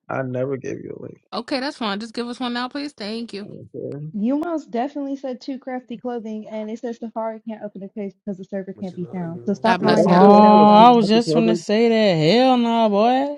S13: I never gave you a link.
S4: Okay, that's fine. Just give us one now, please. Thank you.
S13: Okay.
S3: You most definitely said too crafty clothing, and it says Safari can't open the case because the server
S1: What
S3: can't
S1: you
S3: be
S1: gonna
S3: found. So
S4: God
S3: stop
S13: What
S4: bless
S3: lying
S13: I
S5: Oh,
S1: do?
S3: like
S4: y'all.
S3: you
S13: feel, I
S3: sell
S13: feel two
S5: I
S3: clothes.
S5: was just gonna
S13: happy
S5: say that. Hell no, boy.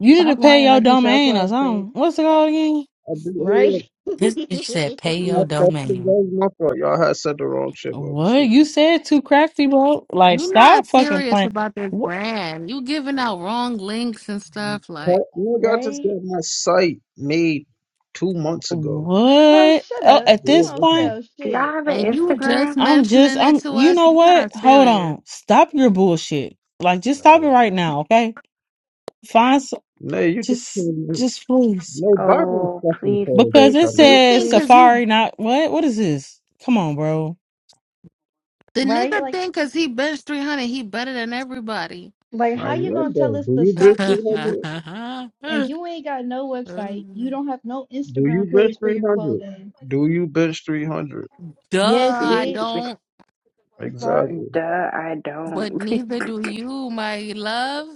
S5: You need to
S3: Stop
S5: pay
S3: lying
S5: your
S3: like you sell
S5: domain or
S3: clothes, bitch.
S5: something. What's it called again?
S13: I believe, hold up.
S3: Right?
S14: This bitch said pay your
S13: Nah, fuck you. That
S14: domain.
S13: was my fault. Y'all had said the wrong shit, by
S5: What?
S13: mistake.
S5: You said too crafty, bro. Like,
S4: You not
S5: stop fucking
S4: serious
S5: playing.
S4: about this
S5: What?
S4: brand. You giving out wrong links and stuff
S13: Huh?
S4: like,
S13: Nigga, I just
S3: right?
S13: got my site made two months ago.
S3: Oh,
S5: What?
S3: shut
S5: Uh,
S3: up.
S5: at
S3: You
S13: Yeah,
S5: this
S3: don't
S13: this is-
S5: point,
S3: sell
S9: Do y'all
S3: shit.
S9: have an
S4: and you
S9: Instagram?
S4: just
S5: I'm just,
S4: mentioning it
S5: I'm,
S4: to
S5: you
S4: us.
S5: know
S4: You
S5: what?
S4: not
S5: Hold
S4: serious.
S5: on. Stop your bullshit. Like, just stop it right now, okay? Find, s-
S13: No, you just
S5: just,
S13: can't. make.
S5: just please.
S13: No, Bible
S9: Oh,
S13: fucking
S9: please,
S13: told you
S5: Because
S9: please,
S5: it
S13: something.
S9: please,
S4: You
S5: says
S4: think cause
S9: please.
S4: you
S5: Safari, not, what? What is this? Come on, bro.
S4: the
S3: Right?
S4: nigga
S3: Like,
S4: think cause he bench three hundred, he better than everybody.
S3: like
S13: I
S3: how you
S13: am
S3: gonna tell
S13: though.
S3: us
S13: Do
S3: to
S13: you
S3: shop
S13: bench
S3: with you
S13: 300?
S3: and you ain't got no website? You don't have no
S13: Do you
S3: Instagram
S13: bench
S3: page for your
S13: 300?
S3: clothing.
S13: Do you bench 300?
S4: Duh,
S3: Yes,
S9: Do
S4: I
S3: bitch.
S4: don't.
S9: you?
S3: The fuck?
S9: Duh,
S13: Exactly.
S9: I don't.
S4: But neither do you, my love.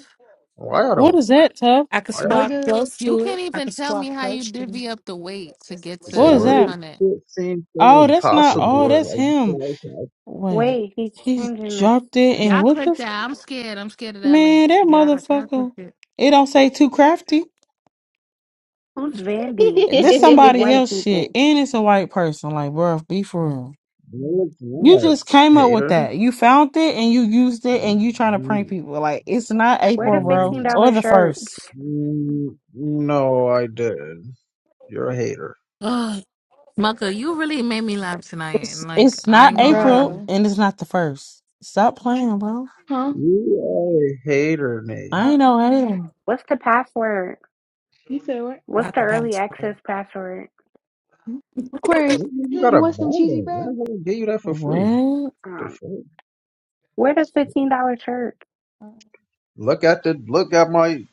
S13: Why I
S5: What
S13: don't?
S5: is that, Tuff?
S14: I could
S13: Why I,
S14: squat
S3: Mugga.
S14: close
S4: You
S14: to it.
S4: can't
S14: I
S4: even
S14: could
S4: tell me
S14: squat
S4: how you
S14: close to it.
S4: divvy up the weight to get
S1: So
S5: What
S4: to
S13: I
S5: is
S1: what?
S5: that?
S13: make
S4: 300.
S13: shit seem so
S5: Oh, that's not.
S1: What is
S5: Oh,
S13: impossible.
S1: what?
S5: that's
S13: Like, you
S5: him.
S13: guys, like,
S5: Wait,
S9: Wait, he's
S5: he's
S9: changing us.
S5: dropped it, and
S4: Y'all
S5: what
S4: click
S5: the f-
S4: that. I'm scared. I'm scared of that link.
S5: man? That
S4: Yeah, I
S5: motherfucker.
S4: clicked it.
S5: It don't say too crafty.
S9: Who's Vandy? And
S5: This
S9: who these
S5: somebody
S9: white
S5: else shit,
S9: people?
S5: and it's a white person. Like, bruh, be for real.
S13: no, it's
S5: You
S13: not,
S5: just came up with
S13: hater.
S5: that. You found it and you used it, and you trying to prank
S13: Mm,
S5: people. Like, it's not
S9: Where the
S5: April, bro,
S9: $15
S13: mm,
S5: or the first.
S9: shirts?
S13: No, I didn't. You're a hater.
S4: Ugh. Maka, you really made me laugh tonight.
S5: It's
S4: And like,
S5: it's
S4: I
S5: not
S4: ain't gonna
S5: April,
S4: lie.
S3: Bro.
S5: and it's not the first. Stop playing, bro.
S3: huh?
S13: You are a hater, Nate.
S5: I ain't no
S3: Uh-uh.
S5: hater.
S9: What's the password?
S3: You said what?
S9: What's
S14: Not
S9: the
S14: the pound
S9: early
S14: squat.
S9: access password?
S3: Aquarius,
S13: You you
S3: you
S13: gotta
S3: want some
S13: buy
S3: cheesy
S13: that.
S3: bread?
S13: I'm gonna give you that for free.
S5: What?
S13: The
S9: Um,
S13: fuck?
S9: where the $15 shirt?
S3: Uh,
S13: Look at the look at my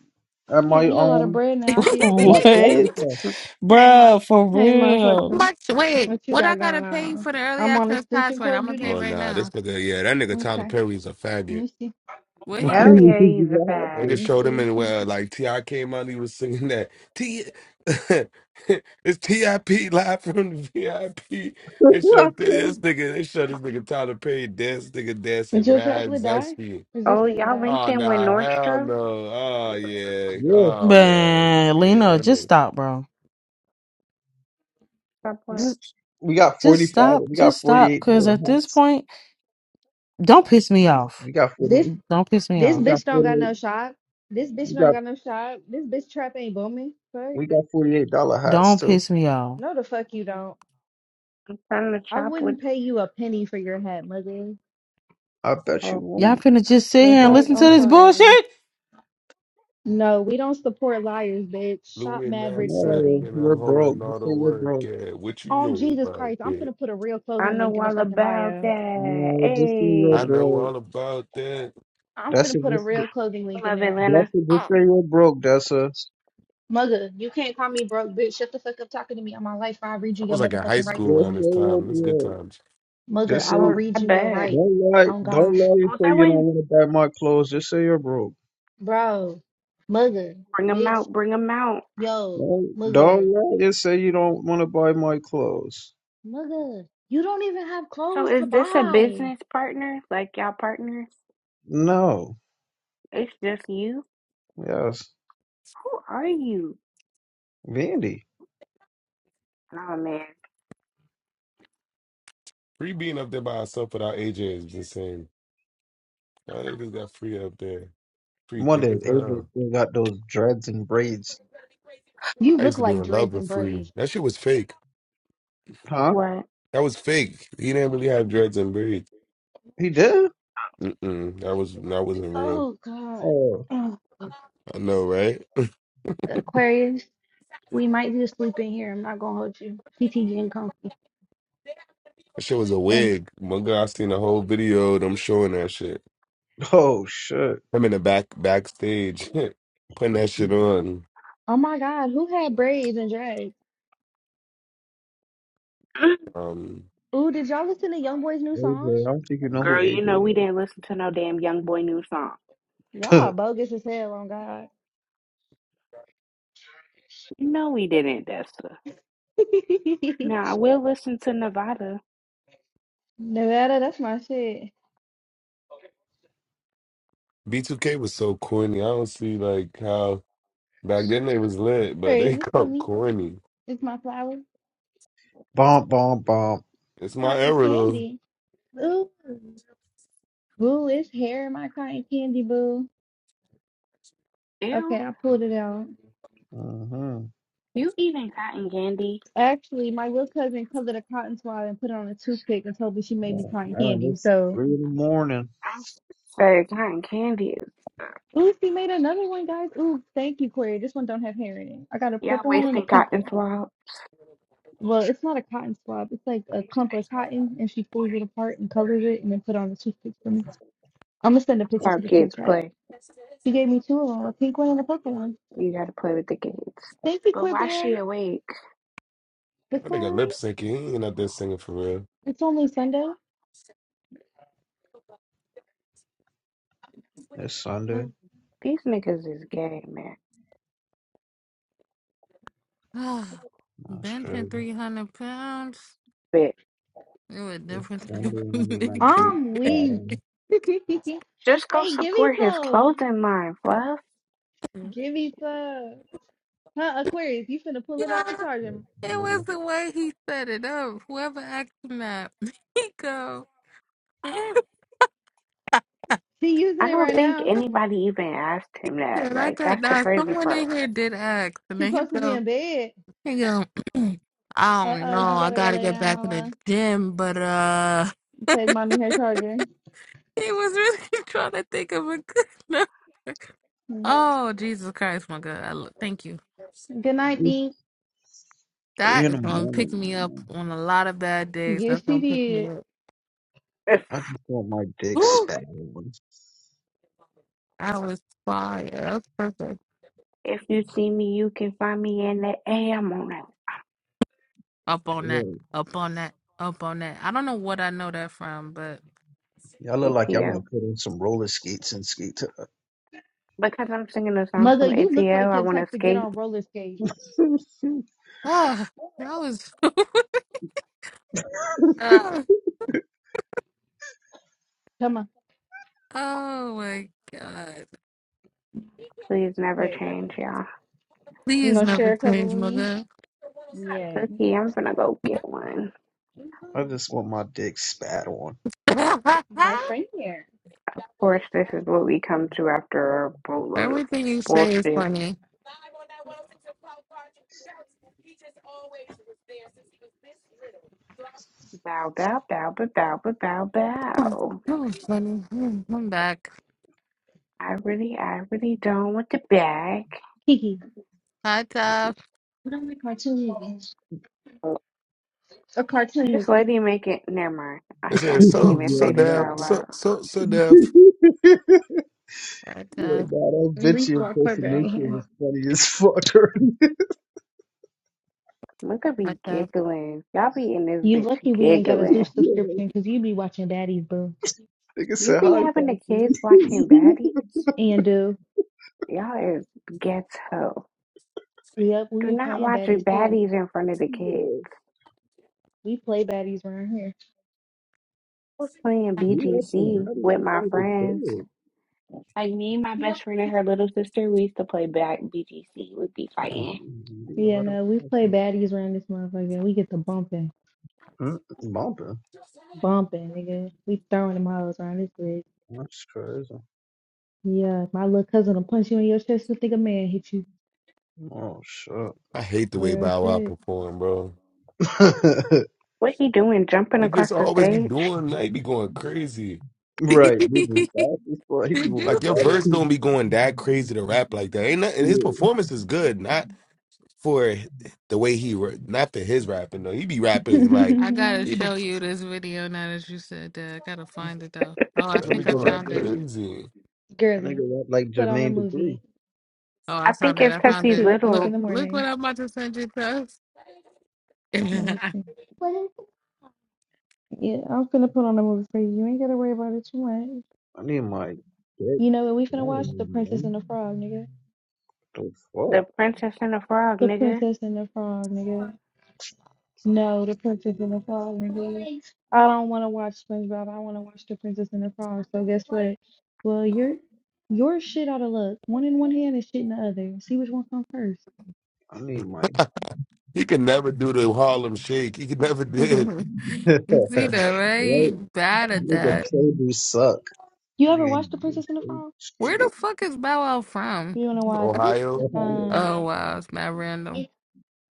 S3: I
S13: at
S3: can't
S13: my
S3: eat a lot of
S13: um
S3: bread now. I get
S5: What?
S3: sick.
S13: back player stuff.
S5: Bruh, for
S3: Hey,
S4: how
S5: real.
S3: motherfucker,
S4: much? Wait,
S3: what you
S4: what I
S3: got
S4: gotta
S3: going
S4: pay
S3: on?
S4: for the early
S3: I'm on
S4: access
S3: extension
S4: password? I'm
S3: cord
S4: gonna pay
S3: duty.
S1: Oh,
S4: right
S1: nah, this
S4: now.
S1: nigga, yeah, that nigga Tyler
S3: Okay,
S1: Perry is a
S3: let
S1: faggot.
S3: me see.
S4: What he
S9: Hell
S4: do?
S9: yeah, he's
S13: you
S9: a
S13: gonna have
S1: They
S9: fag.
S13: to.
S3: Let
S1: just
S3: me
S1: showed him
S3: see.
S1: in where, uh,
S3: something.
S1: like, T.I. came out, he was singing that. T. it's T.I.P. live from the VIP. They showed this nigga, they showed this nigga Tyler Perry dance, nigga
S3: Is
S1: dancing
S3: your
S1: mad
S3: tablet die?
S1: zesty.
S3: Or Is it
S9: Oh,
S3: finna
S9: y'all
S3: die?
S9: linked
S1: Oh,
S9: in with
S1: nah, hell no.
S9: Nordstrom?
S1: Oh, yeah.
S13: yeah,
S1: Oh, man.
S5: Man,
S1: Yeah,
S5: Lena,
S1: that nigga.
S5: just stop, bro.
S9: Stop what?
S5: Just
S13: we got forty
S5: just stop.
S13: five. We got
S5: Just
S13: forty
S5: stop.
S13: eight
S5: Cause
S13: dollar
S5: at this
S13: hats.
S5: point, don't piss me off.
S13: We got forty.
S3: This
S5: Don't piss me
S3: this
S5: off.
S13: We got
S3: bitch don't
S13: forty
S3: got no
S13: eight.
S3: shot. This bitch
S13: We
S3: don't
S13: got
S3: got no shot. This bitch trap ain't booming. Fuck.
S13: we got forty eight dollar hats
S5: Don't
S13: too.
S5: piss me off.
S3: No, the fuck you don't.
S9: I'm trying to
S3: I
S9: shop with.
S3: wouldn't pay you a penny for your hat, mother.
S13: I bet you
S9: Oh,
S13: won.
S5: Y'all finna just sit
S3: The
S5: here and
S13: Broke.
S3: fuck?
S5: listen to
S3: I'm
S5: this
S3: sorry.
S5: bullshit?
S3: No, we don't support liars, bitch. Shop
S1: Louis
S3: Mad Rich
S1: knapsack
S13: No,
S3: Clothing.
S1: and
S13: you're
S1: I'm
S13: broke.
S1: holding all
S13: Just say
S1: the
S13: you're
S1: work
S13: broke.
S1: at. What you
S3: On
S1: know
S3: Jesus
S1: about
S3: Christ, I'm
S1: that?
S3: finna put a real
S9: I
S3: clothing
S9: know
S3: link in the
S9: all
S3: fucking
S9: about
S3: bio.
S9: that.
S13: No, just say you're
S1: I
S9: Hey,
S1: know
S13: broke.
S1: all about that.
S3: I'm
S13: That's
S3: finna
S13: it.
S3: put a
S13: Just say,
S3: real clothing
S9: I
S3: link in
S9: love
S3: there.
S9: Atlanta.
S13: that's it. Just say you're broke. That's a.
S3: Mugga, you can't call me broke, bitch. Shut the fuck up talking to me on my life or I'll read you
S1: I
S3: your
S1: was like in high
S3: motherfucking rights
S1: school
S13: Just
S1: around
S3: tonight.
S13: say
S1: this
S13: you're
S1: time. This good
S13: broke.
S1: times.
S3: Mugga,
S13: Just
S3: I
S13: say.
S3: will
S9: Oh, I
S3: read you your
S9: bet.
S3: rights.
S13: Don't lie.
S3: On
S13: Don't
S3: God.
S13: lie and
S9: Oh,
S13: say
S9: that
S13: you don't
S9: way,
S13: want to buy my clothes. Just say you're broke.
S3: Bro. Mugga,
S9: bring 'em
S3: bitch.
S9: out, bring 'em out.
S3: Yo.
S13: Don't,
S3: Mugga.
S13: don't lie and say you don't want to buy my clothes.
S3: Mugga. You don't even have
S9: So
S3: clothes to
S9: is this a
S3: buy.
S9: business partner? Like y'all partners?
S13: No.
S9: It's just you?
S13: Yes.
S9: Who are you?
S13: Vandy.
S9: Oh man.
S1: Free being up there by herself without AJ is the same. I think just got free up there. Free
S13: One day,
S1: thick as
S13: AJ
S1: hell.
S13: still got those dreads and braids.
S3: You
S1: I
S3: look
S1: used to be
S3: like
S1: in love
S3: dreads and
S1: with free.
S3: braids.
S1: That shit was fake.
S13: Huh?
S9: What?
S1: That was fake. He didn't really have dreads and braids.
S13: He did?
S1: Mm-mm. That was that wasn't real.
S3: Oh, God.
S13: Oh.
S3: Oh.
S1: I know, right?
S3: Aquarius, we might just sleep in here. I'm not gonna hold you. CT getting comfy.
S1: That shit was a
S3: And
S1: wig. My God, I seen the whole video of them showing that shit.
S13: Oh, shit.
S1: I'm in the back backstage putting that shit on.
S3: oh my God, who had braids and drag?
S1: Um,
S3: Ooh, did y'all listen to YoungBoy's new
S13: AJ,
S3: song?
S13: I don't think you know who
S9: Girl,
S13: AJ
S9: you know we didn't listen to no damn young boy new song.
S3: Y'all are
S13: is.
S3: bogus as hell on God.
S9: You know we didn't, Dessa. Nah, Willa.
S3: Nevada, that's my shit.
S1: B2K was so corny. I don't see like how back then they was lit,
S3: Where
S1: but they
S3: is this for
S1: got
S3: me?
S1: corny.
S3: It's my flower,
S13: bomb, bomb, bomb.
S1: It's my
S3: cotton
S1: era though.
S3: candy. Ooh, boo, it's hair in my cotton candy, boo.
S9: Ew.
S3: Okay, I pulled it out.
S13: Mm-hmm.
S9: You eating cotton candy?
S3: Actually, my little cousin colored a cotton swab and put it on a toothpick and told me she made me
S13: Yeah.
S3: cotton
S13: Man,
S3: candy.
S13: it's
S3: So.
S13: three in the morning.
S9: I'm serious.
S3: Ooh, she made another one, guys. Ooh, thank you, Corey. This one don't have hair in it. I got a
S9: Y'all
S3: purple one and a
S9: wasting
S3: pink one.
S9: out
S3: Well, it's not a cotton swab. It's like a clump of cotton, and she pulls it apart and colors it, and then put on a toothpick for me. I'm gonna send a picture to
S9: our
S3: the group chat.
S9: play.
S3: She gave me two of them, a pink one and a purple one.
S9: You gotta play with the kids.
S3: Thank you,
S9: But why
S3: Quibberry.
S9: she awake?
S1: I think I lip
S3: Because
S1: syncing. He ain't out there singing for real.
S3: it's only Sunday.
S13: It's Sunday.
S9: These niggas is gay, man.
S13: That's
S4: Benching
S13: crazy.
S4: 300 pounds.
S9: But
S4: You a different type of
S13: Sunday, and I need my
S4: nigga.
S13: big
S3: I'm weak.
S13: bottom.
S9: just go
S3: hey, give me
S9: support his
S3: some.
S9: clothing line, Fluff.
S3: Give me some. Huh, Aquarius? You finna pull it off
S4: Yeah.
S3: the charger?
S4: It
S13: Yeah.
S4: was the way he set it up. Whoever asked him that, he go. I
S3: She using
S9: I
S3: it
S9: don't
S3: right
S9: think
S3: now.
S9: anybody even asked him that.
S4: Said, I
S9: Like,
S4: got
S9: that's the
S4: that.
S9: crazy
S4: Someone
S9: part.
S4: in here did ask, and
S3: She
S4: then he
S3: supposed to be
S4: go.
S3: in bed.
S4: He go. I
S3: Uh
S4: don't know.
S3: oh, you
S4: I
S3: gotta go
S4: gotta
S3: lay
S4: get
S3: down,
S4: back in the
S3: Mama.
S4: gym, but uh,
S3: Take mommy her charger.
S4: he was really trying to think of a good number.
S3: Mm.
S4: Oh Jesus Christ, my God! I, lo- thank you.
S3: Good night,
S13: It's
S3: Dink.
S13: three
S4: That
S13: in
S4: is
S13: the
S4: gonna pick
S13: morning,
S4: me up
S13: man.
S4: on a lot of bad days.
S3: Yes,
S4: That's
S3: she
S4: gonna pick me
S3: did.
S4: up.
S13: I just want my dick
S4: Woo!
S13: spat. on.
S4: I was fired. That was perfect.
S9: If you see me, you can find me in the A. I'm on that
S4: Up on that.
S13: Yeah.
S4: Up on that. Up on that. I don't know what I know that from, but
S13: Y'all look like y'all want to
S9: ATL.
S13: put on some roller skates and skate to
S9: Because I'm singing a song
S3: Mother,
S9: from
S3: you look
S9: ATL,
S3: like
S9: I
S3: you're the
S9: want to
S3: type to get
S9: skate.
S3: on roller skates.
S4: ah, that was. ah,
S3: Come on.
S4: oh my god!
S9: Please never
S3: Here you go.
S9: change,
S3: baby.
S9: y'all.
S3: You
S4: Please
S3: gonna
S4: never
S3: share a cover
S4: change,
S3: with me?
S4: mother.
S3: Yeah.
S13: I just want my dick spat on.
S3: My friend here.
S4: Everything you say is funny. Oh, that was funny. Mm, I'm back.
S3: Kiki.
S4: Hi, Top.
S3: What on the cartoon movie? A cartoon
S9: This
S3: movie.
S9: lady make it. Never mind. I,
S1: It
S9: I
S1: says
S9: can't
S1: so
S9: even
S13: yeah,
S1: so
S9: say this
S1: deaf,
S9: out
S1: so
S9: loud.
S1: so so deaf.
S13: nah.
S4: Hi,
S13: Yeah,
S4: Top.
S13: God, that
S3: At
S13: bitchy
S3: least Rock Burberry
S13: impersonation
S3: here.
S13: was funny as fuck.
S9: Look at
S4: Hi,
S9: be
S4: Top.
S9: giggling. Y'all be in this
S3: You
S9: bitch
S3: lucky we ain't got a
S9: giggling.
S3: Zeus
S13: yeah.
S3: subscription because you be watching baddies, boo.
S13: Nigga
S9: You
S13: said
S9: be
S13: hi,
S9: having the
S13: Poppy.
S9: kids watching baddies.
S3: And do.
S9: Y'all is ghetto.
S3: Yep, we
S9: Do
S3: be
S9: not
S3: playing
S9: watch
S3: baddies too.
S9: baddies in front of the kids.
S13: yeah.
S3: We play baddies around
S9: was playing
S13: We actually
S9: BGC
S13: got us
S9: with
S13: in
S9: my
S13: trying to get
S9: friends.
S13: paid.
S9: Like me and my best friend and
S3: here.
S9: her little sister, we used to play back BGC. We'd be
S13: We
S9: fighting.
S3: Yeah,
S13: ought to
S3: no, we play baddies around this motherfucker. We get the bumping,
S13: Mm, bumping.
S3: bumping, nigga. We throwing them hoes around this bitch.
S13: That's crazy.
S3: Yeah, my little cousin will punch you in your chest. You think a man hit you?
S13: Oh shit.
S1: I hate the way
S3: Real
S1: Bow Wow
S3: shit.
S1: perform, bro.
S9: What he doing? Jumping
S1: He
S9: across
S1: just
S9: the
S1: always be
S9: stage?
S1: doing like be going crazy.
S4: Did
S13: right, moving fast as fuck. He be moving
S1: Like
S4: you
S1: your
S13: fast.
S4: see?
S1: verse don't be going that crazy to rap like that. Ain't nothing. His
S13: yeah.
S1: performance is good. not. for the way he ra- not for his rapping though. He be rapping like
S4: I gotta
S1: people
S4: show you this video now that you said that. I gotta find it though. Oh, I
S13: That
S1: people be
S4: think I
S13: nigga
S1: going
S13: rap
S4: found it.
S13: like
S1: crazy.
S13: that
S3: Girly,
S13: nigga rap like
S3: put on a
S13: Jermaine Dupri.
S3: movie.
S4: Oh,
S9: I
S4: I
S9: think
S4: found that.
S9: it's
S4: I
S9: because
S3: It's
S4: found
S9: he's
S3: two
S4: that.
S3: o'clock
S9: little.
S3: in
S4: Look,
S3: the
S4: look what
S3: morning.
S4: I'm about to send you, Tuss. you
S3: Let me see. What? Yeah, I'm finna put on a movie for you. You ain't gotta worry about it too much.
S13: I need my dick.
S3: You know what we
S13: I
S3: finna
S13: don't
S3: watch? The
S13: even know.
S3: Princess and the Frog, nigga.
S13: The fuck?
S9: The Princess and the Frog,
S3: The
S9: nigga.
S3: Princess and the Frog, nigga. No, The Princess and the Frog, nigga. I don't want to watch SpongeBob. I want to watch The Princess and the Frog. So guess what? Well, you're you're shit out of luck. One in one hand and shit in the other. See which one comes first.
S13: I need my
S1: He can never do the Harlem Shake. He could never did
S13: right.
S4: see
S13: That
S4: that, right? He Bad at
S13: nigga
S4: that.
S13: shoulders suck.
S3: You
S13: That
S3: ever
S13: nigga ain't
S3: watch The
S13: got no
S3: Princess and the Frog?
S4: Where
S13: shit.
S4: the fuck is Bow Wow from?
S3: You want to watch
S1: Ohio.
S13: Ohio.
S3: um
S4: Oh, wow. It's mad random.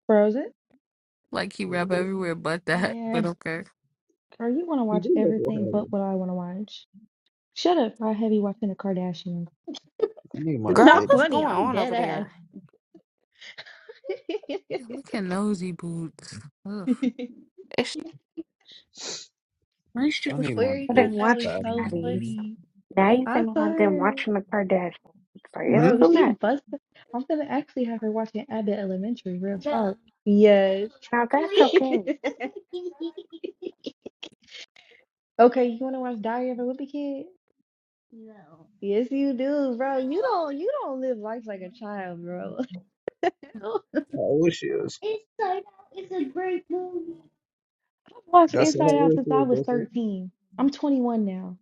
S3: Frozen?
S4: Like he rap everywhere but that. But
S3: Yeah.
S4: okay.
S3: Girl, you want to
S13: He
S3: watch
S13: do live in
S3: everything
S13: Ohio.
S3: but what I want to watch. Shut up. I have you watching the Kardashians.
S13: I need my
S3: It's
S9: Girl,
S13: dick.
S3: not
S9: what's
S3: funny.
S9: going
S3: I'm
S9: on
S3: dead
S9: over
S3: ass.
S9: there?
S4: Look at nosy boots. Ugh.
S9: It's nice you
S13: I need my
S3: Query
S9: them
S3: thought
S13: dick
S3: that
S9: watching
S3: was
S13: stabbed.
S3: so
S9: daddies.
S3: funny.
S9: Now you
S3: I
S9: finna have them
S3: thought.
S9: watching the Kardashians. It's like, it's
S13: Hmm.
S3: Bro,
S9: too
S3: she
S9: much.
S3: busted. I'm gonna actually have her watching Abbott Elementary, real Duh. talk. Yes.
S9: Now that's okay.
S3: Okay, you wanna watch Diary of a Wimpy Kid? No. Yes, you do, bro. You don't you don't live life like a child, bro.
S13: How old she is?
S3: Inside Out is a great movie. I've watched
S13: That's how
S3: Inside Out
S13: old
S3: since
S13: she
S3: I
S13: is.
S3: was
S13: That's it.
S3: 13. I'm 21 now.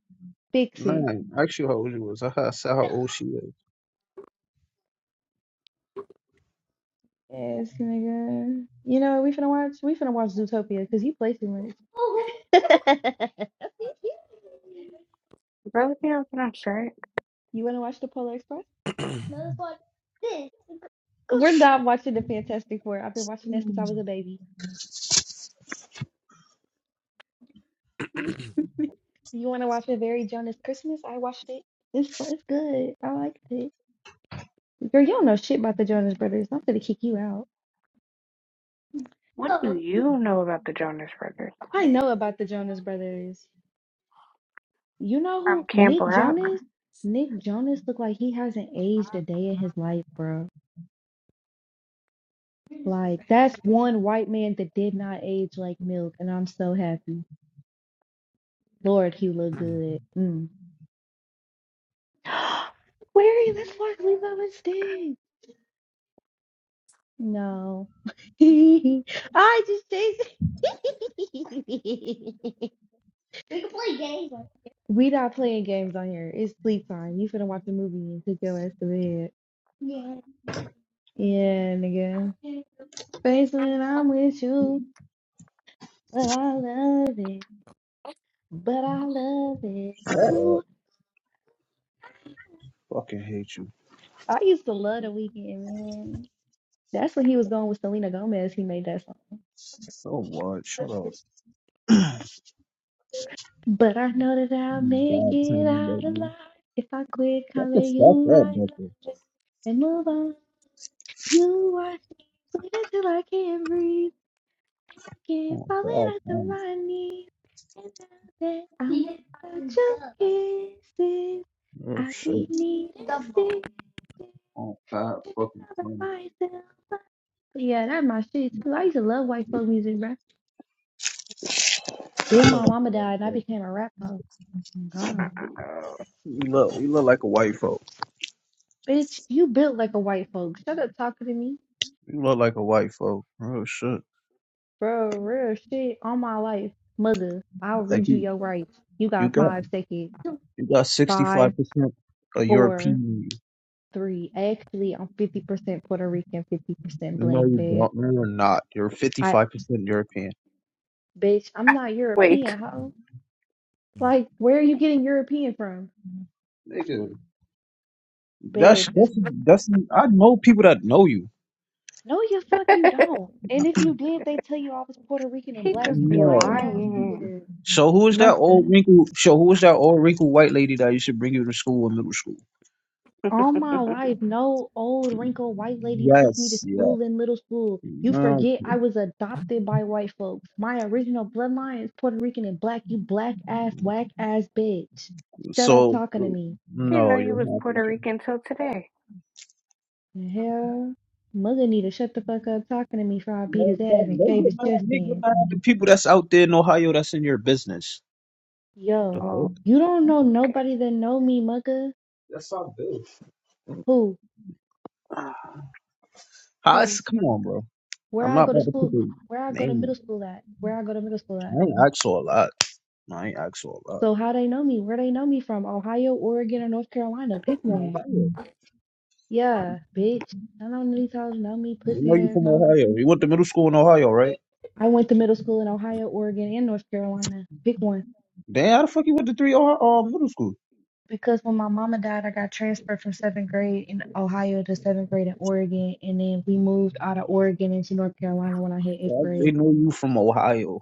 S3: Fix it.
S13: Nine. Actually, how old she was? I had said how old she is.
S3: Yes, nigga. You know what we finna watch? We finna watch Zootopia because you play too much.
S9: Okay. Brother Bill, can I check?
S3: you wanna watch the Polar Express? We're not watching the Fantastic Four. I've been watching that since I was a baby. you wanna watch a very Jonas Christmas? I watched it. It's fu- it's good. I liked it. Girl, you don't know shit about the Jonas Brothers. I'm gonna kick you out.
S9: What do you know about the Jonas Brothers?
S3: I know about the Jonas Brothers. You know
S9: From
S3: who
S9: Camp
S3: Nick
S9: Rock?
S3: Jonas? Nick Jonas look like he hasn't aged a day in his life, bro. Like that's one white man that did not age like milk, and I'm so happy. Lord, he look
S1: I
S3: good. Mm. Where is this Mark Leave my mistake? No, I just chased. We can play games on here. We not playing games on here. It's sleep time. You finna watch a movie and take your ass to bed. Yeah. Yeah, nigga. Face when I'm with you, but I love it. But I love it. Ooh,
S13: Fucking hate you.
S3: I used to love The Weeknd, man. That's when he was going with Selena Gomez. He made that song. But I know that I'll make
S13: God
S3: it
S13: timing right
S3: out
S13: now.
S3: alive if I quit
S13: Fuck
S3: calling you my love and move on. You are sweet until I can't breathe. Keep
S13: on
S3: falling at
S13: bad
S3: the
S13: times.
S3: money, and now that I'm about your kisses,
S13: Oh
S3: I'll be
S13: shit.
S3: needing sticks
S13: On bad
S3: tripping
S13: fucking
S3: over
S13: times.
S3: myself. Yeah, that's my shit too. I used to love white folk music, bro. Then my mama
S13: You look,
S3: died, and I
S13: like
S3: became a rap hoe. Oh, God,
S13: you look you look like a white folk.
S3: bitch, you built like a white folk. Shut up talking to me,
S13: You look like a white folk. Oh shit!
S3: bro. Real shit, all my life, mother. I'll
S13: Like
S3: read you
S13: you,
S3: your rights. You
S13: you
S3: got
S13: got
S3: five seconds.
S13: you got sixty
S3: Five,
S13: five percent of European.
S3: four. three. I actually I'm fifty percent Puerto Rican, fifty percent black,
S13: No, you
S3: babe.
S13: don't. No, you're not. You're fifty
S3: I
S13: five percent European,
S3: bitch, I'm not
S9: Wait,
S3: European, ho. Like, where are you getting European from?
S13: nigga.
S3: Babe,
S13: That's
S3: it's
S13: that's that's. I know people that know you.
S3: no you fuck you don't. And if you did, they tell you I was Puerto Rican and
S9: he
S3: black,
S9: just
S3: you
S9: be
S13: No.
S3: lying ass
S9: lying.
S3: nigga.
S13: So who is that old
S3: Mother.
S13: wrinkled? So who is that old wrinkled white lady that you should bring you to school in middle school?
S3: All my life, no old wrinkled white lady took me to
S13: Yes. Yeah.
S3: school in middle school. You
S13: No.
S3: forget I was adopted by white folks. My original bloodline is Puerto Rican and black, you black ass, whack ass bitch. Shut up
S13: So
S3: talking to me.
S9: I didn't know
S13: no,
S9: you
S13: you're
S9: was Puerto
S13: happy.
S9: Rican till today.
S3: The Hell, Mugga need to shut the fuck up talking to me before I beat
S13: No,
S3: his ass
S13: exactly.
S3: and
S13: do
S3: cave
S13: get
S3: his
S13: mad
S3: chest
S13: at me. Get
S3: in.
S13: mad at the people that's out there in Ohio that's in your business. The
S3: Yo,
S9: Oh,
S13: fuck?
S3: you don't know nobody that know me, Mugga.
S13: That's not good.
S3: Who?
S13: How
S3: Who?
S13: it's, come on, bro.
S3: Where
S13: I'm
S3: I
S13: not
S3: go to
S13: about to put
S3: school?
S13: the
S3: Where I go to
S13: name. on
S3: middle school at? Where I go to middle school at?
S13: it. I ain't asked for a lot. I ain't asked for a lot.
S3: So how they know me? Where they know me from? Ohio, Oregon, or North Carolina? Pick
S13: From
S3: one.
S13: Ohio.
S3: Yeah, bitch. I don't need to know me,
S13: They
S3: pussy
S13: know you
S3: ass.
S13: from
S3: hoe.
S13: Ohio. You went to middle school in Ohio, right?
S3: I went to middle school in Ohio, Oregon, and North Carolina. Pick one.
S13: Damn, how the fuck you went to three Ohio, uh, middle school?
S3: Because when my mama died, I got transferred from seventh grade in Ohio to seventh grade in Oregon, and then we moved out of Oregon into North Carolina when I hit eighth
S13: Well, They
S3: grade.
S13: know you from Ohio.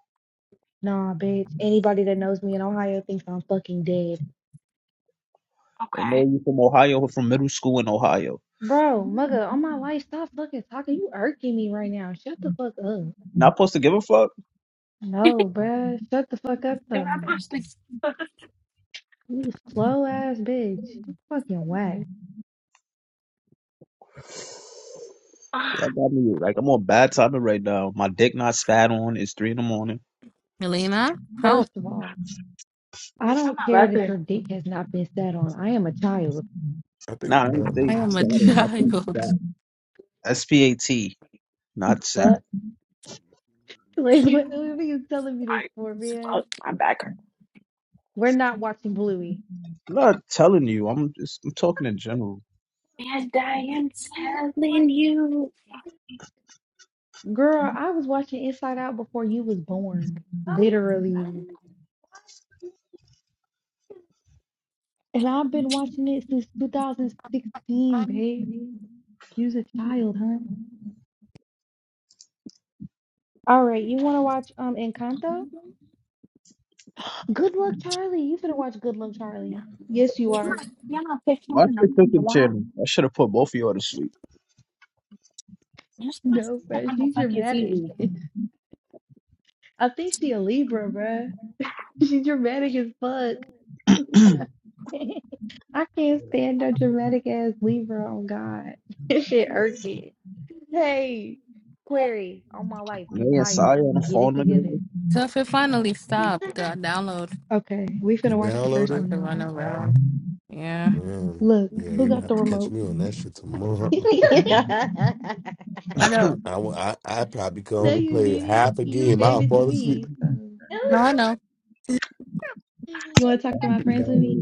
S3: Nah, bitch. Anybody that knows me in Ohio thinks I'm fucking dead.
S13: They know you from Ohio or from middle school in Ohio.
S3: Bro, mugga, on my life, stop fucking talking. You irking me right now. Shut the fuck up.
S13: Not supposed to give a fuck.
S3: No, bruh. Shut the fuck up, though. You slow ass bitch. You fucking whack.
S13: Yeah, I got me like I'm on bad timing right now. My dick not spat on. It's three in the morning.
S4: Melina, help.
S3: First of all, I don't care that your dick has not been sat on. I am a child.
S13: Nah, I
S1: think
S13: didn't
S1: um
S4: I am
S13: say
S4: a
S13: Saturn. I think
S4: child.
S13: Sat. S P A T, not Sat.
S3: but. Like, what what are you telling me this for, man? We're not watching Bluey.
S13: I'm not telling you. I'm just I'm talking in general.
S9: yeah, Diane
S3: Girl, I was watching Inside Out before you was born, literally. And I've been watching it since 2016, babe. You was a child, huh? All right, you want to watch um Encanto? Good Luck Charlie. You finna watch Good Luck Charlie. Yes, you are.
S13: Watch your cooking channel. I should have put both of y'all to sleep.
S3: No, bro, she's dramatic. I think she a Libra, bruh. She's dramatic as
S13: Me
S3: fuck. I can't stand no dramatic ass Libra on God. This shit irking. Hey, Query, on my life, you
S13: and
S3: tired.
S13: Saya on the
S3: Get it
S13: phone
S3: together.
S13: together.
S4: Tuff, it finally stopped. Uh, download.
S3: Okay, we finna watch the
S1: download
S3: first
S1: it.
S4: Like
S3: one
S4: to
S3: now,
S4: run
S3: okay?
S4: around. Yeah.
S1: downloaded. Um,
S3: Look,
S1: yeah,
S3: who
S1: you gonna
S3: got
S1: have
S3: the
S1: to catch
S3: remote?
S1: me on that shit tomorrow. I
S4: I know.
S1: I wa- I, I probably could
S3: No,
S1: only
S3: you
S1: play
S3: did it.
S1: half a
S3: You
S1: game.
S3: gave
S1: I'll
S3: it to
S1: fall asleep.
S3: me. So. No,
S4: No, I
S3: you.
S4: know.
S3: You wanna talk to my friends with me?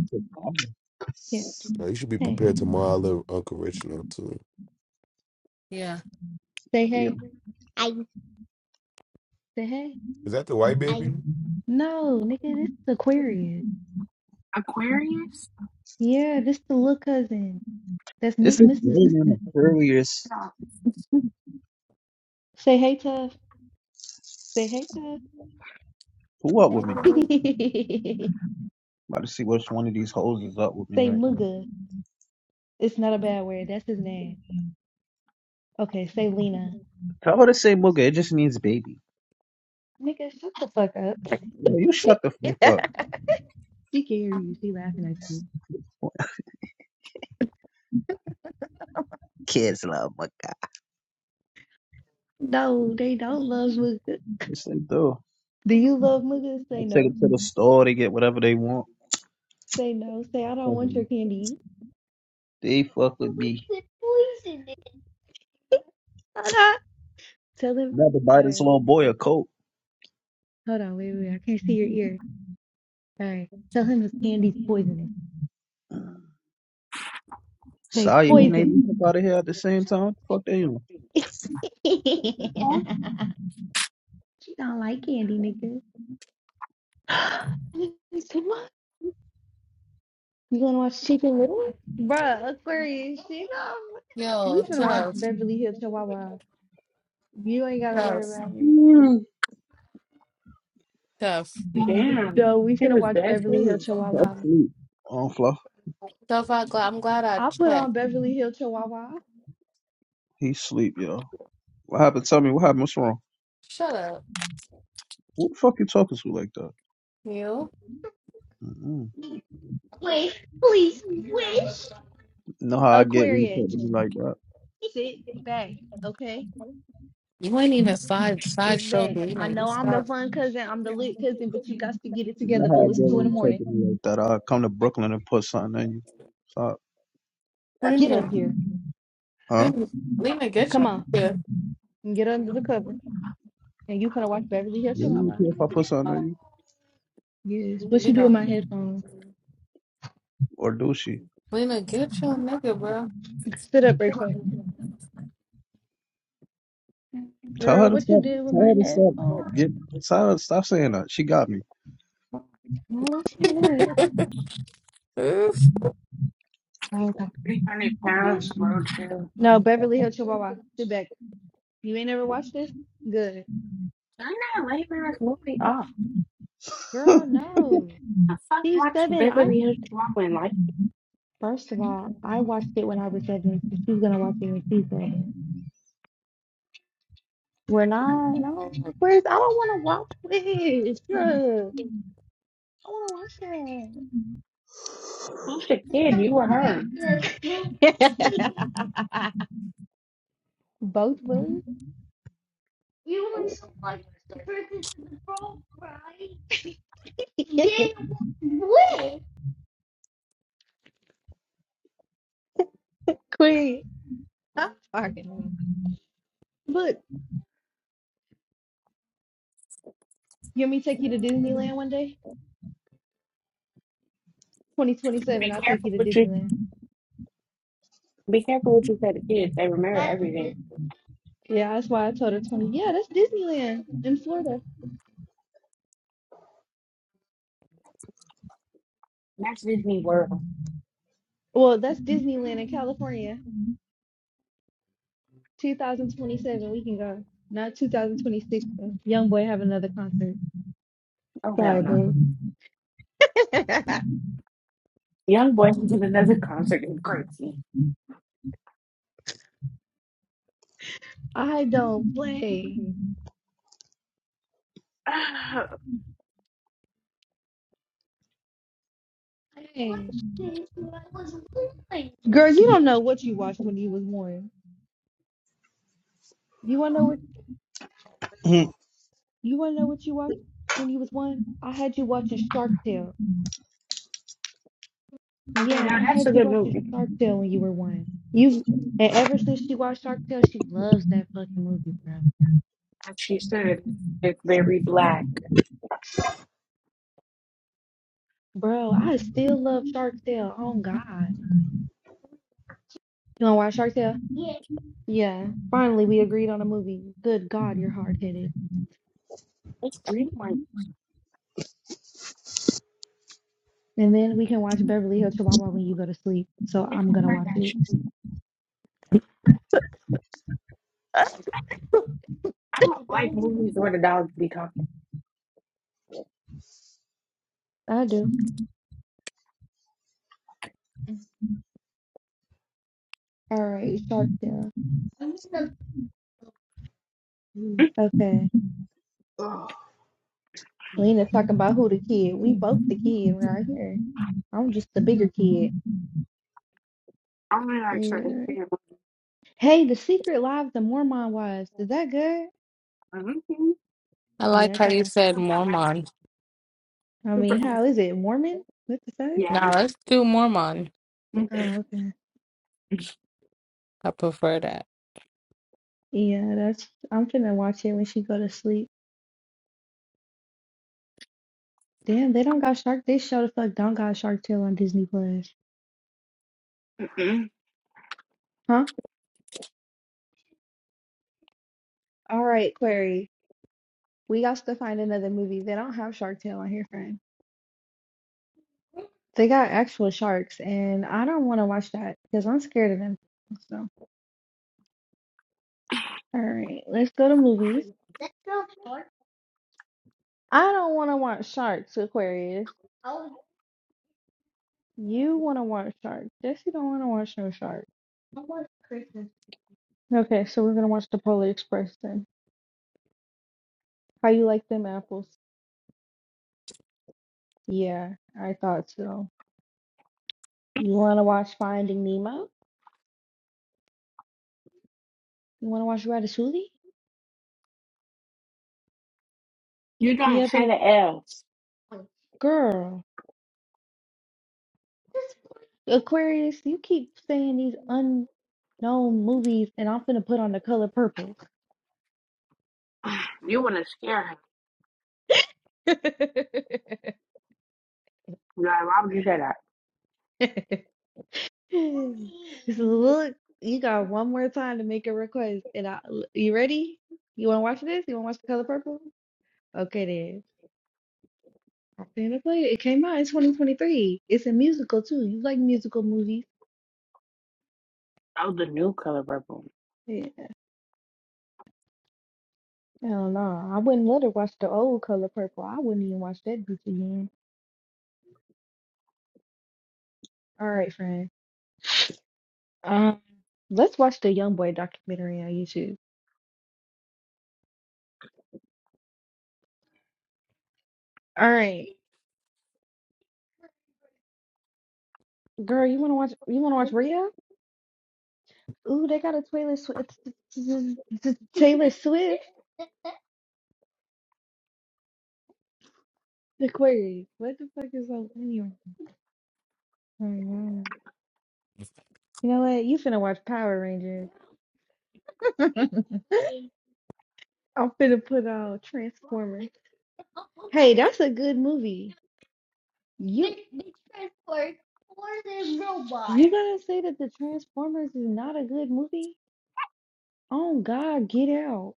S3: Yeah.
S1: Now, you should be
S3: Hey,
S1: prepared tomorrow, little Uncle Rich, now, too.
S4: Yeah.
S3: say
S13: yeah.
S3: hey. I. Say hey.
S1: Is that the white
S3: I.
S1: baby?
S3: No, nigga, this is Aquarius. Yeah, this the little cousin. That's
S13: It's
S3: Miss
S13: this girl
S3: Miss the sister.
S13: named Aquarius
S3: Say hey tough. Say hey tough.
S13: who up with me. About to see which one of these hoes is up with me
S3: say
S13: right now.
S3: muga. It's not a bad word. That's his name. Okay, say Lena.
S13: Tell her to say Mugga. It just means baby.
S3: Nigga, shut the fuck up.
S13: Yo, you shut the fuck
S3: She can hear you. She laughing at you.
S13: up. Kids love Mugga.
S3: No, they don't love muga.
S13: Yes, they do.
S3: Do you love muga?
S13: I
S3: Say
S13: take
S3: no.
S13: them to the store. They get whatever they want.
S3: Say no. Say I don't want your
S13: President.
S3: candy.
S13: They fuck
S3: But
S13: with
S3: what's
S13: me.
S3: the poison in it? Hold on. Tell him.
S13: About to buy
S3: All
S13: this
S3: right.
S13: little boy a coat.
S3: Hold on. Wait, wait. I can't see your ear. All right. Tell him his candy's poisonous. Say
S13: Sorry, when they
S3: poison.
S13: leave up out of here at the same time, fuck they on.
S3: She don't like candy, nigga. You gonna watch Chicken Little? Bruh, Aquarius, she don't. We
S4: Yo,
S3: finna watch
S4: Tuff.
S3: Beverly Hills Chihuahua. You ain't gotta worry
S4: Tough.
S3: about me.
S13: Mm.
S4: Tough.
S3: Mm, No, we finna watch Beverly Hills Chihuahua.
S13: That's sleep. Oh, Fluff,
S4: Tough. I gl- I'm glad I
S3: I'll put
S4: checked.
S3: on Beverly Hills Chihuahua.
S13: he sleep, yo. What happened? Tell me what happened. What's wrong?
S4: Shut up,
S13: What the fuck you talking to like that?
S4: you.
S13: Mm-mm.
S3: Wait, please, wish.
S13: Know how I get when you talk
S3: Aquarius,
S13: to me like that.
S3: sit back, okay?
S4: You ain't even side
S3: Sit
S4: sideshow
S3: back. I
S4: Lena. You
S3: know I'm the
S4: start.
S3: fun cousin, I'm the lit cousin, but you got to get it
S13: Know
S3: together.
S13: how
S3: But
S13: I
S3: it's
S13: get
S3: two in
S13: when
S3: the
S13: you talk
S3: morning.
S13: to me like that. I come to Brooklyn and put something on you. Stop.
S3: Get up
S4: Lena,
S3: here.
S13: Huh?
S4: Lena, Lena, get
S3: Come
S4: your
S3: on.
S4: nigga.
S3: And get under the cover. And you finna watch Beverly Hills
S13: You do
S3: Hillbillies.
S13: care if I put something on you,
S3: Yes. What you do with
S4: Lena,
S3: my headphones?
S13: or do she?
S4: Lena, get your nigga, bro.
S3: Sit up real quick.
S13: Tell
S3: Girl,
S13: her to
S3: what you
S13: stop.
S3: did with my
S13: Tell her to stop.
S3: headphones?
S13: Get. Tell her to stop saying that. She got me.
S3: No, What you did?
S4: Oof.
S3: Oh, Okay. No, Beverly Hills Chihuahua. Sit back. You ain't never watched this? Good.
S9: I know, leave her movie off.
S3: Girl, no.
S9: I fuck
S3: She's
S9: watch
S3: seven. I
S9: Beverly Hills Drawing. Like,
S3: first of all, I watched it when I was seven, so she's gonna watch it when she's seven. We're not no Chris, I don't wanna watch this. Girl. I want to
S9: who's the kid? You or
S3: watch
S9: her?
S3: that. Both boo. Quick. Stop talking to me. Look, you want me to take you to Disneyland one day? 2027, I'll take you to Disneyland.
S9: Be careful what you say to kids. They remember
S3: That's
S9: everything.
S3: Disney. Yeah, that's why I told her 20. Yeah, that's Disneyland in Florida. Well, that's Disneyland in California. 2027, we can go. Not 2026. Young boy have another concert.
S9: Oh, hell
S3: Sorry,
S9: no.
S3: bro.
S9: Young Boy did another concert in crazy.
S3: I don't play. Dang. Girl, you don't know what you watched when you was one. You wanna know what
S13: Mhm.
S3: you wanna know what you watched when you was one? I had you watching Shark Tale.
S9: Okay,
S3: Yeah,
S9: now
S3: I
S9: that's a
S3: had you
S9: good
S3: watching
S9: movie.
S3: Shark Tale when you were one. You and ever since she watched Shark Tale, she loves that fucking movie, bro.
S9: As she said, it's very black.
S3: Bro, I still love Shark Tale. Oh God. You wanna watch Shark Tale? Yeah. Yeah. Finally we agreed on a movie. Good God, you're hard headed. And then we can watch Beverly Hills Chihuahua when you go to sleep. So
S9: They
S3: I'm
S9: can
S3: gonna
S9: find that
S3: watch it.
S9: shit. I don't like movies where the dogs be talking.
S3: I do. All right, Sharptail. Okay. Lena talking about who the kid. We both the kid right here. I'm just the bigger kid.
S9: I only like certain
S3: Yeah.
S9: things.
S3: Hey, the secret lives of Mormon wives. Is that good?
S9: Mhm.
S4: I
S3: Yeah,
S4: like
S3: I
S4: how you
S3: gotta.
S4: said
S9: Super
S4: Mormon.
S9: messy.
S3: I
S9: Super.
S3: mean,
S9: messy.
S3: how is it? Mormon? What to say?
S9: Yeah.
S4: Now let's do Mormon.
S3: Oh, okay.
S4: I prefer that.
S3: Yeah, that's. I'm finna watch it when she go to sleep. Damn, they don't got Shark. This show the fuck don't got Shark Tale on Disney Plus.
S9: Mm-hmm.
S3: Huh? All right, Query. We got to find another movie. They don't have Shark Tale on here, friend. They got actual sharks, and I don't want to watch that because I'm scared of them. So, all right, let's go to movies. Let's go shark. I don't want to watch sharks, Aquarius. Oh, You want to watch sharks. Jesse don't want to watch no sharks. I want Christmas. Okay, so we're gonna watch the Polar Express then. How you like them apples? Yeah, I thought so. You wanna watch Finding Nemo? You wanna watch Ratatouille? You ever? Girl, Aquarius, you keep saying these unknown movies, and I'm finna put on the color purple.
S9: You want to scare her. God, why would you say that?
S3: Just look, you got one more time to make a request, and I, l- you ready? You wanna watch this? You wanna watch the color purple? Okay then. I'm finna play it. It came out in 2023. It's a musical too. You like musical movies?
S9: Oh, the new color purple.
S3: Yeah. I don't know. I wouldn't let her watch the old color purple. I wouldn't even watch that bitch again. All right, friend. Um, let's watch the Young Boy documentary on YouTube. All right. Girl, you wanna watch? You wanna watch Rhea? Ooh, they got a Taylor Swift. Taylor Swift Aquarius. What the fuck is so funny? right now? Oh my God. You know what? You finna watch Power Rangers. I'm finna put on Transformers. Hey, that's a good movie. You gonna say that the Transformers is not a good movie? Oh God, get out,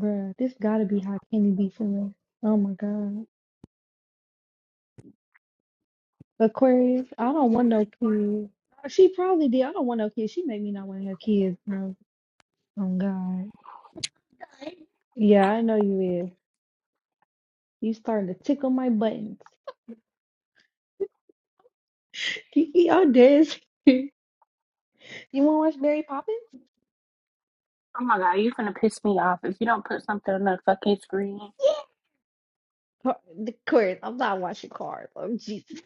S3: Bruh, This gotta be how Kenny be feeling. Oh my God. Aquarius. I don't want no kids. She probably did. I don't want no kids. She made me not want to have kids, bro. Oh God. Yeah, I know you is. You starting to tickle my buttons. Kiki, I'm dead. You want to watch Mary Poppins?
S9: Oh my god, you finna piss me off if you don't put something on the fucking screen.
S3: Car- The Aquarius. I'm not watching Cars. Oh Jesus.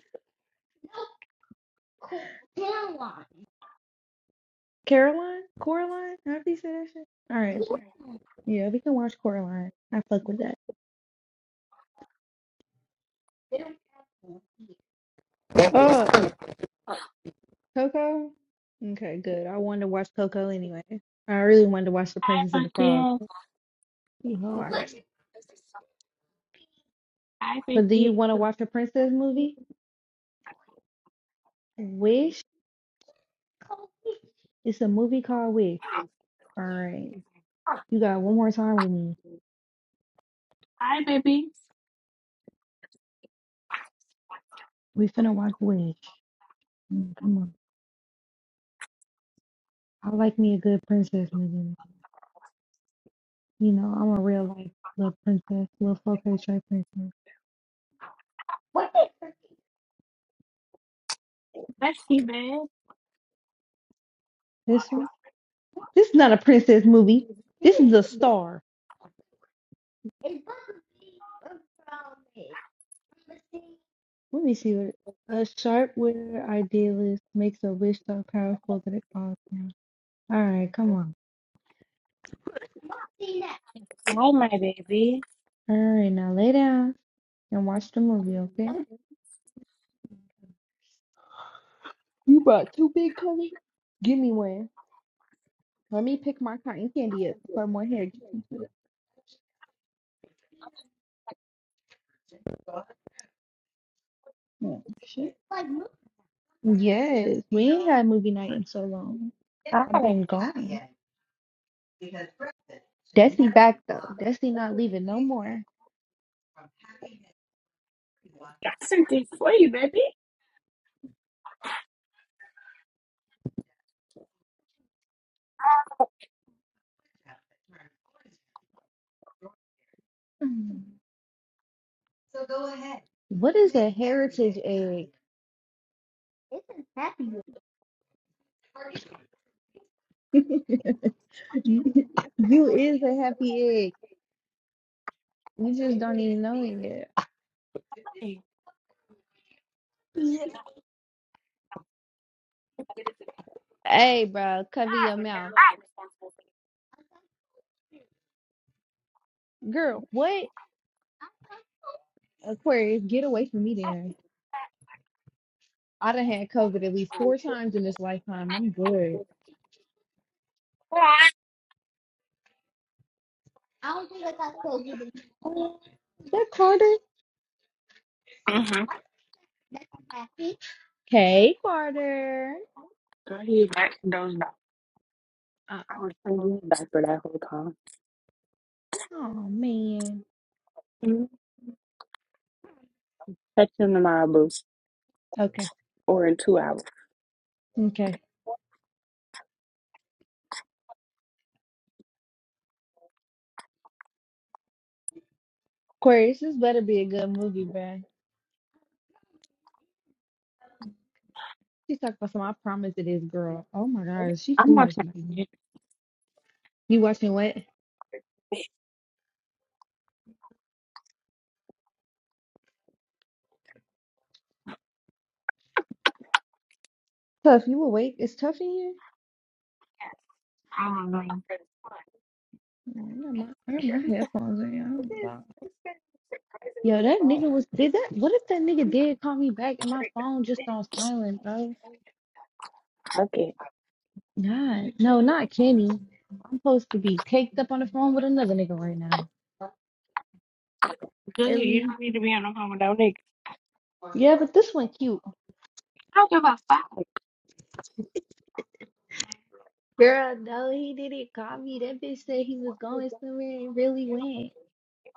S3: Caroline? Coraline? How do you say that shit? All right. Yeah, we can watch Coraline. I fuck with that. Oh, Coco. Okay, good. I wanted to watch Coco anyway. I really wanted to watch The Princess and the Frog. Oh, But do you want to watch a princess movie? Wish. It's a movie called Wish. All right. You got one more time with me. We finna watch Wish. Mm, Come on. I like me a good princess movie. You know, I'm a real life little princess, little four K tray princess. This one? This is not a princess movie. This is a star. Let me see what. A sharp witted idealist makes a wish so powerful that it falls down. All right, come on.
S9: Oh,
S3: All right, now lay down and watch the movie, okay? You bought two big colors? Give me one. Let me pick my cotton candy up before more hair gets into it. Oh, shit. Yes. I had movie night in so long. I've been gone back though. Destiny not leaving no more.
S9: I sent this for you, baby.
S3: What is you you is a happy egg. You just don't even know it yet. Ow. Girl, what? Aquarius, get away from me then. I done had COVID at least four.
S9: Mm-hmm.
S3: Hey, Carter.
S9: Girl, he back those dogs.
S3: Uh,
S9: I was thinking back for that whole time.
S3: oh man.
S9: Mhm. Catch him tomorrow, boo.
S3: Okay.
S9: Or in two hours.
S3: Okay. Aquarius, this better be a good movie, bruh. She talking about some. I promise it is, girl. Oh my god, she too much money. You watching what? Tough. You awake? It's tough in here. Yeah, I got my, I got my headphones in. I don't know about- Yo, that nigga was did that. What if that nigga did call me back and my phone just on silent, bro?
S9: Okay.
S3: God, no, not Kenny. I'm supposed to be caked up on the phone with another nigga right now.
S9: Good, you
S3: Really?
S9: don't need to be on the phone with that nigga.
S3: Yeah, but this one cute.
S9: How give a fuck.
S3: Girl, no, he didn't call me. That bitch said he was going somewhere and really went.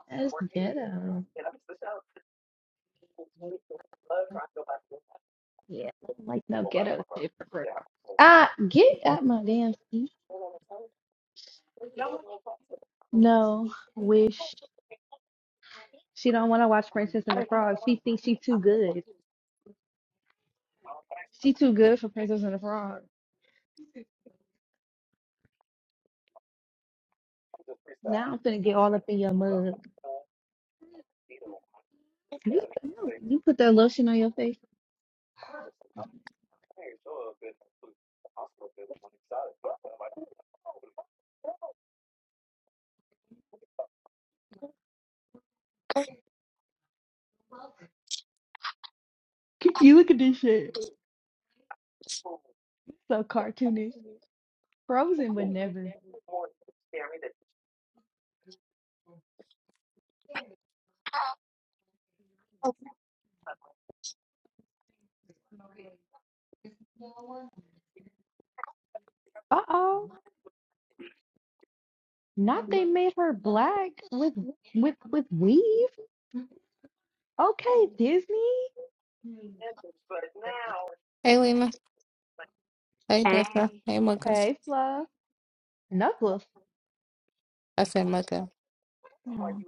S3: That's ghetto. Yeah, I don't like no ghetto shit for real. Ah, get out my damn seat. No, wish she don't want to watch Princess and the Frog. She thinks she too good. She too good for Princess and the Frog. Now I'm finna get all up in your mug. You, no, you put that lotion on your face. You look at this shit. So cartoonish. Frozen would never. Uh oh. Not made her with weave. Okay, Disney.
S4: Hey, Lena. Hey, Dessa. Hey, Mocha.
S3: Hey, Fluff. Knuckles.
S4: I said Mocha.
S3: Oh,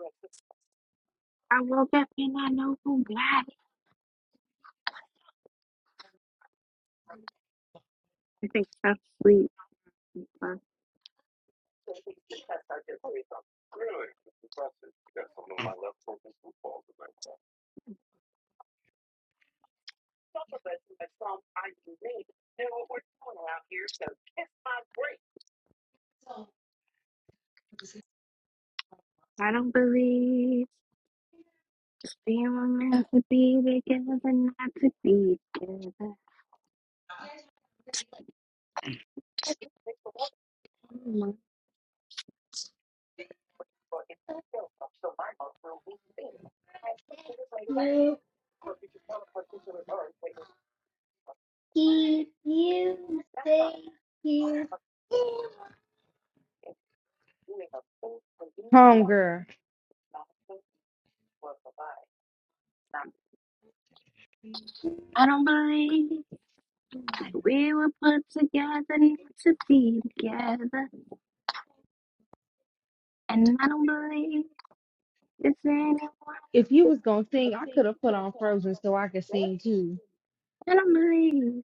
S9: I don't believe. We were meant to be together, not to be together.
S3: homegirl.
S9: I don't. need were here,
S3: If you was gonna sing, I could have put on Frozen so I could sing too.
S9: and I'm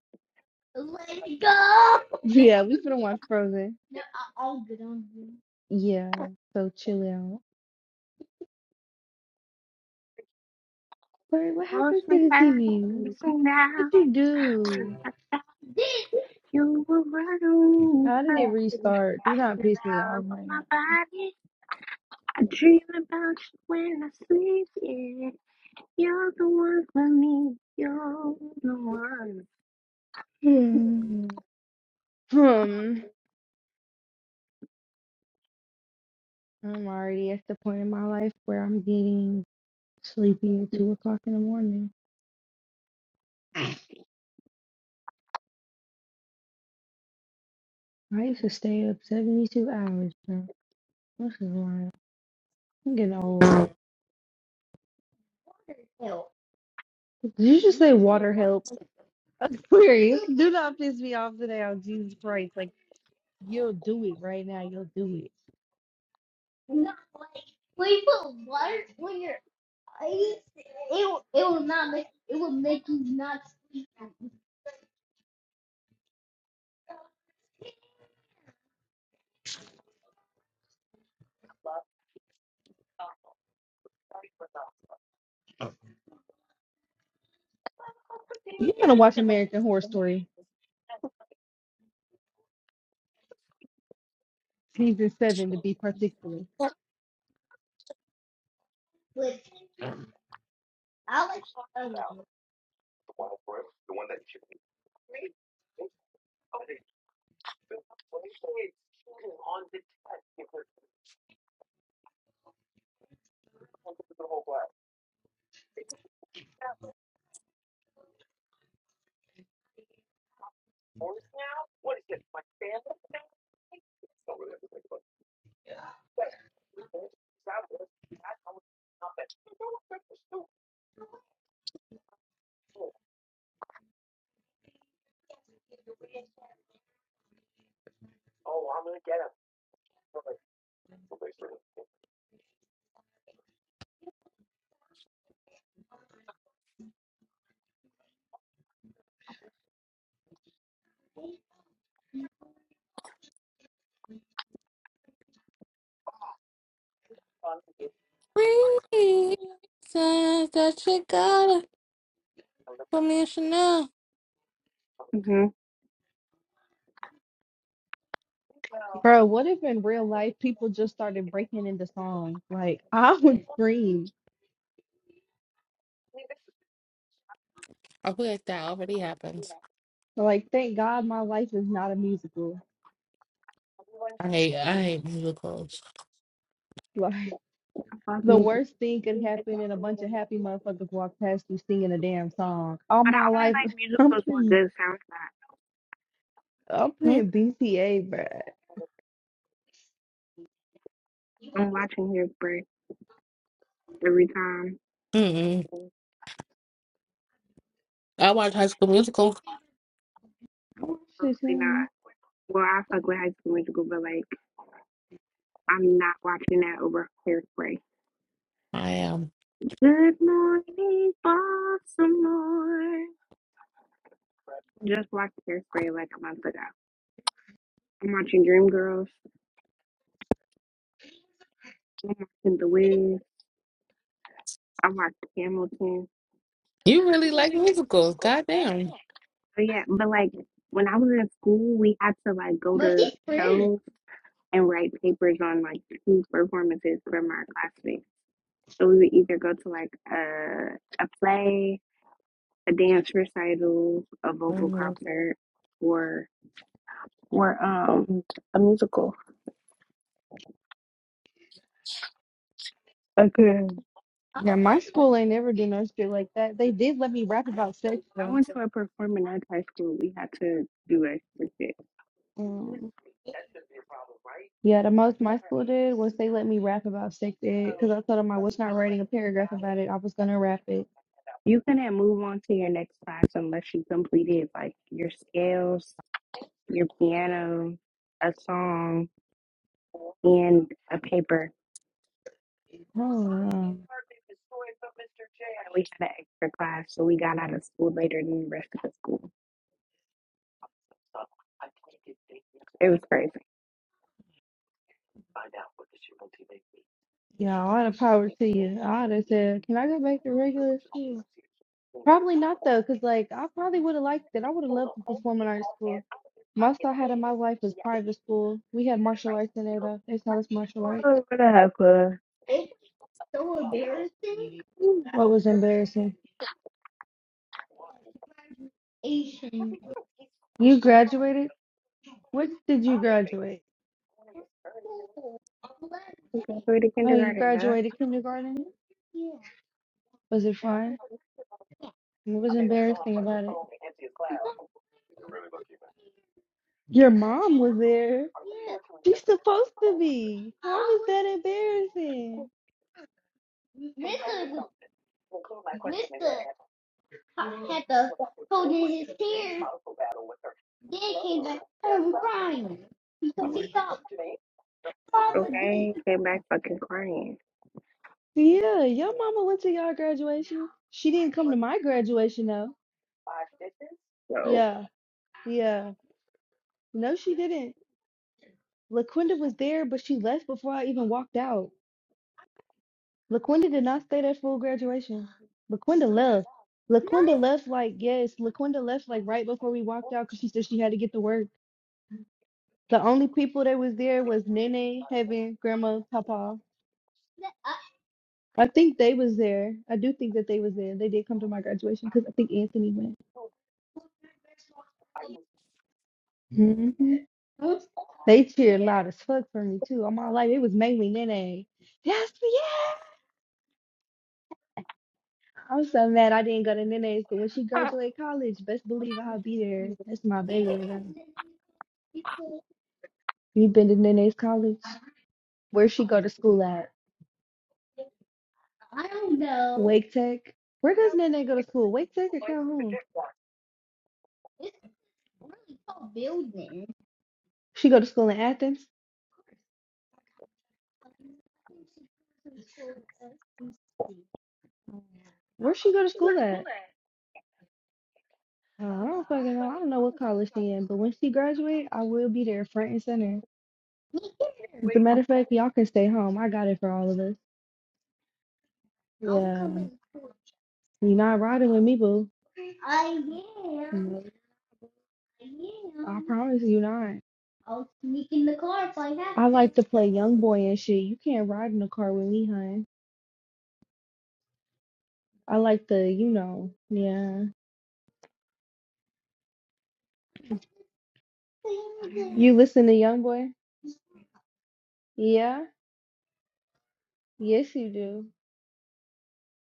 S3: Yeah, we could have watched Frozen. Yeah, so chill out. Wait, what happens
S9: lost
S3: to the
S9: without
S3: TV?
S9: you. So now
S3: What'd you do?
S9: you were running
S3: How did it
S9: first.
S3: restart? Do not piss me off
S9: Without
S3: right
S9: my
S3: now.
S9: body, I dream about you when I sleep. Yeah, you're the one for me. You're the one.
S3: Hmm. Hmm. I'm already at the point in my life where I'm getting sleepy at two o'clock in the morning. I used to stay up seventy two hours, bro. This is wild. I'm getting old. Did you just say water help? Aquarius, do not piss me off today on Jesus Christ. Like, you'll do it right now. You'll do it. You're going to watch American Horror Story season seven to be particular.
S4: Reasons that you got it for me and Chanel.
S3: Bro, what if in real life people just started breaking into songs? Like, I would scream.
S4: I feel like that already happens.
S3: Like, thank God my life is not a musical.
S4: I hate, I hate musicals.
S3: Like,
S9: Fuck
S3: the
S9: me, but
S3: worst thing could happen and a bunch of happy motherfuckers walk past you singing a damn song. All my life, I'm putting, I'm
S4: Mm,
S3: putting BCA, bro. I
S9: I'm watching her birth every time.
S4: Mm-mm. I watch High School Musical.
S3: watched
S9: Really not.
S3: it,
S9: Well, I fuck with High School Musical, but like, I'm not watching that over Hairspray.
S4: I am. Um,
S9: morning, Baltimore. Just watched Hairspray like a month ago. I'm watching Dreamgirls and The Wiz. I watched Hamilton.
S4: you really like musicals. Goddamn.
S9: But yeah, but like when I was in school, we had to like go to shows and write papers on like two performances from our classmates. So we would either go to like a a play, a dance recital, a vocal
S4: Mm-hmm.
S9: concert, or well, a musical.
S3: And my school ain't never did no shit like that. They did let me rap about sex though.
S9: When I was in high school, we had to do a
S3: Um, yeah, the most my school did was they let me rap about sex ed because I told them I was not writing a paragraph about it. I was gonna rap it.
S9: You couldn't move on to your next class unless you completed like your scales, your piano, a song, and a paper.
S3: Oh no.
S9: We had an extra class, so we got out of school later than the rest of the school.
S3: Yeah, all the power to you. I would have said, can I go back to regular school? Probably not though, because like I probably would have liked it. I would have loved to perform in art school. Most I had in my life was private school. We had martial arts in there though. They taught us martial arts. What was embarrassing? Mm. You graduated? What did you graduate?
S9: We go through to
S3: Oh, you
S9: kindergarten, huh?
S3: graduated kindergarten? Was it fun? What was embarrassing about it? Your mom was there. She's supposed to be. That embarrassing.
S9: Okay, came back fucking crying.
S3: Yeah, your mama went to y'all graduation. She didn't come to my graduation though.
S9: So
S3: Yeah, yeah. No, she didn't. LaQuinda was there, but she left before I even walked out. LaQuinda did not stay at full graduation. LaQuinda left. LaQuinda left like yes. LaQuinda left like right before we walked out because she said she had to get to work. The only people that was there was Nene, Heaven, Grandma, Papa. I think they was there. I do think that they was there. They did come to my graduation because I think Anthony went. They cheered loud as fuck for me too. All my life, it was mainly Nene. Yes, yeah. I'm so mad I didn't go to Nene's, but when she graduate college, best believe I'll be there. That's my baby. You been to Nene's college? Where she go to school at? Wake Tech. Where does Nene go to school? Wake Tech or Calhoun? She go to school in Athens. Where she go to school at? Uh, I don't fucking know. I don't know what college she in, but when she graduate, I will be there front and center. As a matter of fact, y'all can stay home. I got it for all of us. You're not riding me, boo. Promise you not. Play young boy and shit. You can't ride in the car with me, hun. I like the, you know, yeah. You listen to young boy? Yeah. Yes, you do.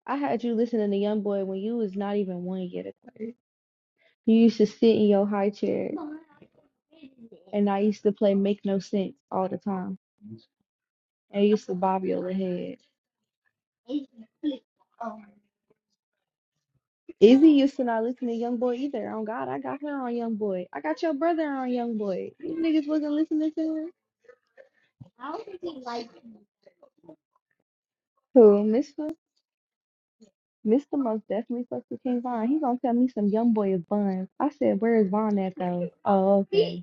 S3: I had you listening to young boy when you was not even one yet. Aquarius. You used to sit in your high chair, and I used to play make no sense all the time, and you bob your head. Izzy used to not listen to Young Boy either. On God, I got her on Young Boy. I got your brother on Young Boy. You niggas wasn't listening to her. Who, Mr. Mr. Most definitely fucked with King Von. He gonna tell me some Young Boy is buns. I said, where is Von at though? Oh, okay.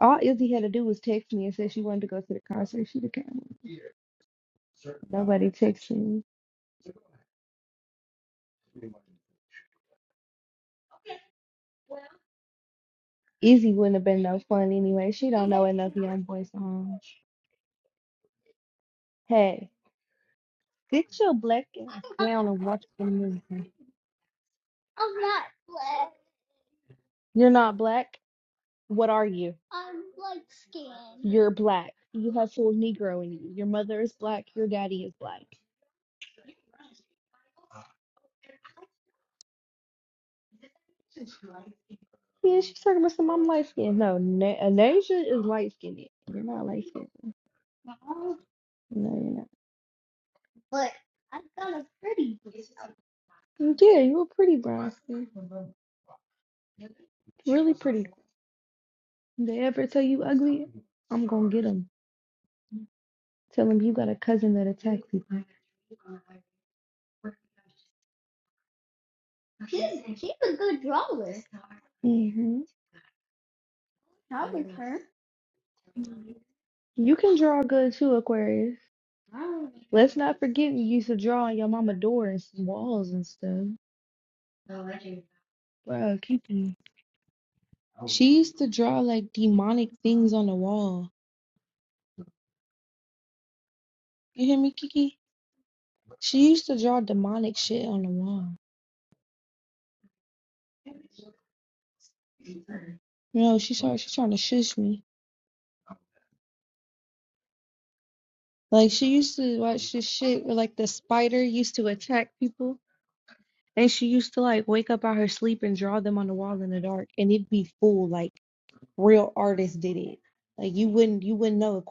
S3: All Izzy had to do was text me and say she wanted to go to the concert. She'd have came. See, Izzy wouldn't have been no fun anyway. She don't know enough Young Boy songs. Hey, get your black ass down and watch the movie. You're not black. What are you? You're black. You have full Negro in you. Your mother is black. Your daddy is black. Yeah, she's talking about some. I'm light skinned. No, Na- Anasia is light skinned. You're not light skinned. No, you're not. And Yeah, you were pretty, bro. Really pretty. They ever tell you ugly? I'm gonna get them. Tell them you got a cousin that attacked people. hmm You can draw good too, Aquarius. Let's not forget you used to draw on your mama door and some walls and stuff. Bro, Kiki. You used to draw like demonic things on the wall. You hear me, Kiki? She used to draw demonic shit on the wall. No, she started, she's trying to shush me. Like she used to watch this shit where like the spider used to attack people and she used to like wake up out her sleep and draw them on the wall in the dark and it'd be full like real artists did it. Like you wouldn't you wouldn't know